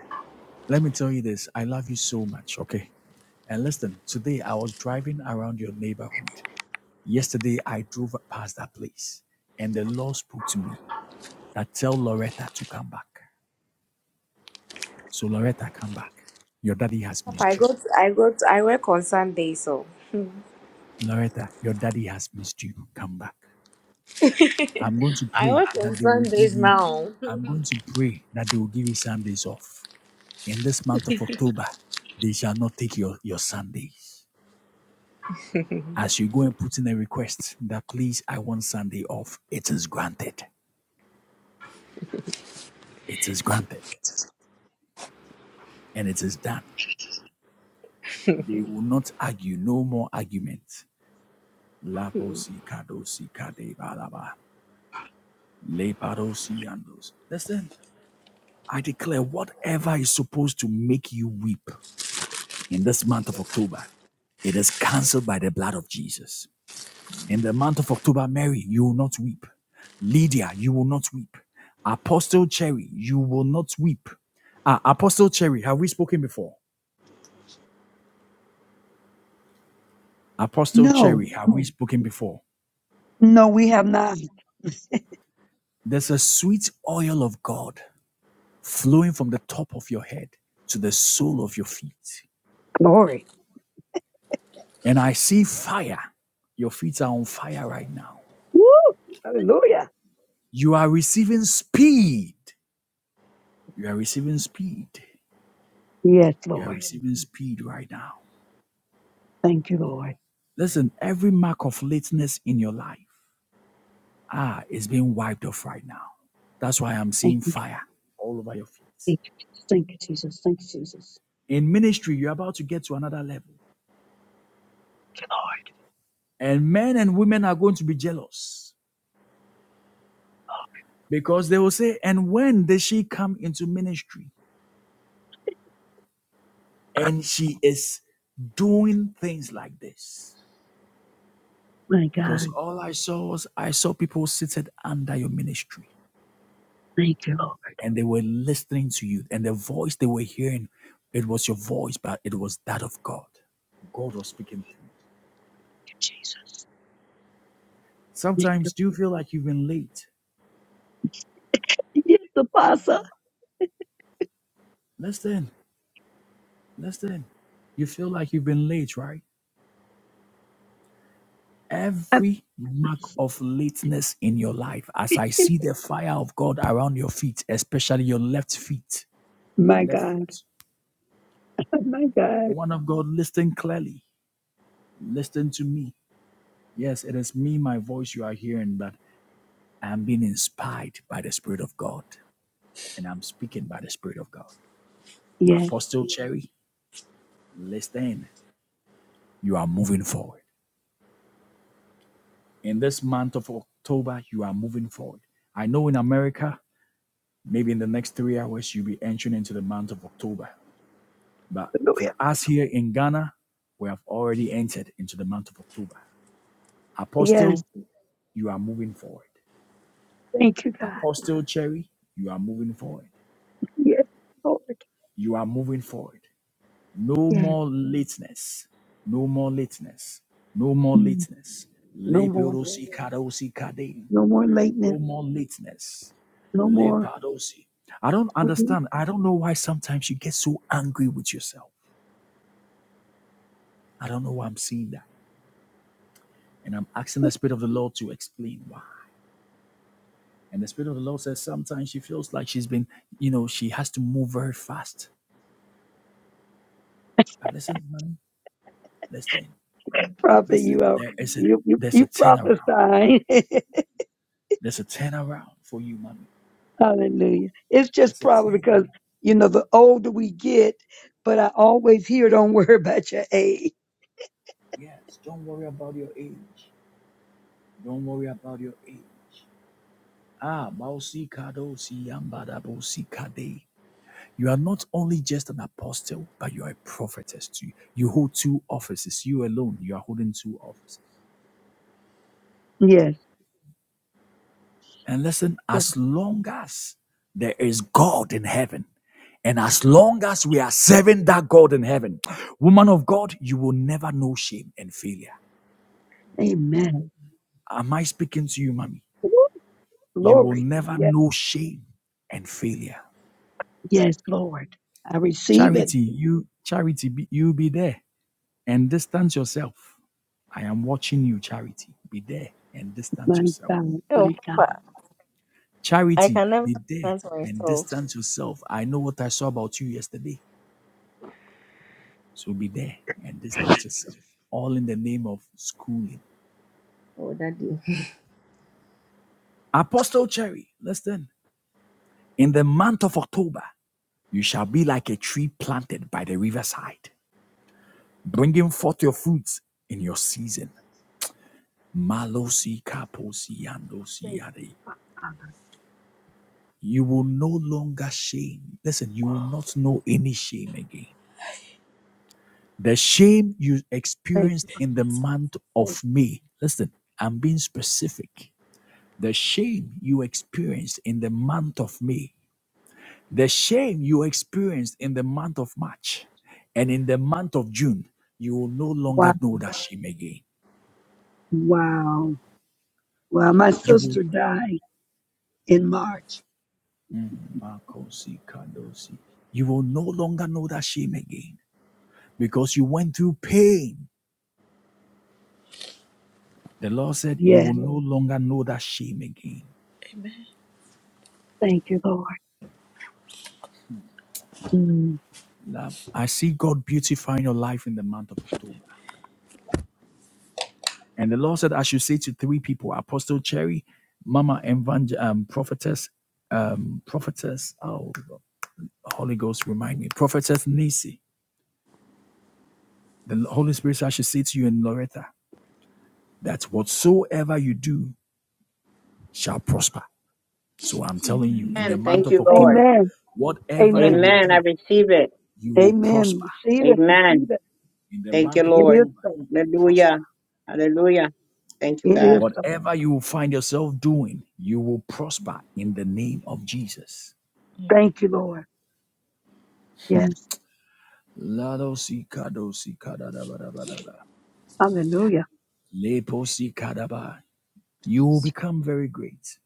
S1: let me tell you this. I love you so much, okay? And listen, today I was driving around your neighborhood Yesterday, I drove past that place and the Lord spoke to me that tell Loretta to come back. So, Loretta, come back. Your daddy has
S6: Papa, I
S1: missed you.
S6: got, I got, I work on Sunday, so
S1: Loretta, your daddy has missed you. Come back. I'm going to
S6: I
S1: pray
S6: work on
S1: that they will give
S6: Sundays
S1: you,
S6: now.
S1: I'm going to pray that they will give you Sundays off. In this month of October, they shall not take your, your Sundays. As you go and put in a request that please, I want Sunday off, it is granted. It is granted and it is done. They will not argue, no more argument. Laposi kadosi kadebalaba. Leparosi andos. Listen, I declare whatever is supposed to make you weep in this month of October, it is cancelled by the blood of Jesus. In the month of October, Mary, you will not weep. Lydia, you will not weep. Apostle Cherry, you will not weep. Ah, Apostle Cherry, have we spoken before? Apostle Cherry, have we spoken before?
S8: no, we have not.
S1: There's a sweet oil of God flowing from the top of your head to the sole of your feet.
S8: Glory.
S1: And I see fire. Your feet are on fire right now.
S8: Woo! Hallelujah.
S1: You are receiving speed. You are receiving speed.
S8: Yes,
S1: You are
S8: Lord.
S1: receiving speed right now.
S8: Thank you, Lord.
S1: Listen, every mark of lateness in your life, ah, is being wiped off right now. That's why I'm
S8: Thank
S1: seeing
S8: you.
S1: fire all over your feet.
S8: Thank you, Jesus. Thank you, Jesus. Thank you, Jesus.
S1: In ministry, you're about to get to another level. And men and women are going to be jealous because they will say, And when did she come into ministry? And she is doing things like this
S8: My
S1: because
S8: God.
S1: all I saw was I saw people seated under your ministry
S8: Thank you, Lord
S1: and they were listening to you and the voice they were hearing it was your voice but it was that of God. God was speaking to you.
S8: Jesus. Thank you.
S1: Sometimes do you feel like you've been late?
S8: Yes, Apostle.
S1: Listen, listen. You feel like you've been late, right? Every mark of lateness in your life, as I see the fire of God around your feet, especially your left feet, your
S8: My
S1: left
S8: God.
S1: foot.
S8: My God.
S1: Woman of God, listen clearly. Listen to me. Yes, it is me, my voice you are hearing, but I'm being inspired by the Spirit of God and I'm speaking by the Spirit of God.
S8: Yes.
S1: Apostle Cherry, listen. You are moving forward. In this month of October, you are moving forward. I know in America, maybe in the next three hours, you'll be entering into the month of October. But
S8: Hallelujah.
S1: for us here in Ghana, we have already entered into the month of October.
S8: Yes.
S1: Apostle, you are moving forward.
S8: Thank you, God.
S1: Apostle Cherry, you are moving forward.
S8: Yes, Lord.
S1: You are moving forward. No
S8: Yes.
S1: more lateness. No more lateness. No more
S8: Mm.
S1: lateness.
S8: No more.
S1: Leperosi karosi kade.
S8: No more lateness.
S1: No more lateness.
S8: No more.
S1: Leparosi. I don't
S8: Mhm.
S1: understand. I don't know why sometimes you get so angry with yourself. I don't know why I'm seeing that. And I'm asking the Spirit of the Lord to explain why. And the Spirit of the Lord says sometimes she feels like she's been, you know, she has to move very fast. Now listen, money. Listen.
S8: Prophet, you
S1: Listen,
S8: are
S1: there is a
S8: you you,
S1: there's a
S8: you
S1: turnaround.
S8: prophesying.
S1: There's a turnaround for you, mommy.
S8: Hallelujah. It's just
S1: There's a
S8: probably because
S1: turnaround.
S8: you know the older we get, but I always hear don't worry about your age.
S1: Yes, don't worry about your age. Don't worry about your age. Ah, Mausi Kado Siyambada Bosi Kade. You are not only just an apostle, but you are a prophetess too. You hold two offices. You alone, you are holding two offices.
S8: Yes.
S1: And listen,
S8: Lord.
S1: as long as there is God in heaven, and as long as we are serving that God in heaven, woman of God, you will never know shame and failure.
S8: Amen.
S1: Am I speaking to you, mommy?
S8: Woo,
S1: You will
S8: Glory.
S1: never
S8: Yes.
S1: know shame and failure.
S8: Yes, Lord. I receive it.
S1: Charity, you, charity, be, you be there and distance yourself. I am watching you, charity. Be there and distance
S8: My
S1: yourself.
S8: God.
S9: Oh,
S8: My God.
S9: Papa, I
S1: Charity,
S9: can never
S1: be there
S9: understand
S1: and
S9: myself.
S1: distance yourself. I know what I saw about you yesterday. So be there and distance yourself. All in the name of schooling.
S9: Oh, Daddy.
S1: Apostle Cherry, listen. In the month of October, you shall be like a tree planted by the riverside, bringing forth your fruits in your season. Malosi kaposi andosi
S8: Thank
S1: yare.
S8: you, Father.
S1: You will no longer shame. Listen, you will not know any shame again. The shame you
S8: Thank you.
S1: experienced
S8: Father.
S1: in the month of May, listen, I'm being specific the shame you experienced in the month of May, the shame you experienced in the month of March, and in the month of June, you will no
S8: Wow.
S1: longer know that shame again.
S8: Wow. Wow. My
S1: You will,
S8: sister died in March.
S1: Makosi Kadosi. you will no longer know that shame again because you went through pain. The Lord said, You will
S8: Yes.
S1: no longer know that shame again.
S8: Thank you, Lord. Mm.
S1: Love, I see God beautifying your life in the month of October. And the Lord said, I should say to three people Apostle Cherry, Mama Evangel- um, Prophetess, um, Prophetess, oh, Holy Ghost, remind me, Prophetess Nisi. The Holy Spirit said, I should say to you and Loretta that whatsoever you do shall prosper. So I'm telling you, in
S7: Amen. Amen.
S1: the
S4: Amen.
S1: month
S4: Thank
S1: of
S4: you, Lord.
S1: October,
S8: Amen.
S1: whatever you
S8: Amen.
S1: will
S4: Amen. I
S1: do,
S4: receive it.
S1: you will
S8: Amen.
S1: prosper.
S8: We see that. We see
S4: Amen.
S8: that.
S1: In the
S4: Thank you,
S1: month of
S8: It
S4: Lord.
S8: is
S1: October,
S8: so.
S1: you will prosper.
S4: Hallelujah. Hallelujah. Thank you,
S8: It is
S4: God.
S8: so.
S1: Whatever you will find yourself doing, you will prosper in the name of Jesus.
S8: Thank you, Lord. Yes.
S1: Lado si kado si kada da ba da ba da ba.
S8: Hallelujah.
S1: Lepo si kada ba. You will become very great.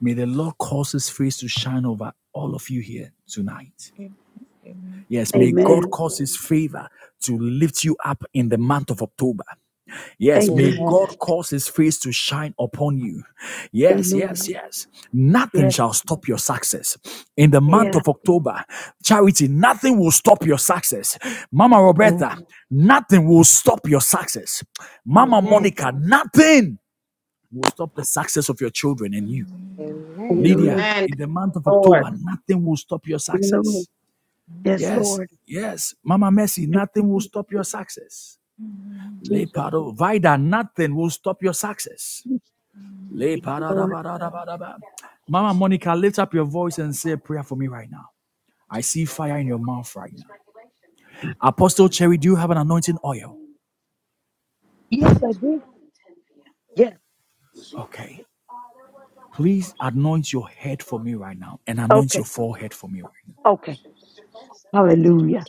S1: May the Lord cause his face to shine over all of you here tonight.
S7: Amen.
S1: Yes, may
S8: Amen.
S1: God cause his favor to lift you up in the month of October. Yes, may
S9: Amen.
S8: Amen.
S1: God cause his face to shine upon you. Yes,
S8: Amen.
S1: yes, yes. Nothing
S8: Yes.
S1: shall stop your success. In the
S6: amen,
S1: month
S8: Yeah.
S1: of October, charity, nothing will stop your success. Mama
S9: Mm.
S1: Roberta, nothing will stop your success.
S7: Amen.
S1: Mama
S7: Amen.
S6: amen,
S1: Monica, nothing will stop the success of your children and you.
S6: amen,
S8: Hallelujah.
S1: Lydia,
S4: Amen,
S1: in the month of
S4: Lord.
S1: October, nothing will stop your
S8: Hallelujah.
S1: success.
S8: Yes,
S1: Yes,
S8: Lord.
S1: yes. Mama Mercy,
S8: Thank you,
S1: nothing will
S8: Jesus.
S1: stop your
S8: Thank
S1: success.
S8: you, Jesus.
S1: Leparo, Vida, nothing will stop your success. Le
S8: Thank you, Lord.
S1: ba. Mama Monica, lift up your voice and say a prayer for me right now. I see fire in your mouth right now. Apostle Cherry, do you have an anointing oil?
S8: Yes, I did. Yes.
S1: Okay. Please anoint your head for me right now and anoint your
S8: Okay.
S1: forehead for me right now.
S8: Okay. Hallelujah.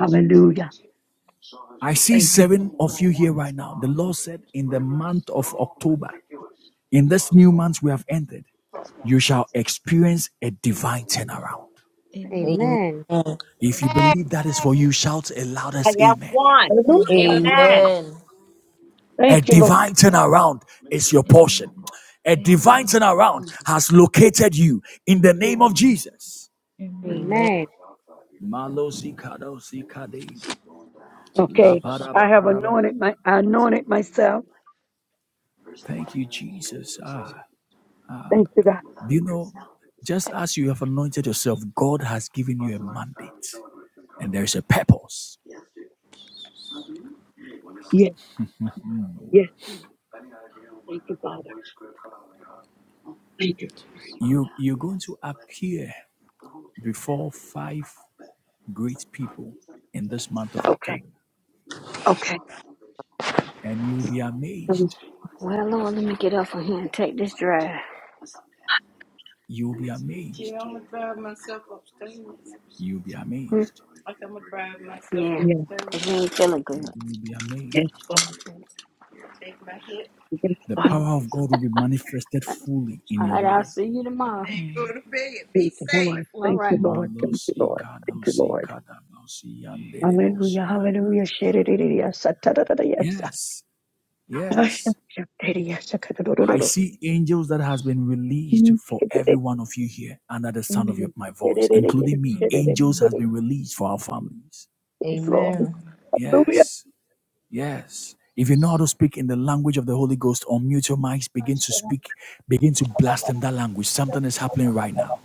S8: Hallelujah.
S1: I see
S8: Thank you.
S1: seven of you here right now. The Lord said in the month of October, in this new month we have entered, you shall experience a divine turnaround.
S7: Amen.
S9: Amen.
S6: amen,
S1: If you believe that is for you, shout a
S4: I
S1: loudest
S4: am
S1: amen.
S4: one.
S8: Hallelujah.
S4: Amen.
S7: Amen.
S9: Amen.
S1: A
S8: Thank you, Lord.
S1: divine turnaround is your portion. A divine
S7: Amen.
S1: turnaround
S9: Mm.
S1: has located you in the name of
S7: Amen.
S1: Jesus.
S7: Amen.
S9: Amen.
S6: amen,
S1: Malosi kadosi kade,
S8: Okay. I have
S1: laparabarabara.
S8: anointed my I anointed myself.
S1: Thank you, Jesus. Ah,
S8: Thank you, God.
S1: do you know, just as you have anointed yourself, God has given you a mandate and there is a purpose.
S7: Jesus.
S8: Yes, yes. Thank you, Father. Thank you.
S7: Jesus.
S1: You, you're going to appear before five great people in this month of
S8: Okay.
S1: October,
S8: Okay.
S1: and you'll be
S8: Um,
S1: amazed.
S3: Well, Lord, let me get up from here and take this drive.
S1: You'll be amazed. You'll be
S3: Hmm,
S1: amazed.
S3: Yeah,
S8: Yes,
S3: 'cause I ain't feeling good.
S1: You will be
S8: yes,
S1: amazed.
S8: Father. Yes,
S1: The
S8: Father.
S1: power of God will be manifested fully in
S3: All
S1: your
S3: right, I'll
S1: life.
S3: see you tomorrow.
S8: Thank you, Lord.
S3: All
S8: Thank you,
S3: right.
S8: Lord. Thank you,
S1: Malosi
S8: Lord. Thank you,
S1: kadosi
S8: Lord.
S1: kadabosi yanderebosi.
S8: Hallelujah. Hallelujah. Shedidididiyah, satadadadadiyah.
S1: Yes,
S8: Ah,
S1: yes.
S8: shakadadiyah,
S1: I
S8: sakadadadadadada.
S1: see angels that has been released
S8: Mm,
S1: for every
S8: shedidid-
S1: one of you here under the sound of your,
S8: mm,
S1: my voice, including
S8: shedidididid-
S1: me.
S8: shedidid-
S1: Angels has been
S8: shedidid-
S1: released for our families.
S9: Amen. Amen. Amen.
S8: Lord.
S1: Yes. Yes. If you know how to speak in the language of the Holy Ghost, unmute your mics,
S8: Oh,
S1: begin to speak, begin to blast in that language. Something is happening right now.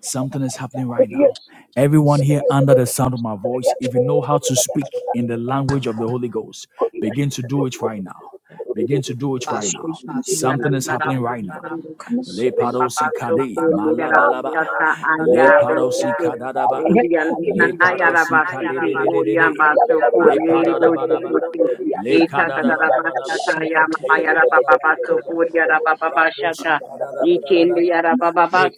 S1: Something is happening right now. Everyone here under
S7: God,
S1: the sound of my voice, if you know how to speak in the language of
S7: God.
S1: the Holy Ghost, begin to do it right now. Begin to do it
S4: Ah,
S1: right
S4: shake
S1: now.
S4: it, yeah, da,
S1: Something is
S4: da, da,
S1: happening right now.
S4: da.
S7: Gokash
S1: Le parosi
S4: Papa
S1: kade
S4: Soko
S1: malabalaba.
S4: Nirabata
S1: Le
S4: Aya
S1: parosi
S4: Basiki
S1: kadadaba.
S4: Indian
S7: Atlanta
S4: Ayarabasiti
S8: I
S4: Uriya Basoko
S7: Colorado
S4: Nirido Sokoti
S1: Le
S4: Eta
S1: kadadaba.
S4: Tadarabashata
S1: Le
S7: Center
S4: Yamayara Papa
S1: kadadaba.
S4: Soko
S7: Colorado
S4: Yaraba
S1: Raposhi
S4: Babashata
S7: Colorado
S4: Ikindi
S1: kadadabadabadaba.
S4: Yaraba Baba
S1: Le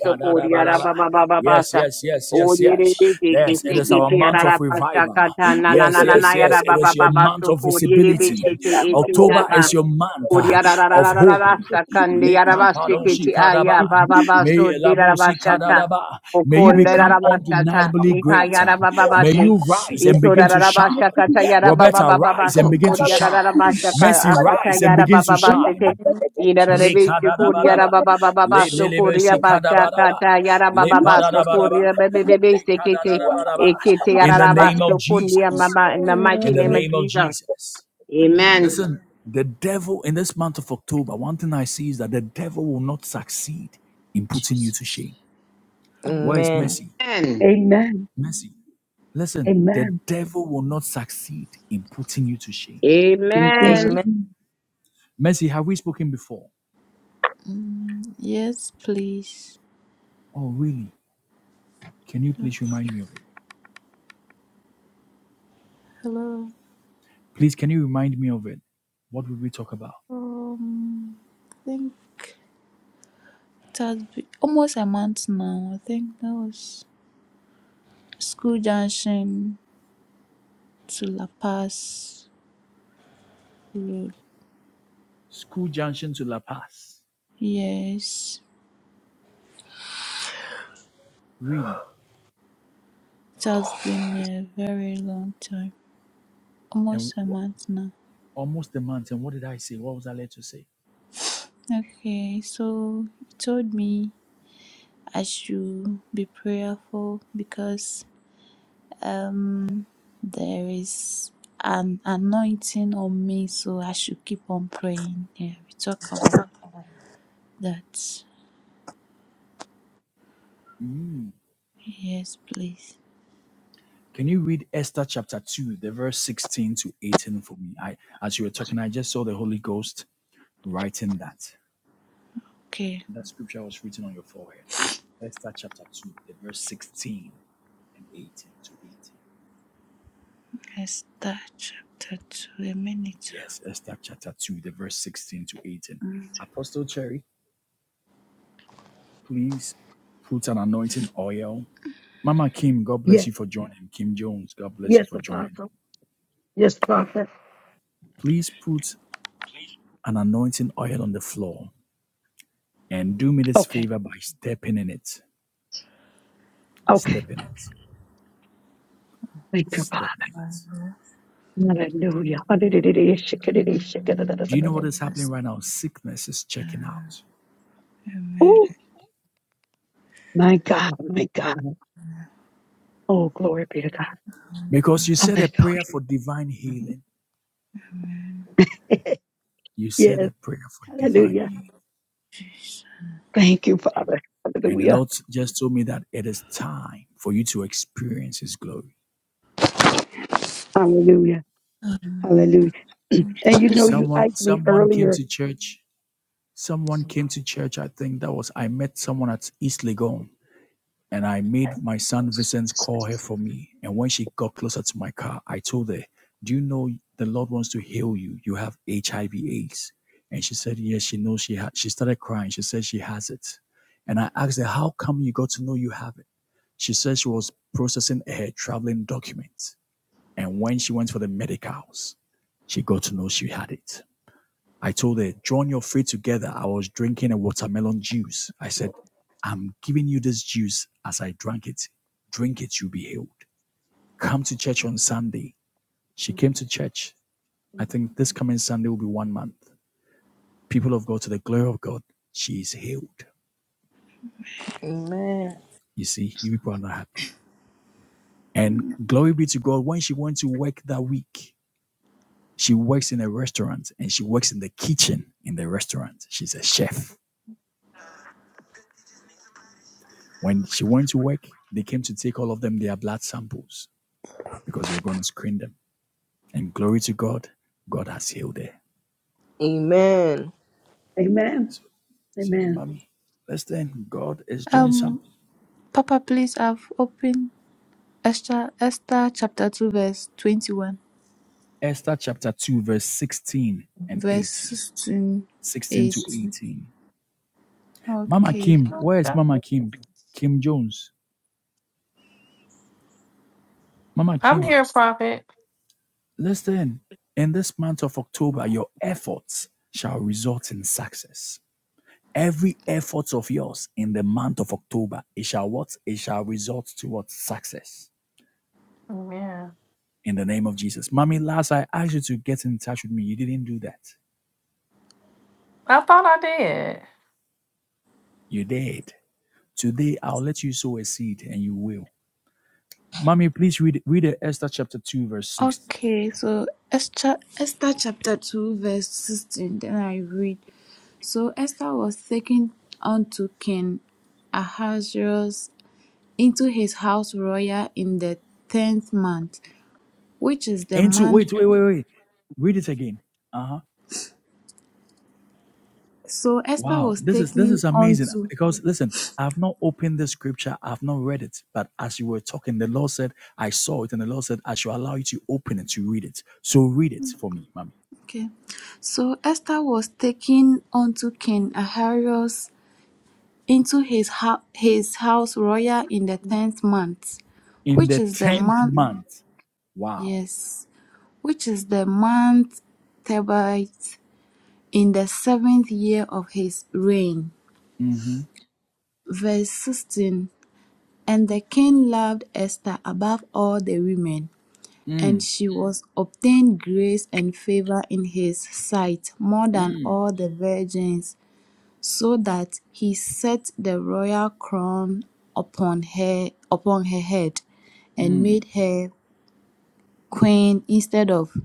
S4: yara baba
S1: Yes,
S4: Babasa
S1: yes, yes, yes,
S4: Yara
S1: yes.
S7: Division
S1: Yes, it is our month of revival. Yes,
S7: Colorado
S1: yes, yes.
S4: baba
S1: It is your
S4: baba
S1: month of
S4: Soko Yiribi
S1: visibility.
S4: Shiti Eti
S1: October
S4: Yaba
S1: is your month uh, of hope.
S4: Kuriyararararararasa kandi
S1: Le
S4: yarabashikiti aya baba baso
S1: May labosi
S8: Thank
S4: dirarabashata
S8: you.
S1: kadadaba. May you
S4: okonde
S1: become
S4: rarabashata
S1: undeniably
S4: ika
S1: great. May
S4: yarabababashi
S7: Baba
S1: you rise and
S7: Sudan
S1: begin to shine.
S4: itorararabashakata
S1: Roberta, rise
S4: yarababababaso
S1: and
S7: Oh
S1: begin to
S7: God
S1: shine.
S4: kuriyarararabashaka
S1: Mercy,
S4: akata
S7: Sakama
S1: rise and begin to shine.
S4: yarabababasete
S1: Le
S7: Jesus
S4: irarebishi
S1: kada da ba, da ba, Le
S4: kuriyarababababaso
S7: Santa
S1: lelebesi kadabaraba.
S4: kuriyabashakata
S1: Le pada
S4: yarabababaso
S1: da ba da ba, Le kada
S4: kuriyabebebebesekete
S1: da da ba. da ba.
S4: ekete
S7: Santa
S1: In the name
S4: yararabasho
S1: of
S4: kundi
S1: Jesus.
S4: mama in the mighty
S1: In the
S4: name of
S1: name of
S4: Jesus.
S1: Jesus.
S4: Amen.
S7: Amen
S1: Listen, the devil in this month of October, one thing I see is that the devil will not succeed in putting you to
S7: Jesus
S1: shame. Where
S7: Amen
S1: is
S9: Amen.
S1: mercy?
S4: Amen.
S8: Amen.
S1: Mercy. Listen, the
S8: Amen.
S1: devil will not succeed in putting you to shame.
S8: In Jesus'
S4: Amen.
S8: name.
S1: Mercy, have we spoken before?
S7: mm, Yes please
S1: Oh, really? Can you
S7: Like,
S1: please remind me of it?
S7: Hello
S1: Please, can you remind me of it? What would we talk about?
S7: Um I think it has been almost a month now I think that was school junction to La Paz Road.
S1: School Junction to La Paz.
S7: Yes,
S1: Really?
S7: it has been a very long time,
S1: And
S7: almost a
S1: w-
S7: month now.
S1: almost a month. And what did I say? What was I led to say?
S7: Okay, so you told me I should be prayerful because um there is an anointing on me, so I should keep on praying. Yeah, we talk about that.
S1: Mm.
S7: Yes, please.
S1: Can you read Esther chapter 2, the verse 16 to 18 for me? I, As you were talking, I just saw the Holy Ghost writing that.
S7: Okay,
S1: That scripture was written on your forehead. Esther chapter 2, the verse 16 and 18 to 18.
S7: let's start chapter two. A minute.
S1: Yes, Esther chapter 2, the verse 16 to 18. Apostle Cherry, Please put an anointing oil. Mama Kim, God bless
S8: Yes.
S1: you for joining. Kim Jones, God bless you
S8: Yes,
S1: for joining.
S8: Apostle. Yes, Prophet.
S1: Please put an anointing oil on the floor and do me this
S8: Okay.
S1: favor by stepping in it.
S8: Okay.
S1: Step in it.
S8: Thank you, God.
S1: Step in it.
S8: Hallelujah.
S1: Do you know what is happening right now? Sickness is checking out.
S7: Amen.
S8: Oh, my God, my God. Oh, glory be to God.
S1: Because you said a
S8: Hallelujah.
S1: prayer for divine healing. You said a
S8: yes,
S1: prayer for divine
S8: hallelujah.
S1: healing.
S7: Jesus.
S8: Thank you, Father.
S1: And the
S8: Hallelujah.
S1: Lord just told me that it is time for you to experience His glory.
S8: Hallelujah. Hallelujah. and you know,
S7: Please,
S8: you
S1: Someone,
S8: asked me
S1: someone came
S8: earlier.
S1: to church Someone came to church, I think that was I met someone at East Legon and I made my son Vincent call her for me. And when she got closer to my car, I told her, Do you know the Lord wants to heal you? You have HIV AIDS. And she said, Yes, she knows she had she started crying. She said she has it. And I asked her, How come you got to know you have it? She said she was processing her traveling documents. And when she went for the medicals, she got to know she had it. I told her, John, your faith together. I was drinking a watermelon juice. I said, I'm giving you this juice as I drank it. Drink it, you'll be healed. Come to church on Sunday. She came to church. I think this coming Sunday will be one month. People of God, to the glory of God, she is healed. You see, you people are not happy. And glory be to God, when she went to work that week, she works in a restaurant and she works in the kitchen in the restaurant. She's a chef. When she went to work, they came to take all of them their blood samples because we are going to screen them. And glory to God, God has healed her.
S8: Amen.
S1: So, so
S8: Amen.
S1: mommy, let's then God is doing
S7: um,
S1: something.
S7: Papa please I've opened Esther Esther chapter two verse twenty one
S1: Esther chapter 2, verse 16 and
S7: verse
S1: 18.
S7: 16,
S1: 16 to
S7: 18.
S1: 18. Mama
S7: Okay.
S1: Kim, where is Mama Kim? Kim Jones. Mama
S10: I'm
S1: Kim,
S10: here, Prophet.
S1: listen. In this month of October, your efforts shall result in success. Every effort of yours in the month of October, it shall what? It shall result to what? Success.
S10: Yeah.
S1: In the name of Jesus. Mommy, last I asked you to get in touch with me. You didn't do that.
S10: I thought I did.
S1: You did. Today I'll let you sow a seed and you will. Mommy, please read read Esther chapter 2, verse 6.
S7: Okay, so Esther Esther chapter two verse sixteen, then I read. So Esther was taken unto King Ahasuerus into his house royal in the tenth month, which is the
S1: Into
S7: month
S1: wait, wait, wait, wait. Read it again. Uh huh.
S7: so Esther
S1: Wow,
S7: was
S1: this is this
S7: taken
S1: is amazing
S7: unto
S1: because listen, I've not opened the scripture, I've not read it, but as you were talking, the Lord said, I saw it, and the Lord said, I shall allow you to open it to read it. So read it for me, mommy.
S7: Okay. So Esther was taken unto King Ahasuerus into his, hou- his house royal in the tenth month,
S1: In
S7: which
S1: the
S7: is the
S1: tenth
S7: month,
S1: month, wow,
S7: yes, which is the month Tebite in the seventh year of his reign.
S1: mm-hmm.
S7: Verse 16 And the king loved Esther above all the women,
S1: mm,
S7: and she was obtained grace and favor in his sight more than
S1: mm,
S7: all the virgins so that he set the royal crown upon her upon her head and
S1: mm.
S7: made her queen instead of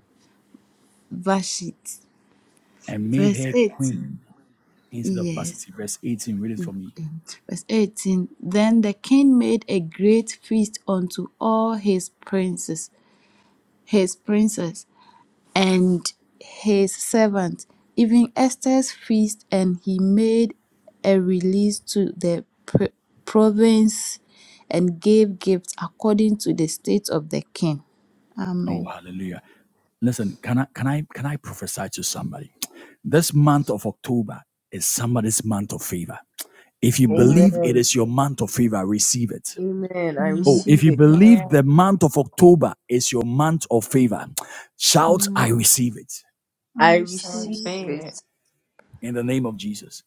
S7: Vashti.
S1: and made
S7: Verse
S1: her
S7: 18.
S1: queen instead of
S7: Yes.
S1: varsity. Verse eighteen, read it for me.
S7: um, Verse 18. Then the king made a great feast unto all his princes, his princes, and his servants, even Esther's feast, and he made a release to the pr- province and gave gifts according to the state of the king.
S1: Oh,
S7: Amen.
S1: hallelujah! Listen, can I can I can I prophesy to somebody? This month of October is somebody's month of favor. If you
S9: Amen. Amen.
S7: Amen.
S1: believe it is your month of favor, receive it.
S9: Amen. I
S1: Oh,
S7: Amen.
S1: if
S9: receive
S1: you
S9: it.
S10: Yeah.
S1: believe the month of October is your month of favor, shout, I
S7: Amen.
S1: receive it
S7: I
S9: I
S10: I
S9: receive
S7: receive.
S10: received it.
S9: it.
S1: in the name of Jesus.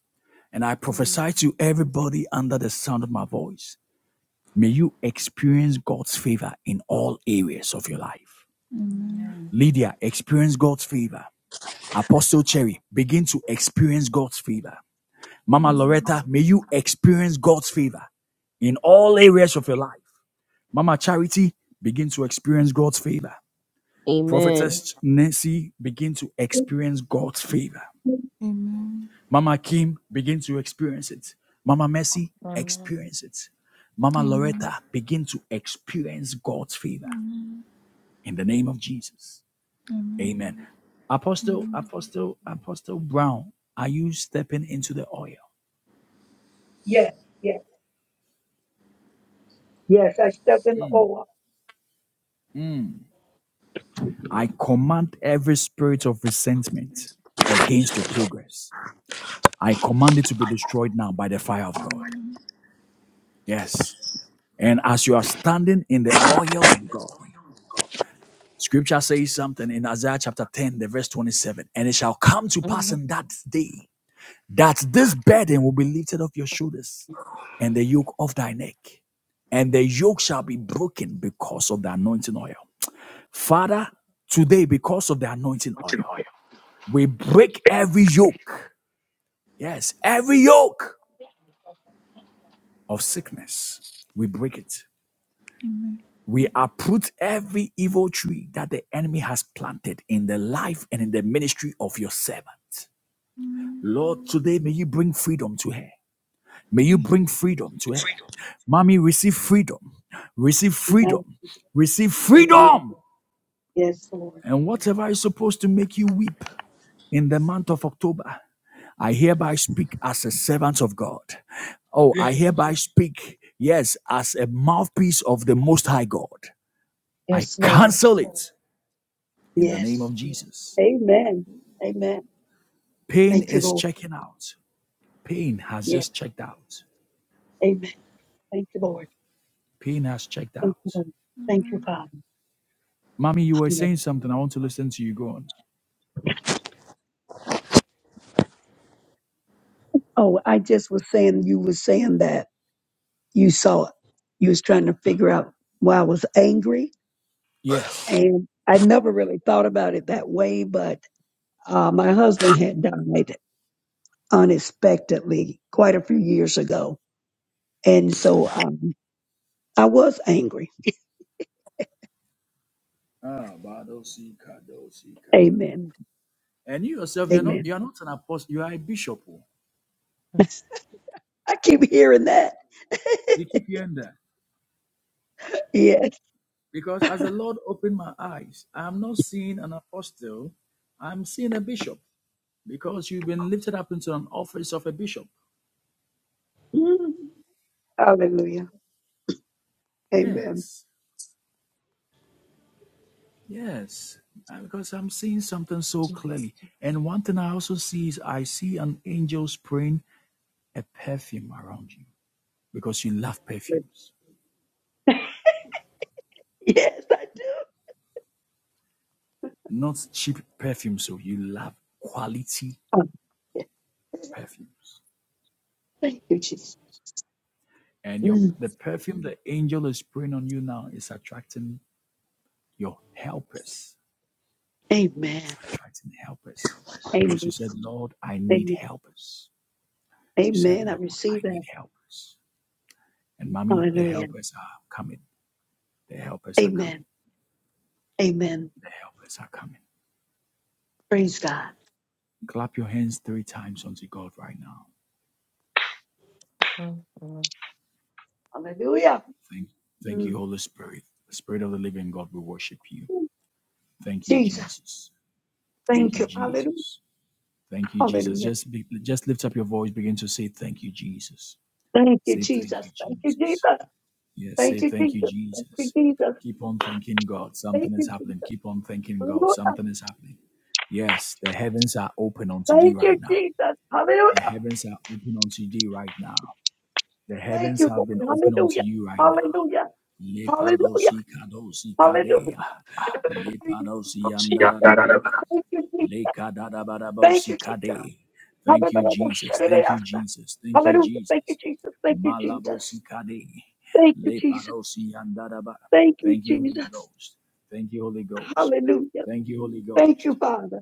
S1: And I
S9: Amen.
S1: prophesy to everybody under the sound of my voice. May you experience God's favor in all areas of your life.
S7: Amen.
S9: Amen.
S1: Lydia, experience God's favor. Apostle Cherry, begin to experience God's favor. Mama Loretta, may you experience God's favor in all areas of your life. Mama Charity begin to experience God's favor.
S9: Amen.
S1: Prophetess Nancy begin to experience God's favor.
S7: Amen.
S1: Mama Kim begin to experience it. Mama Mercy
S10: Amen.
S1: experience it. Mama
S7: Amen.
S1: Loretta begin to experience God's favor
S7: Amen.
S1: in the name of Jesus.
S7: Amen.
S1: Amen. Apostle,
S7: Amen.
S1: Apostle, Apostle Brown, are you stepping into the oil?
S8: Yes, yes, yes. I stepped in the oil.
S1: Mm. I command every spirit of resentment against your progress. I command it to be destroyed now by the fire of God. Yes. And as you are standing in the oil of God, scripture says something in Isaiah chapter 10, the verse 27. And it shall come to pass
S10: Mhm.
S1: in that day that this burden will be lifted off your shoulders and the yoke of thy neck. And the yoke shall be broken because of the anointing oil. Father, today, because of the anointing oil, we break every yoke. Yes, every yoke of sickness. We break it
S7: Amen. Amen.
S1: We uproot every evil tree that the enemy has planted in the life and in the ministry of your servant.
S7: Amen.
S1: Lord, today may you bring freedom to her. May you bring freedom to her. Mommy, receive freedom. Receive
S8: Amen.
S1: freedom. Receive
S8: Amen.
S1: freedom.
S8: Yes, Lord.
S1: And whatever is supposed to make you weep in the month of October, I hereby speak as a servant of God. Oh,
S8: Yes,
S1: I hereby speak, yes, as a mouthpiece of the Most High God. I
S8: yes, Lord.
S1: cancel it. in the name
S8: Yes.
S1: of Jesus.
S8: Amen. Amen.
S1: Pain
S8: Thank you,
S1: is
S8: Lord.
S1: checking out. Pain has
S8: Yes.
S1: just checked out.
S8: Amen. Thank you, Lord.
S1: Pain has checked
S8: Thank you,
S1: out.
S8: Lord. Thank you,
S7: Amen.
S8: Father.
S1: Mommy, you were
S8: Amen.
S1: saying something. I want to listen to you. Go on.
S8: Oh, I just was saying, you were saying that you saw it. You was trying to figure out why I was angry,
S1: Yes.
S8: and I never really thought about it that way. But uh, my husband had died unexpectedly quite a few years ago, and so um, I was angry.
S1: Ah,
S8: Amen.
S1: And you yourself, you're not
S8: Amen.
S1: you're not an apostle, you are a bishop. oh.
S8: I keep hearing that.
S1: You keep hearing that.
S8: yes.
S1: Because as the Lord opened my eyes, I'm not seeing an apostle, I'm seeing a bishop. Because you've been lifted up into an office of a bishop.
S8: Mm. Hallelujah. Amen.
S1: Yes. Yes, uh, because I'm seeing something so clearly. And one thing I also see is I see an angel spraying a perfume around you because you love perfumes,
S8: Yes, I do.
S1: not cheap perfumes. So you love quality
S8: Oh, yes.
S1: perfumes,
S8: Thank you, Jesus.
S1: and your
S8: Mm,
S1: the perfume the angel is spraying on you now is attracting your helpers. It's
S8: amen.
S1: attracting helpers because you
S8: Amen.
S1: said, "Lord, I need
S8: Amen.
S1: helpers." You said,
S8: Amen. I
S1: "Lord,
S8: receive
S1: I
S8: that.
S1: need helpers," and mommy, the
S8: Hallelujah.
S1: helpers are coming. The helpers are coming
S8: Amen. Amen.
S1: The helpers are coming.
S8: Praise God.
S1: Clap your hands three times unto God right now.
S10: Mhm.
S8: Hallelujah.
S1: Thank, thank
S8: Mm,
S1: you, Holy Spirit. the Spirit of the living God, we worship you. Thank you,
S8: Jesus.
S1: Jesus. Thank
S8: Thank
S1: you,
S8: you. Hallelujah.
S1: Jesus. Thank you, Jesus.
S8: Hallelujah.
S1: Just be, just lift up your voice. Begin to say thank you, Jesus.
S8: Thank you,
S1: Say thank you,
S8: Jesus. Thank you,
S1: Jesus.
S8: Jesus.
S1: Yes,
S8: Thank
S1: say
S8: you,
S1: thank you,
S8: Jesus. Thank you,
S1: Jesus.
S8: Jesus.
S1: Keep on thanking God.
S8: Thank
S1: Something
S8: you,
S1: is happening.
S8: Jesus.
S1: Keep on thanking God.
S8: Hallelujah.
S1: Something is happening. Yes, the heavens are open unto thee
S8: Thank you,
S1: right now.
S8: Jesus.
S1: The
S8: Hallelujah.
S1: heavens are open unto thee right now. The
S8: Thank
S1: heavens
S8: you,
S1: have
S8: Lord.
S1: been open unto
S8: Hallelujah.
S1: you right now.
S8: Hallelujah. Hallelujah.
S1: Lepadosi kadosi
S8: Hallelujah.
S1: kadea.
S8: Thank
S1: Lepadosi
S8: you, Jesus.
S1: yandarabara.
S10: Mhm.
S8: Thank you, Jesus. Thank you,
S1: Lekadadabarabosi
S8: Jesus.
S1: kade. Thank
S8: Hallelujah.
S1: you, Jesus. Thank you, Jesus. Thank you,
S8: Thank you,
S1: Jesus.
S8: Jesus. Thank you,
S1: Malabosi
S8: Jesus.
S1: kade.
S8: Thank you, Jesus.
S1: Lepadosi yandarabara.
S8: Thank you,
S1: Thank you, Holy
S8: Jesus.
S1: Ghost. Thank you, Holy Ghost.
S8: Hallelujah.
S1: Thank you, Holy
S8: Thank you,
S1: Ghost.
S8: Father.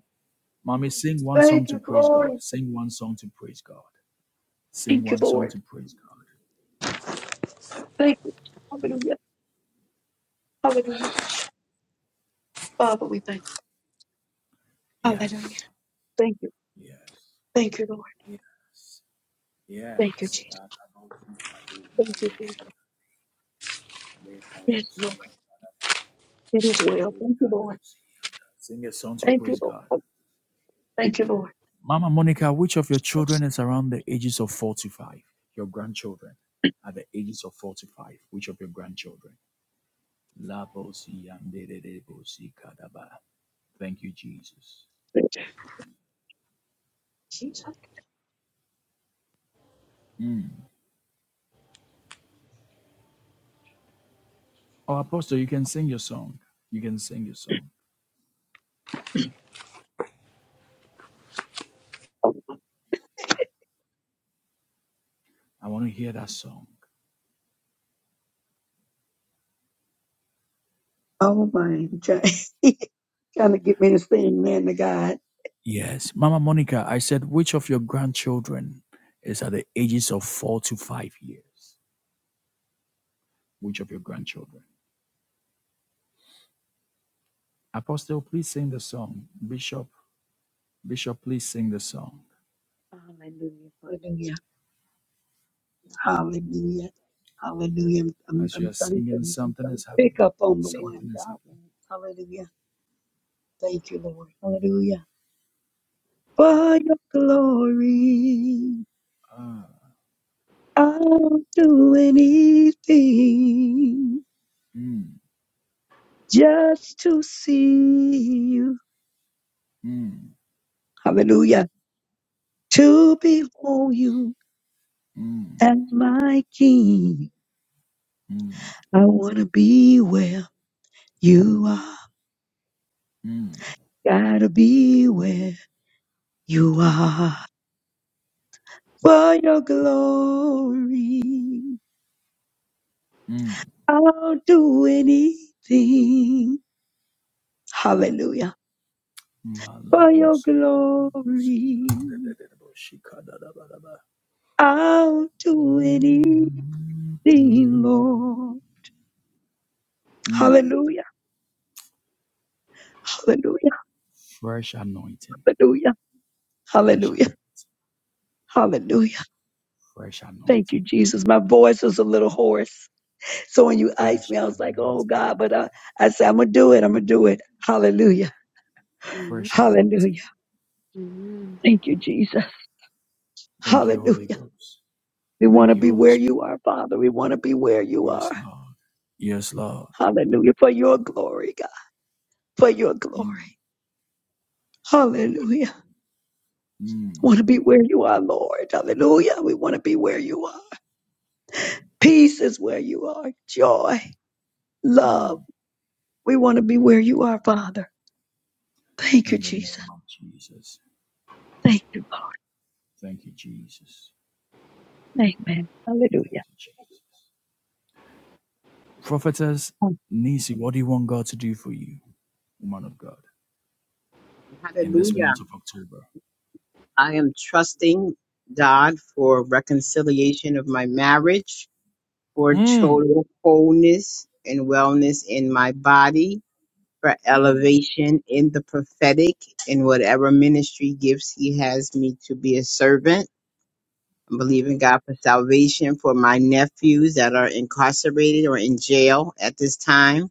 S1: Mommy, sing one song
S8: Thank
S1: to
S8: you,
S1: praise God.
S8: glory.
S1: Sing one song to praise God. Sing
S8: Thank you,
S1: one song
S8: Lord.
S1: to praise God.
S8: Thank you. Hallelujah. Hallelujah. Father, we thank you. Hallelujah.
S1: Yes.
S8: Thank you.
S1: Yes.
S8: Thank you, Lord.
S1: Yes,
S8: Thank you,
S1: yes.
S8: Jesus.
S1: Arabosikade,
S8: Thank you, Jesus.
S1: malosi,
S8: Yes, Lord.
S1: leparosia,
S8: It is well. Thank you, Lord.
S1: leparosia. Sing a song to
S8: Thank you,
S1: praise God.
S8: Lord. Thank you, Lord.
S1: Mama Monica, which of your children is around the ages of 45? Your grandchildren are the ages of 45. Which of your grandchildren? La bo si si Thank you, Jesus.
S8: Thank you, Jesus.
S1: Mm. Oh, Apostle, you can sing your song. You can sing your song. I want to hear that song.
S8: Oh, my. Trying to get me to sing, man to God.
S1: Yes, Mama Monica, I said, which of your grandchildren is at the ages of four to five years? Which of your grandchildren? Apostle, please sing the song. Bishop, Bishop, please sing the song.
S8: Hallelujah. Hallelujah. Hallelujah. Hallelujah. I'm,
S1: As you
S8: I'm
S1: are
S8: trying to
S1: singing, something is
S8: pick
S1: happening.
S8: up on the
S1: Something
S8: one
S1: is
S8: God. wants. Hallelujah. Thank you, Lord. Hallelujah. For your glory,
S1: happening. Ah,
S8: I'll do anything
S1: mm,
S8: just to see you.
S1: mm.
S8: Hallelujah. To behold you as my king. I want to be where you are. Gotta be where you are. For your glory, I'll do anything. Hallelujah. For your
S1: Malabos-
S8: glory,
S1: Shikadadabadaba.
S8: I'll do anything,
S1: Mm.
S8: Lord.
S1: mm.
S8: Hallelujah. Hallelujah.
S1: Fresh anointing.
S8: Hallelujah.
S1: Fresh and
S8: Hallelujah. Hallelujah.
S1: fresh
S8: Thank you,
S1: anointing.
S8: Jesus. My voice was a little hoarse. So when you asked
S1: Fresh
S8: me, I was like, oh
S1: anointing.
S8: God, but I, I said, I'm going to do it. I'm going to do it. Hallelujah.
S6: amen.
S1: Fresh anointing.
S8: Hallelujah.
S6: amen.
S8: Thank you, Jesus.
S1: Thank you,
S8: Hallelujah.
S1: Holy Ghost.
S8: We want
S1: Thank
S8: to
S1: you,
S8: be
S1: Holy
S8: where
S1: Spirit.
S8: you are, Father. We want to be where you
S1: Yes,
S8: are.
S1: Lord. Yes, Lord.
S8: Hallelujah. For your glory, God. For your glory.
S1: Mm,
S8: Hallelujah.
S1: mm,
S8: want to be where you are, Lord. Hallelujah. We want to be where you are. Peace is where you are. Joy,
S1: mm.
S8: love. We want to be where you are, Father. Thank you,
S1: In the
S8: Jesus.
S1: name of Jesus.
S8: Thank you,
S1: Thank you, Jesus.
S8: Lord. Amen. Hallelujah.
S1: Prophetess
S8: Amen.
S1: Nisi, what do you want God to do for you, woman of God, in this
S4: Hallelujah.
S1: month of October?
S4: I am trusting God for reconciliation of my marriage, for
S1: Mm,
S4: total wholeness and wellness in my body, for
S1: mm.
S4: elevation in the prophetic, in whatever ministry gifts He has me to be a servant. I'm believing God for salvation for my nephews that are incarcerated or in jail at this time.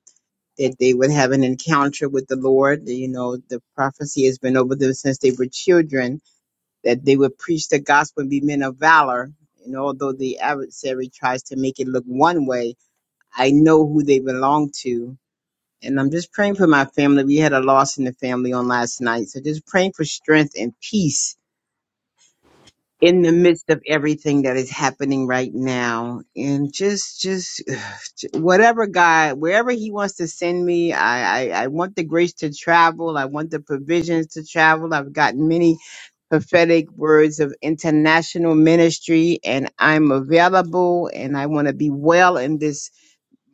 S4: that they would have an encounter with the Lord. You know, the prophecy has been over them since they were children that they would preach the gospel and be men of valor. And although the adversary tries to make it look one way, I know who they belong to. And I'm just praying for my family. We had a loss in the family on last night. So just praying for strength and peace in the midst of everything that is happening right now and just just whatever god wherever he wants to send me I, I i want the grace to travel i want the provisions to travel i've gotten many prophetic words of international ministry and i'm available and i want to be well in this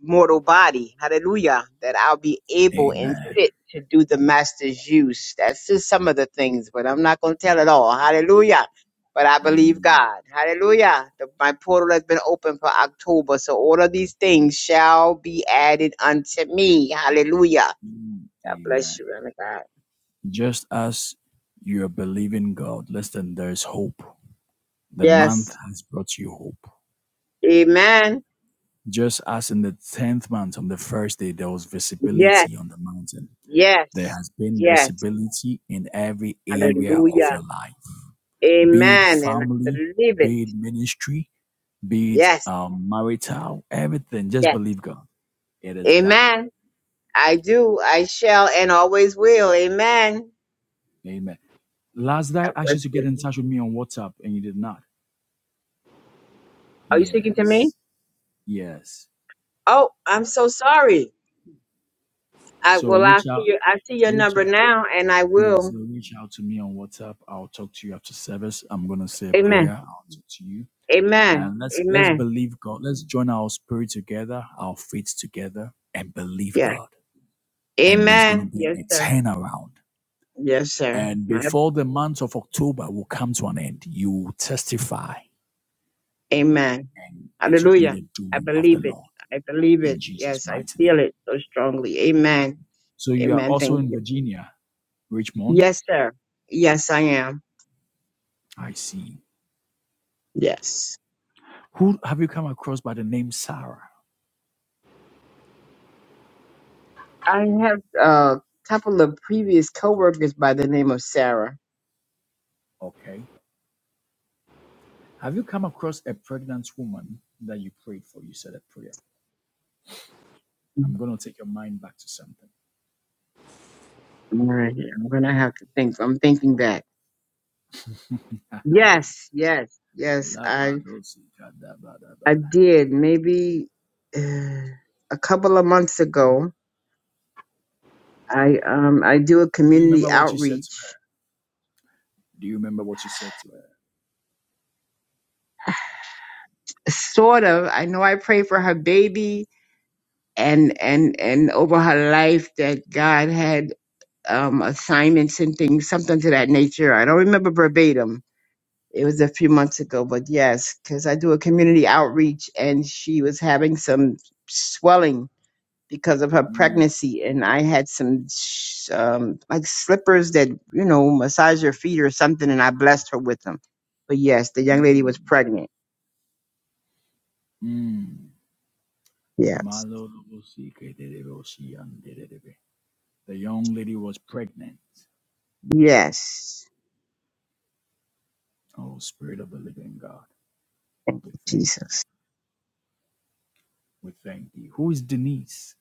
S4: mortal body. Hallelujah. That I'll be able and
S1: Amen.
S4: fit to do the master's use. That's just some of the things, but I'm not going to tell it all. Hallelujah. But I believe
S1: Amen.
S4: God. Hallelujah. The, my portal has been open for October. So all of these things shall be added unto me. Hallelujah.
S1: Mm,
S4: God bless
S1: amen.
S4: you, man of God.
S1: Just as you are believing God, listen, there is hope. The month
S4: Yes.
S1: has brought you hope.
S4: Amen.
S1: Just as in the tenth month on the first day there was
S4: Yes.
S1: visibility on the mountain, there
S4: Yes.
S1: has been
S4: Yes.
S1: visibility in every area of
S4: Hallelujah.
S1: your life, be it
S4: Amen. And I
S1: family,
S4: believe it.
S1: be it ministry, be it
S4: Yes.
S1: um, marital, everything. Just
S4: Yes.
S1: believe God. It is done.
S4: Amen. I do. I shall and always will. Amen.
S1: Amen. Last day
S4: God
S1: I asked
S4: bless
S1: you to get
S4: you.
S1: in touch with me on WhatsApp and you did not.
S4: Are you speaking to me?
S1: Yes. Yes.
S4: Oh, I'm so sorry. I
S1: So
S4: well, I
S1: reach
S4: see
S1: out
S4: your I see your
S1: reach
S4: number
S1: out.
S4: now, and I
S1: Yes,
S4: will.
S1: so reach out to me on WhatsApp. I'll talk to you after service. I'm gonna say a prayer.
S4: Amen.
S1: I'll talk to you.
S4: Amen.
S1: And let's let's
S4: Amen.
S1: believe God. Let's join our spirit together, our faith together, and believe
S4: Yeah.
S1: God. And there's going
S4: Amen.
S1: to be
S4: Yes,
S1: a
S4: sir.
S1: turnaround.
S4: Yes, sir.
S1: And
S4: My,
S1: before the month of October will come to an end, you will testify,
S4: amen.
S1: and it will be
S4: Hallelujah.
S1: the
S4: I
S1: doing of the
S4: believe it.
S1: Lord
S4: I believe
S1: in
S4: it.
S1: Jesus'
S4: Yes, I
S1: mighty
S4: feel
S1: name.
S4: it so strongly. Amen.
S1: So you are
S4: Amen.
S1: also
S4: Thank
S1: in
S4: you.
S1: Virginia, Richmond.
S4: Yes, sir. Yes, I am.
S1: I see.
S4: Yes.
S1: Who have you come across by the name Sarah?
S4: I have a couple of previous coworkers by the name of Sarah.
S1: Okay. Have you come across a pregnant woman that you prayed for? You said a prayer. I'm going to take your mind back to something.
S4: All right, I'm gonna have to think. I'm thinking back. Yes, yes, yes. I
S1: Labadozikadabadaba.
S4: I did maybe uh, a couple of months ago. I um I do a
S1: Do you
S4: community
S1: remember what you said to
S4: outreach.
S1: her? Do you remember what you said to her?
S4: Sort of. I know I pray for her baby and and and over her life that God had um assignments and things, something to that nature. I don't remember verbatim It was a few months ago, but yes, because I do a community outreach and she was having some swelling because of her
S1: Mm,
S4: pregnancy. And I had some sh- um, like slippers that, you know, massage your feet or something. And I blessed her with them. But yes, the young lady
S1: mm,
S4: was pregnant.
S1: mm.
S4: Yes.
S1: Malorobosikerereboshiyanderebe. The young lady was pregnant.
S4: Yes.
S1: Oh, Spirit of the Living God,
S4: Thank
S1: we
S4: you,
S1: thank you.
S4: Jesus.
S1: We thank you. Who is Denise?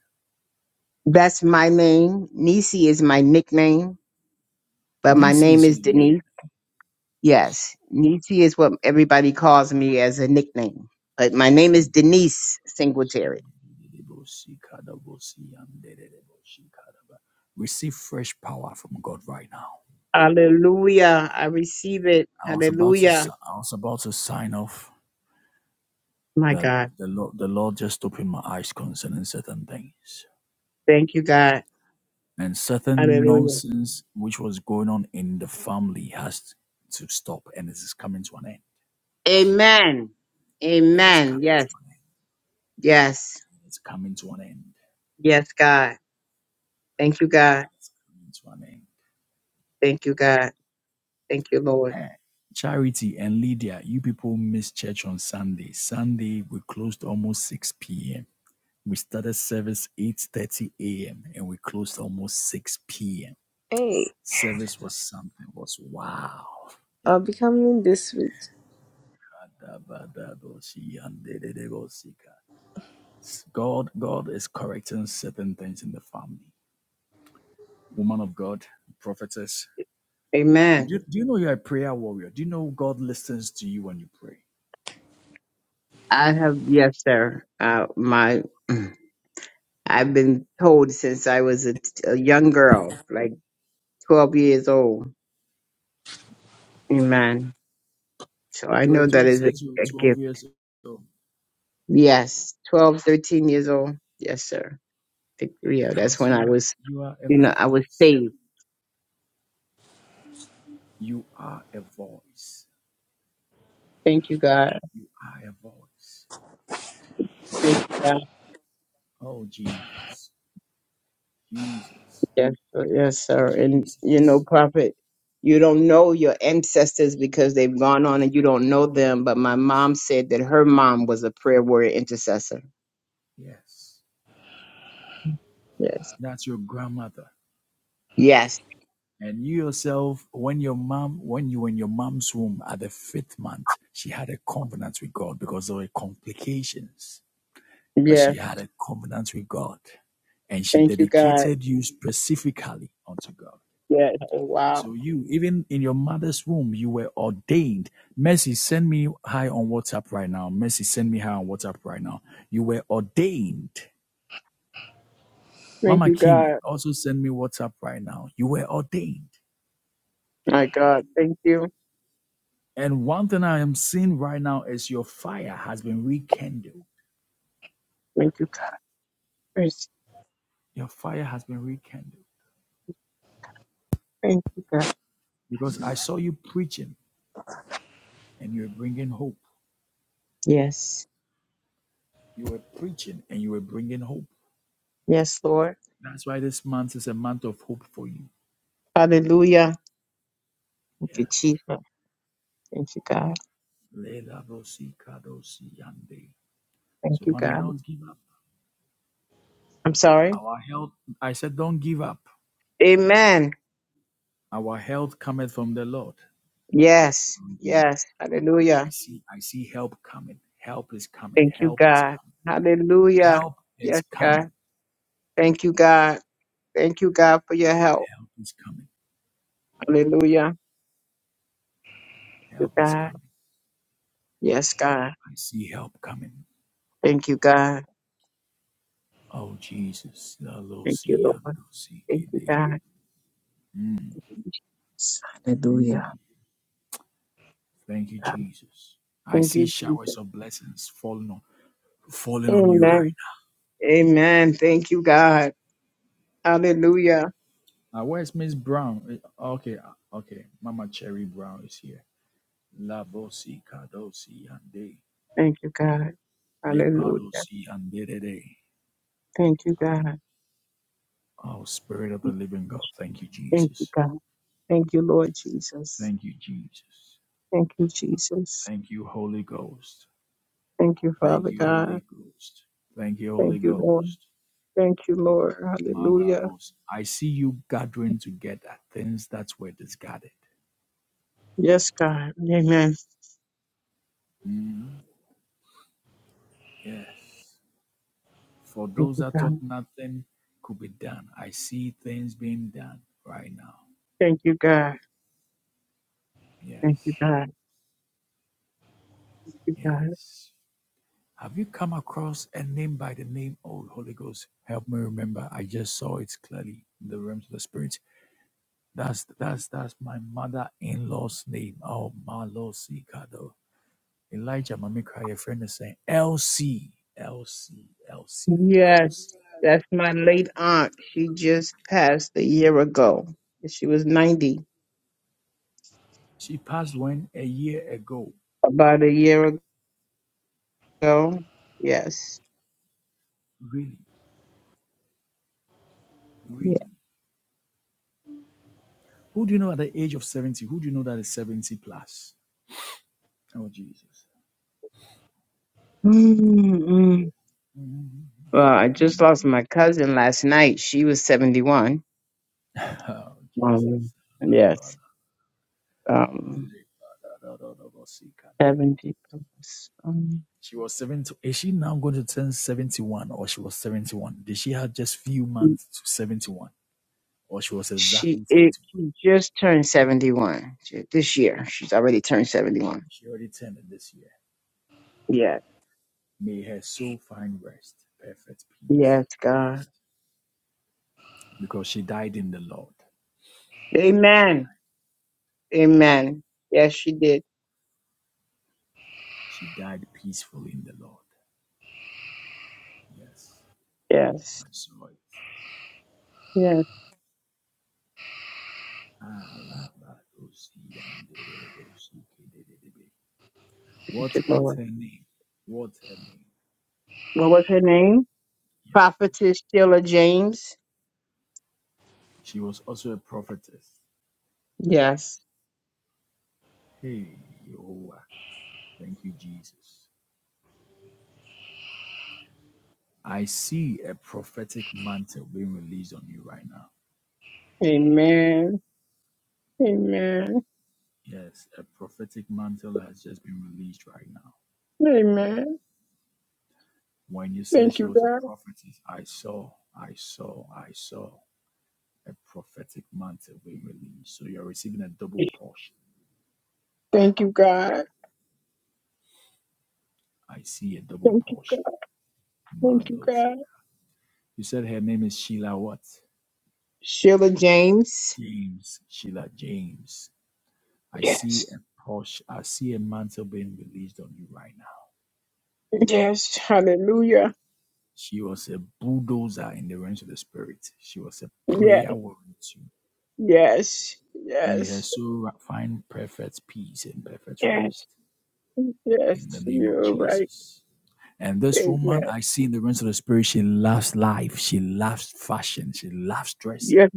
S4: That's my name. Nisi is my nickname, but my
S1: Denise
S4: name
S1: is
S4: is
S1: unique.
S4: Denise. Yes, Niecy is what everybody calls me as a nickname. But my name is Denise Singletary.
S1: Receive fresh power from God right now.
S4: Hallelujah. I receive it.
S1: I was about to
S4: Hallelujah.
S1: I was about to sign off
S4: My
S1: that
S4: God.
S1: the Lord, the Lord just opened my eyes concerning certain things.
S4: Thank you, God.
S1: And certain
S4: Hallelujah.
S1: nonsense which was going on in the family has to stop and it is coming to an end.
S4: Amen.
S1: It is
S4: Amen.
S1: coming to
S4: Yes.
S1: an end.
S4: Yes.
S1: It is coming to an end.
S4: Yes, God. Thank you, God.
S1: It's coming to
S4: Thank you, God. Thank you, Lord.
S1: an end. Eh, Charity and Lydia, you people missed church on Sunday. Sunday we closed almost 6 p.m. We started service 8:30 a.m. and we closed almost 6 p.m.
S9: Hey,
S1: Service was something was wow
S9: I'm becoming this week.
S1: Dabadaboshi and Dedebosika. God, God is correcting certain things in the family. Woman of God, prophetess.
S4: Amen.
S1: Do, do you know you're a prayer warrior? Do you know God listens to you when you pray?
S4: I have, yes, sir. Uh, my, I've been told since I was a, a young girl, like 12 years old. Amen So I
S1: You were
S4: know that
S1: told
S4: is
S1: since you
S4: a, a
S1: were 12
S4: gift.
S1: years old
S4: Yes, 12, 13 years old. Yes, sir. Think- Yeah, that's
S1: because
S4: when
S1: you
S4: I
S1: are
S4: was,
S1: you are a
S4: you know, I was
S1: voice.
S4: saved.
S1: You are a voice.
S4: Thank you, God.
S1: You are a voice.
S4: Thank you, God.
S1: Oh Jesus, Jesus,
S4: Yes, sir. yes, sir. And, you know,
S1: Jesus.
S4: prophet, you don't know your ancestors because they've gone on and you don't know them. But my mom said that her mom was a prayer warrior intercessor.
S1: Yes,
S4: Yes.
S1: that's your grandmother.
S4: Yes.
S1: And you yourself, when your mom, when you were in your mom's womb at the fifth month, she had a covenant with God because there were complications, but
S4: Yes.
S1: she had a covenant with God and she
S4: Thank you, God.
S1: dedicated you specifically unto God.
S4: Yes. Oh, wow.
S1: So you, even in your mother's womb, you were ordained. Mercy, send me high on WhatsApp right now. Mercy, send me high on WhatsApp right now. You were ordained.
S4: Thank
S1: Mama
S4: you,
S1: Kim,
S4: God.
S1: also send me WhatsApp right now. You were ordained.
S4: My God. Thank you.
S1: And one thing I am seeing right now is your fire has been rekindled.
S4: Thank you, Christ.
S1: Your fire has been rekindled
S4: Thank you, God.
S1: because I saw you preaching and you were bringing hope.
S4: Yes.
S1: You were preaching and you were bringing hope.
S4: Yes, Lord.
S1: That's why this month is a month of hope for you.
S4: Hallelujah. Thank you,
S1: Yes.
S4: Jesus. Thank you, God.
S1: Lelabosi kadosi yande.
S4: Thank
S1: So,
S4: you,
S1: mommy,
S4: God.
S1: don't give up.
S4: I'm sorry.
S1: Our health, I said, don't give up.
S4: Amen.
S1: Our health cometh from the Lord. So
S4: Yes.
S1: don't give up.
S4: Yes.
S1: I
S4: Hallelujah.
S1: see, I see help coming. Help is coming.
S4: Thank you,
S1: Help is
S4: God.
S1: coming.
S4: Hallelujah.
S1: Help is
S4: Yes,
S1: coming.
S4: God. Thank you, God. Thank you, God, for your help.
S1: Help is coming.
S4: Hallelujah. Thank you,
S1: Help is
S4: God.
S1: coming.
S4: Yes, God.
S1: I see help coming.
S4: Thank you, God.
S1: Oh, Jesus. Lalo
S4: Thank you,
S1: si
S4: Lord.
S1: yando si
S4: Thank you,
S1: kede.
S4: God. Hallelujah.
S1: Mm, Thank you,
S4: God.
S1: Jesus. I
S4: Thank
S1: see
S4: you,
S1: showers
S4: Jesus.
S1: of blessings falling on falling on you right
S4: Amen. Amen. Thank you, God. Hallelujah.
S1: now. Uh, where's Miss Brown? Eh, Okay, uh, okay. Mama Cherry Brown is here. La bosi kadosi yande.
S4: Thank you, God.
S1: Le
S4: Hallelujah.
S1: padosi yande de de.
S4: Thank you, God.
S1: Oh, Spirit of the Living God. Thank you,
S4: Thank you,
S1: Jesus.
S4: God. Thank you, Lord Jesus.
S1: Thank you, Jesus.
S4: Thank you, Jesus.
S1: Thank you, Holy Ghost.
S4: Thank you,
S1: Thank
S4: Father
S1: you,
S4: God.
S1: Holy Ghost. Thank you, Holy
S4: Thank you, Lord.
S1: Ghost.
S4: Thank you, Lord. Hallelujah.
S1: Malabos. I see you gathering together things that were discarded.
S4: Yes, God. Amen.
S1: Mm, yes. For
S4: Thank
S1: those
S4: you,
S1: that thought
S4: God.
S1: nothing could be done, I see things being done right now.
S4: Thank you, God. Thank you,
S1: Yes.
S4: God. Thank you, God.
S1: Yes. Have you come across a name by the name? Oh, Holy Ghost, help me remember. I just saw it clearly in the realms of the spirit. That's that's that's my mother-in-law's name. Oh, Malosika. Elijah, my cried. A friend is saying, LC, LC, LC,
S4: Yes,
S1: LC.
S4: that's my late aunt. She just passed a year ago. She was 90
S1: She passed when? A year ago.
S4: about a year ago. Yes.
S1: Really,
S4: Yeah.
S1: really. Who do you know at the age of 70? Who do you know that is 70 plus? Oh, Jesus.
S4: Mm-mm. Well, I just lost my cousin last night. She was 71.
S1: Oh,
S4: Um,
S1: Jesus.
S4: yes. Um, 70 plus. Um,
S1: She was 70. Is she now going to turn 71 or she was 71? Did she have just few months to 71 or she was
S4: she,
S1: exactly 71?
S4: it, she just turned 71 She- this year. She's already turned 71.
S1: She already turned it this year.
S4: Yes.
S1: May her soul find rest, perfect peace,
S4: Yes, God.
S1: because she died in the Lord. She,
S4: Amen. Amen. Yes, she did.
S1: she died peacefully in the Lord. Yes,
S4: Yes.
S1: I saw it.
S4: Yes,
S1: Alabadosi What
S4: good
S1: what's
S4: Lord.
S1: her name? What's her name?
S4: What was her name?
S1: Yes, please.
S4: Prophetess Sheila James.
S1: She was also a prophetess.
S4: Yes.
S1: Hey, Jehovah. Thank you, Jesus. I see a prophetic mantle being released on you right now.
S4: Amen. Amen.
S1: Yes, a prophetic mantle has just been released right now. When you said she was a prophetess, I saw, I saw, I saw a prophetic mantle being released. So you're receiving a double portion.
S4: Thank you, God.
S1: I see a double
S4: Thank you, God.
S1: portion.
S4: Thank you,
S1: Malos.
S4: God.
S1: You said her name is Sheila what?
S4: Sheila Jane.
S1: James. Sheila James. I see
S4: Yes.
S1: a portion. I see a mantle being released on you right now.
S4: Yes. Hallelujah.
S1: She was a bulldozer in the realms of the spirit. She was a
S4: Yes.
S1: prayer warrior too.
S4: Yes.
S1: May her
S4: Yes.
S1: soul find perfect peace and perfect
S4: Yes.
S1: rest
S4: Yes.
S1: in the name of
S4: You're right.
S1: Jesus. And this
S4: Amen.
S1: woman I see in the realms of the spirit, she loves life, she loves fashion, she loves dressing.
S4: Yes.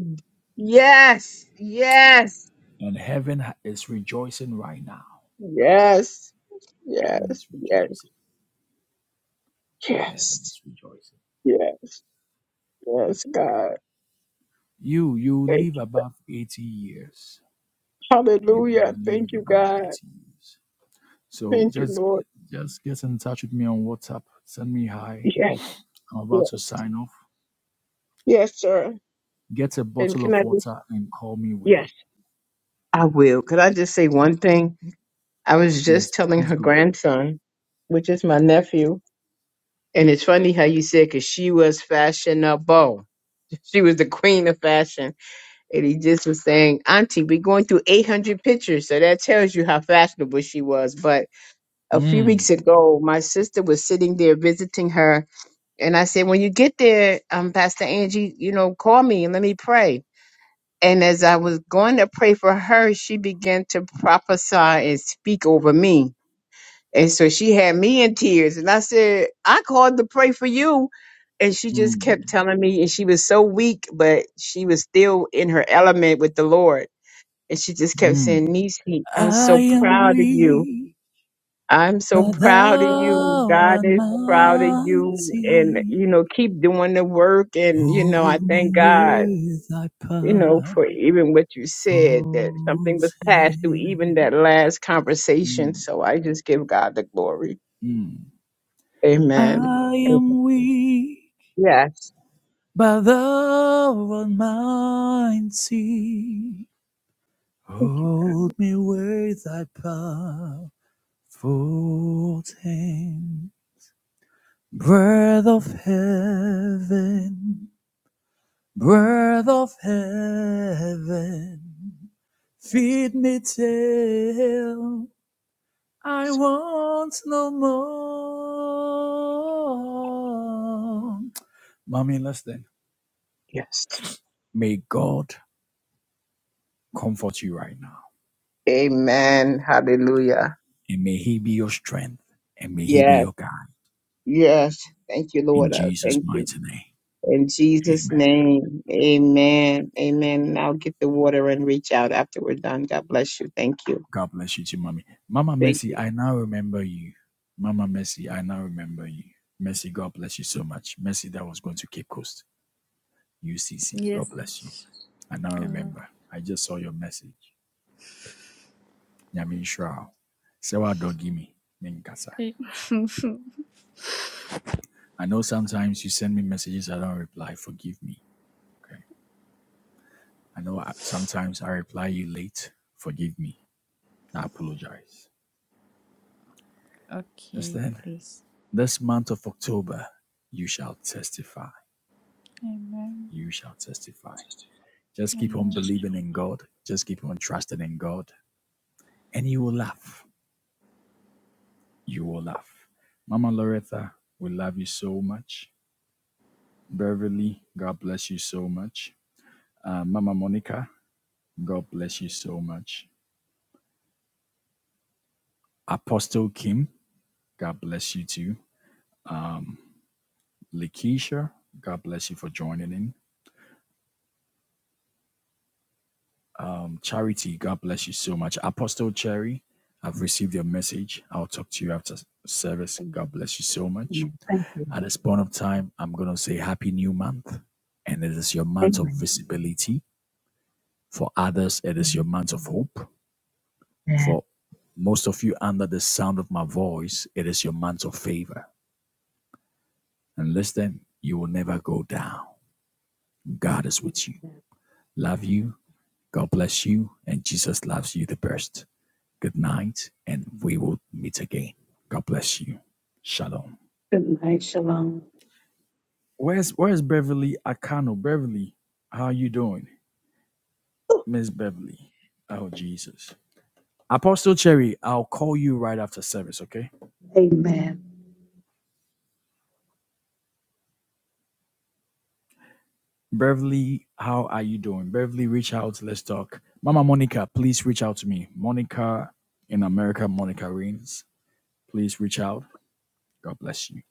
S4: Yes. Yes.
S1: And heaven is rejoicing right now.
S4: Yes.
S1: Heaven
S4: Yes.
S1: is
S4: Yes.
S1: rejoicing. Heaven
S4: Yes.
S1: is rejoicing.
S4: Yes. Yes, God.
S1: You, you
S4: Thank
S1: live
S4: you.
S1: above 80 years. You
S4: Hallelujah.
S1: live
S4: Thank you,
S1: above
S4: God.
S1: 80 years. So
S4: Thank you,
S1: just
S4: Lord.
S1: just get in touch with me on WhatsApp. Send me hi.
S4: Yes.
S1: I'm about to
S4: Yes.
S1: sign off.
S4: Yes, sir.
S1: Get a
S4: And
S1: bottle
S4: can
S1: of
S4: I just
S1: water and call me with it.
S4: I will. Could I just say one thing? I was just
S1: Yes,
S4: telling
S1: please
S4: her
S1: go
S4: grandson, which is my nephew, And it's funny how you said, because she was fashion. Oh, she was the queen of fashion. And he just was saying, Auntie, we're going through 800 pictures. So that tells you how fashionable she was. But a few weeks
S1: on.
S4: ago, my sister was sitting there visiting her. And I said, When you get there, um, Pastor Angie, you know, call me and let me pray. And as I was going to pray for her, she began to prophesy and speak over me. And so she had me in tears. And I said, I called to pray for you. and she
S1: Mm,
S4: just
S1: mm,
S4: kept telling me and she was so weak but she was still in her element with the lord and she just kept
S1: mm.
S4: saying nisi i'm so
S1: I am
S4: proud of you
S1: weak,
S4: i'm so
S1: but
S4: proud of you
S1: thou
S4: god
S1: art
S4: is proud of you and
S1: mighty.
S4: you know keep doing the work and you know i
S1: Hold me
S4: thank god
S1: with thy
S4: you know
S1: powerful
S4: for even what you said that something was passed through even
S1: hand.
S4: that last conversation
S1: Mm,
S4: so i just give god the glory
S1: mm.
S4: amen
S1: I am weak,
S4: yeah
S1: but thou art mighty. Hold me with thy powerful hand. Breath of heaven. Breath of heaven, feed me till I want no more. Mommy, listen.
S4: yes
S1: May God comfort you right now,
S4: amen hallelujah
S1: and may He be your strength, and may He
S4: Yeah.
S1: be your guide.
S4: Yes. Thank you,
S1: In
S4: Lord. I
S1: Jesus'
S4: Thank you.
S1: mighty name,
S4: In Jesus'
S1: Amen.
S4: name, amen. Amen. Now get the water and reach out after we're done. God bless you. Thank you.
S1: God bless you too, Mommy. Mama
S4: Thank
S1: Mercy, I now remember you. Mama Mercy, I now remember you. Mercy, God bless you so much. Mercy, that was going to Cape Coast. UCC. God
S7: Yes,
S1: bless you.
S7: please.
S1: I now
S7: Amen.
S1: remember. I just saw your message. Nyamin Shrao. Sewa Dogimi. Minkasa. I know sometimes you send me messages I don't reply. Forgive me. Okay. I know I, sometimes I reply you late. Forgive me. I apologize.
S7: Okay,
S1: Understand?
S7: please.
S1: This month of October, you shall testify.
S7: Amen.
S1: You shall testify. Just keep
S7: Amen.
S1: on believing in God. Just keep on trusting in God. And you will laugh. You will laugh. Mama Loretta, we love you so much. Beverly, God bless you so much. Uh, Mama Monica, God bless you so much. Apostle Kim, God bless you too. Um, Lakeisha, God bless you for joining in. Um, Charity, God bless you so much. Apostle Cherry, I've received your message. I'll talk to you after service. God bless you so much.
S8: Amen. Thank you.
S1: At this point of time, I'm going to say Happy New Month. And it is your month of
S8: Amen.
S1: visibility. For others, it is your
S8: Amen.
S1: month of hope. For most of you under the sound of my voice, it is your month of favor. And listen, you will never go down. God is with you.
S8: Amen.
S1: Love you. God bless you. And Jesus loves you the best. Good night. And we will meet again. God bless you. Shalom.
S8: Good night. Shalom.
S1: Where's where's Beverly Akano? Beverly, how are you doing? Miss Beverly. Oh Jesus. Apostle Cherry, I'll call you right after service, okay?
S8: Amen.
S1: Beverly, how are you doing? Beverly, reach out. Let's talk. Mama Monica, please reach out to me. Monica in America, Monica Reigns. Please reach out. God bless you.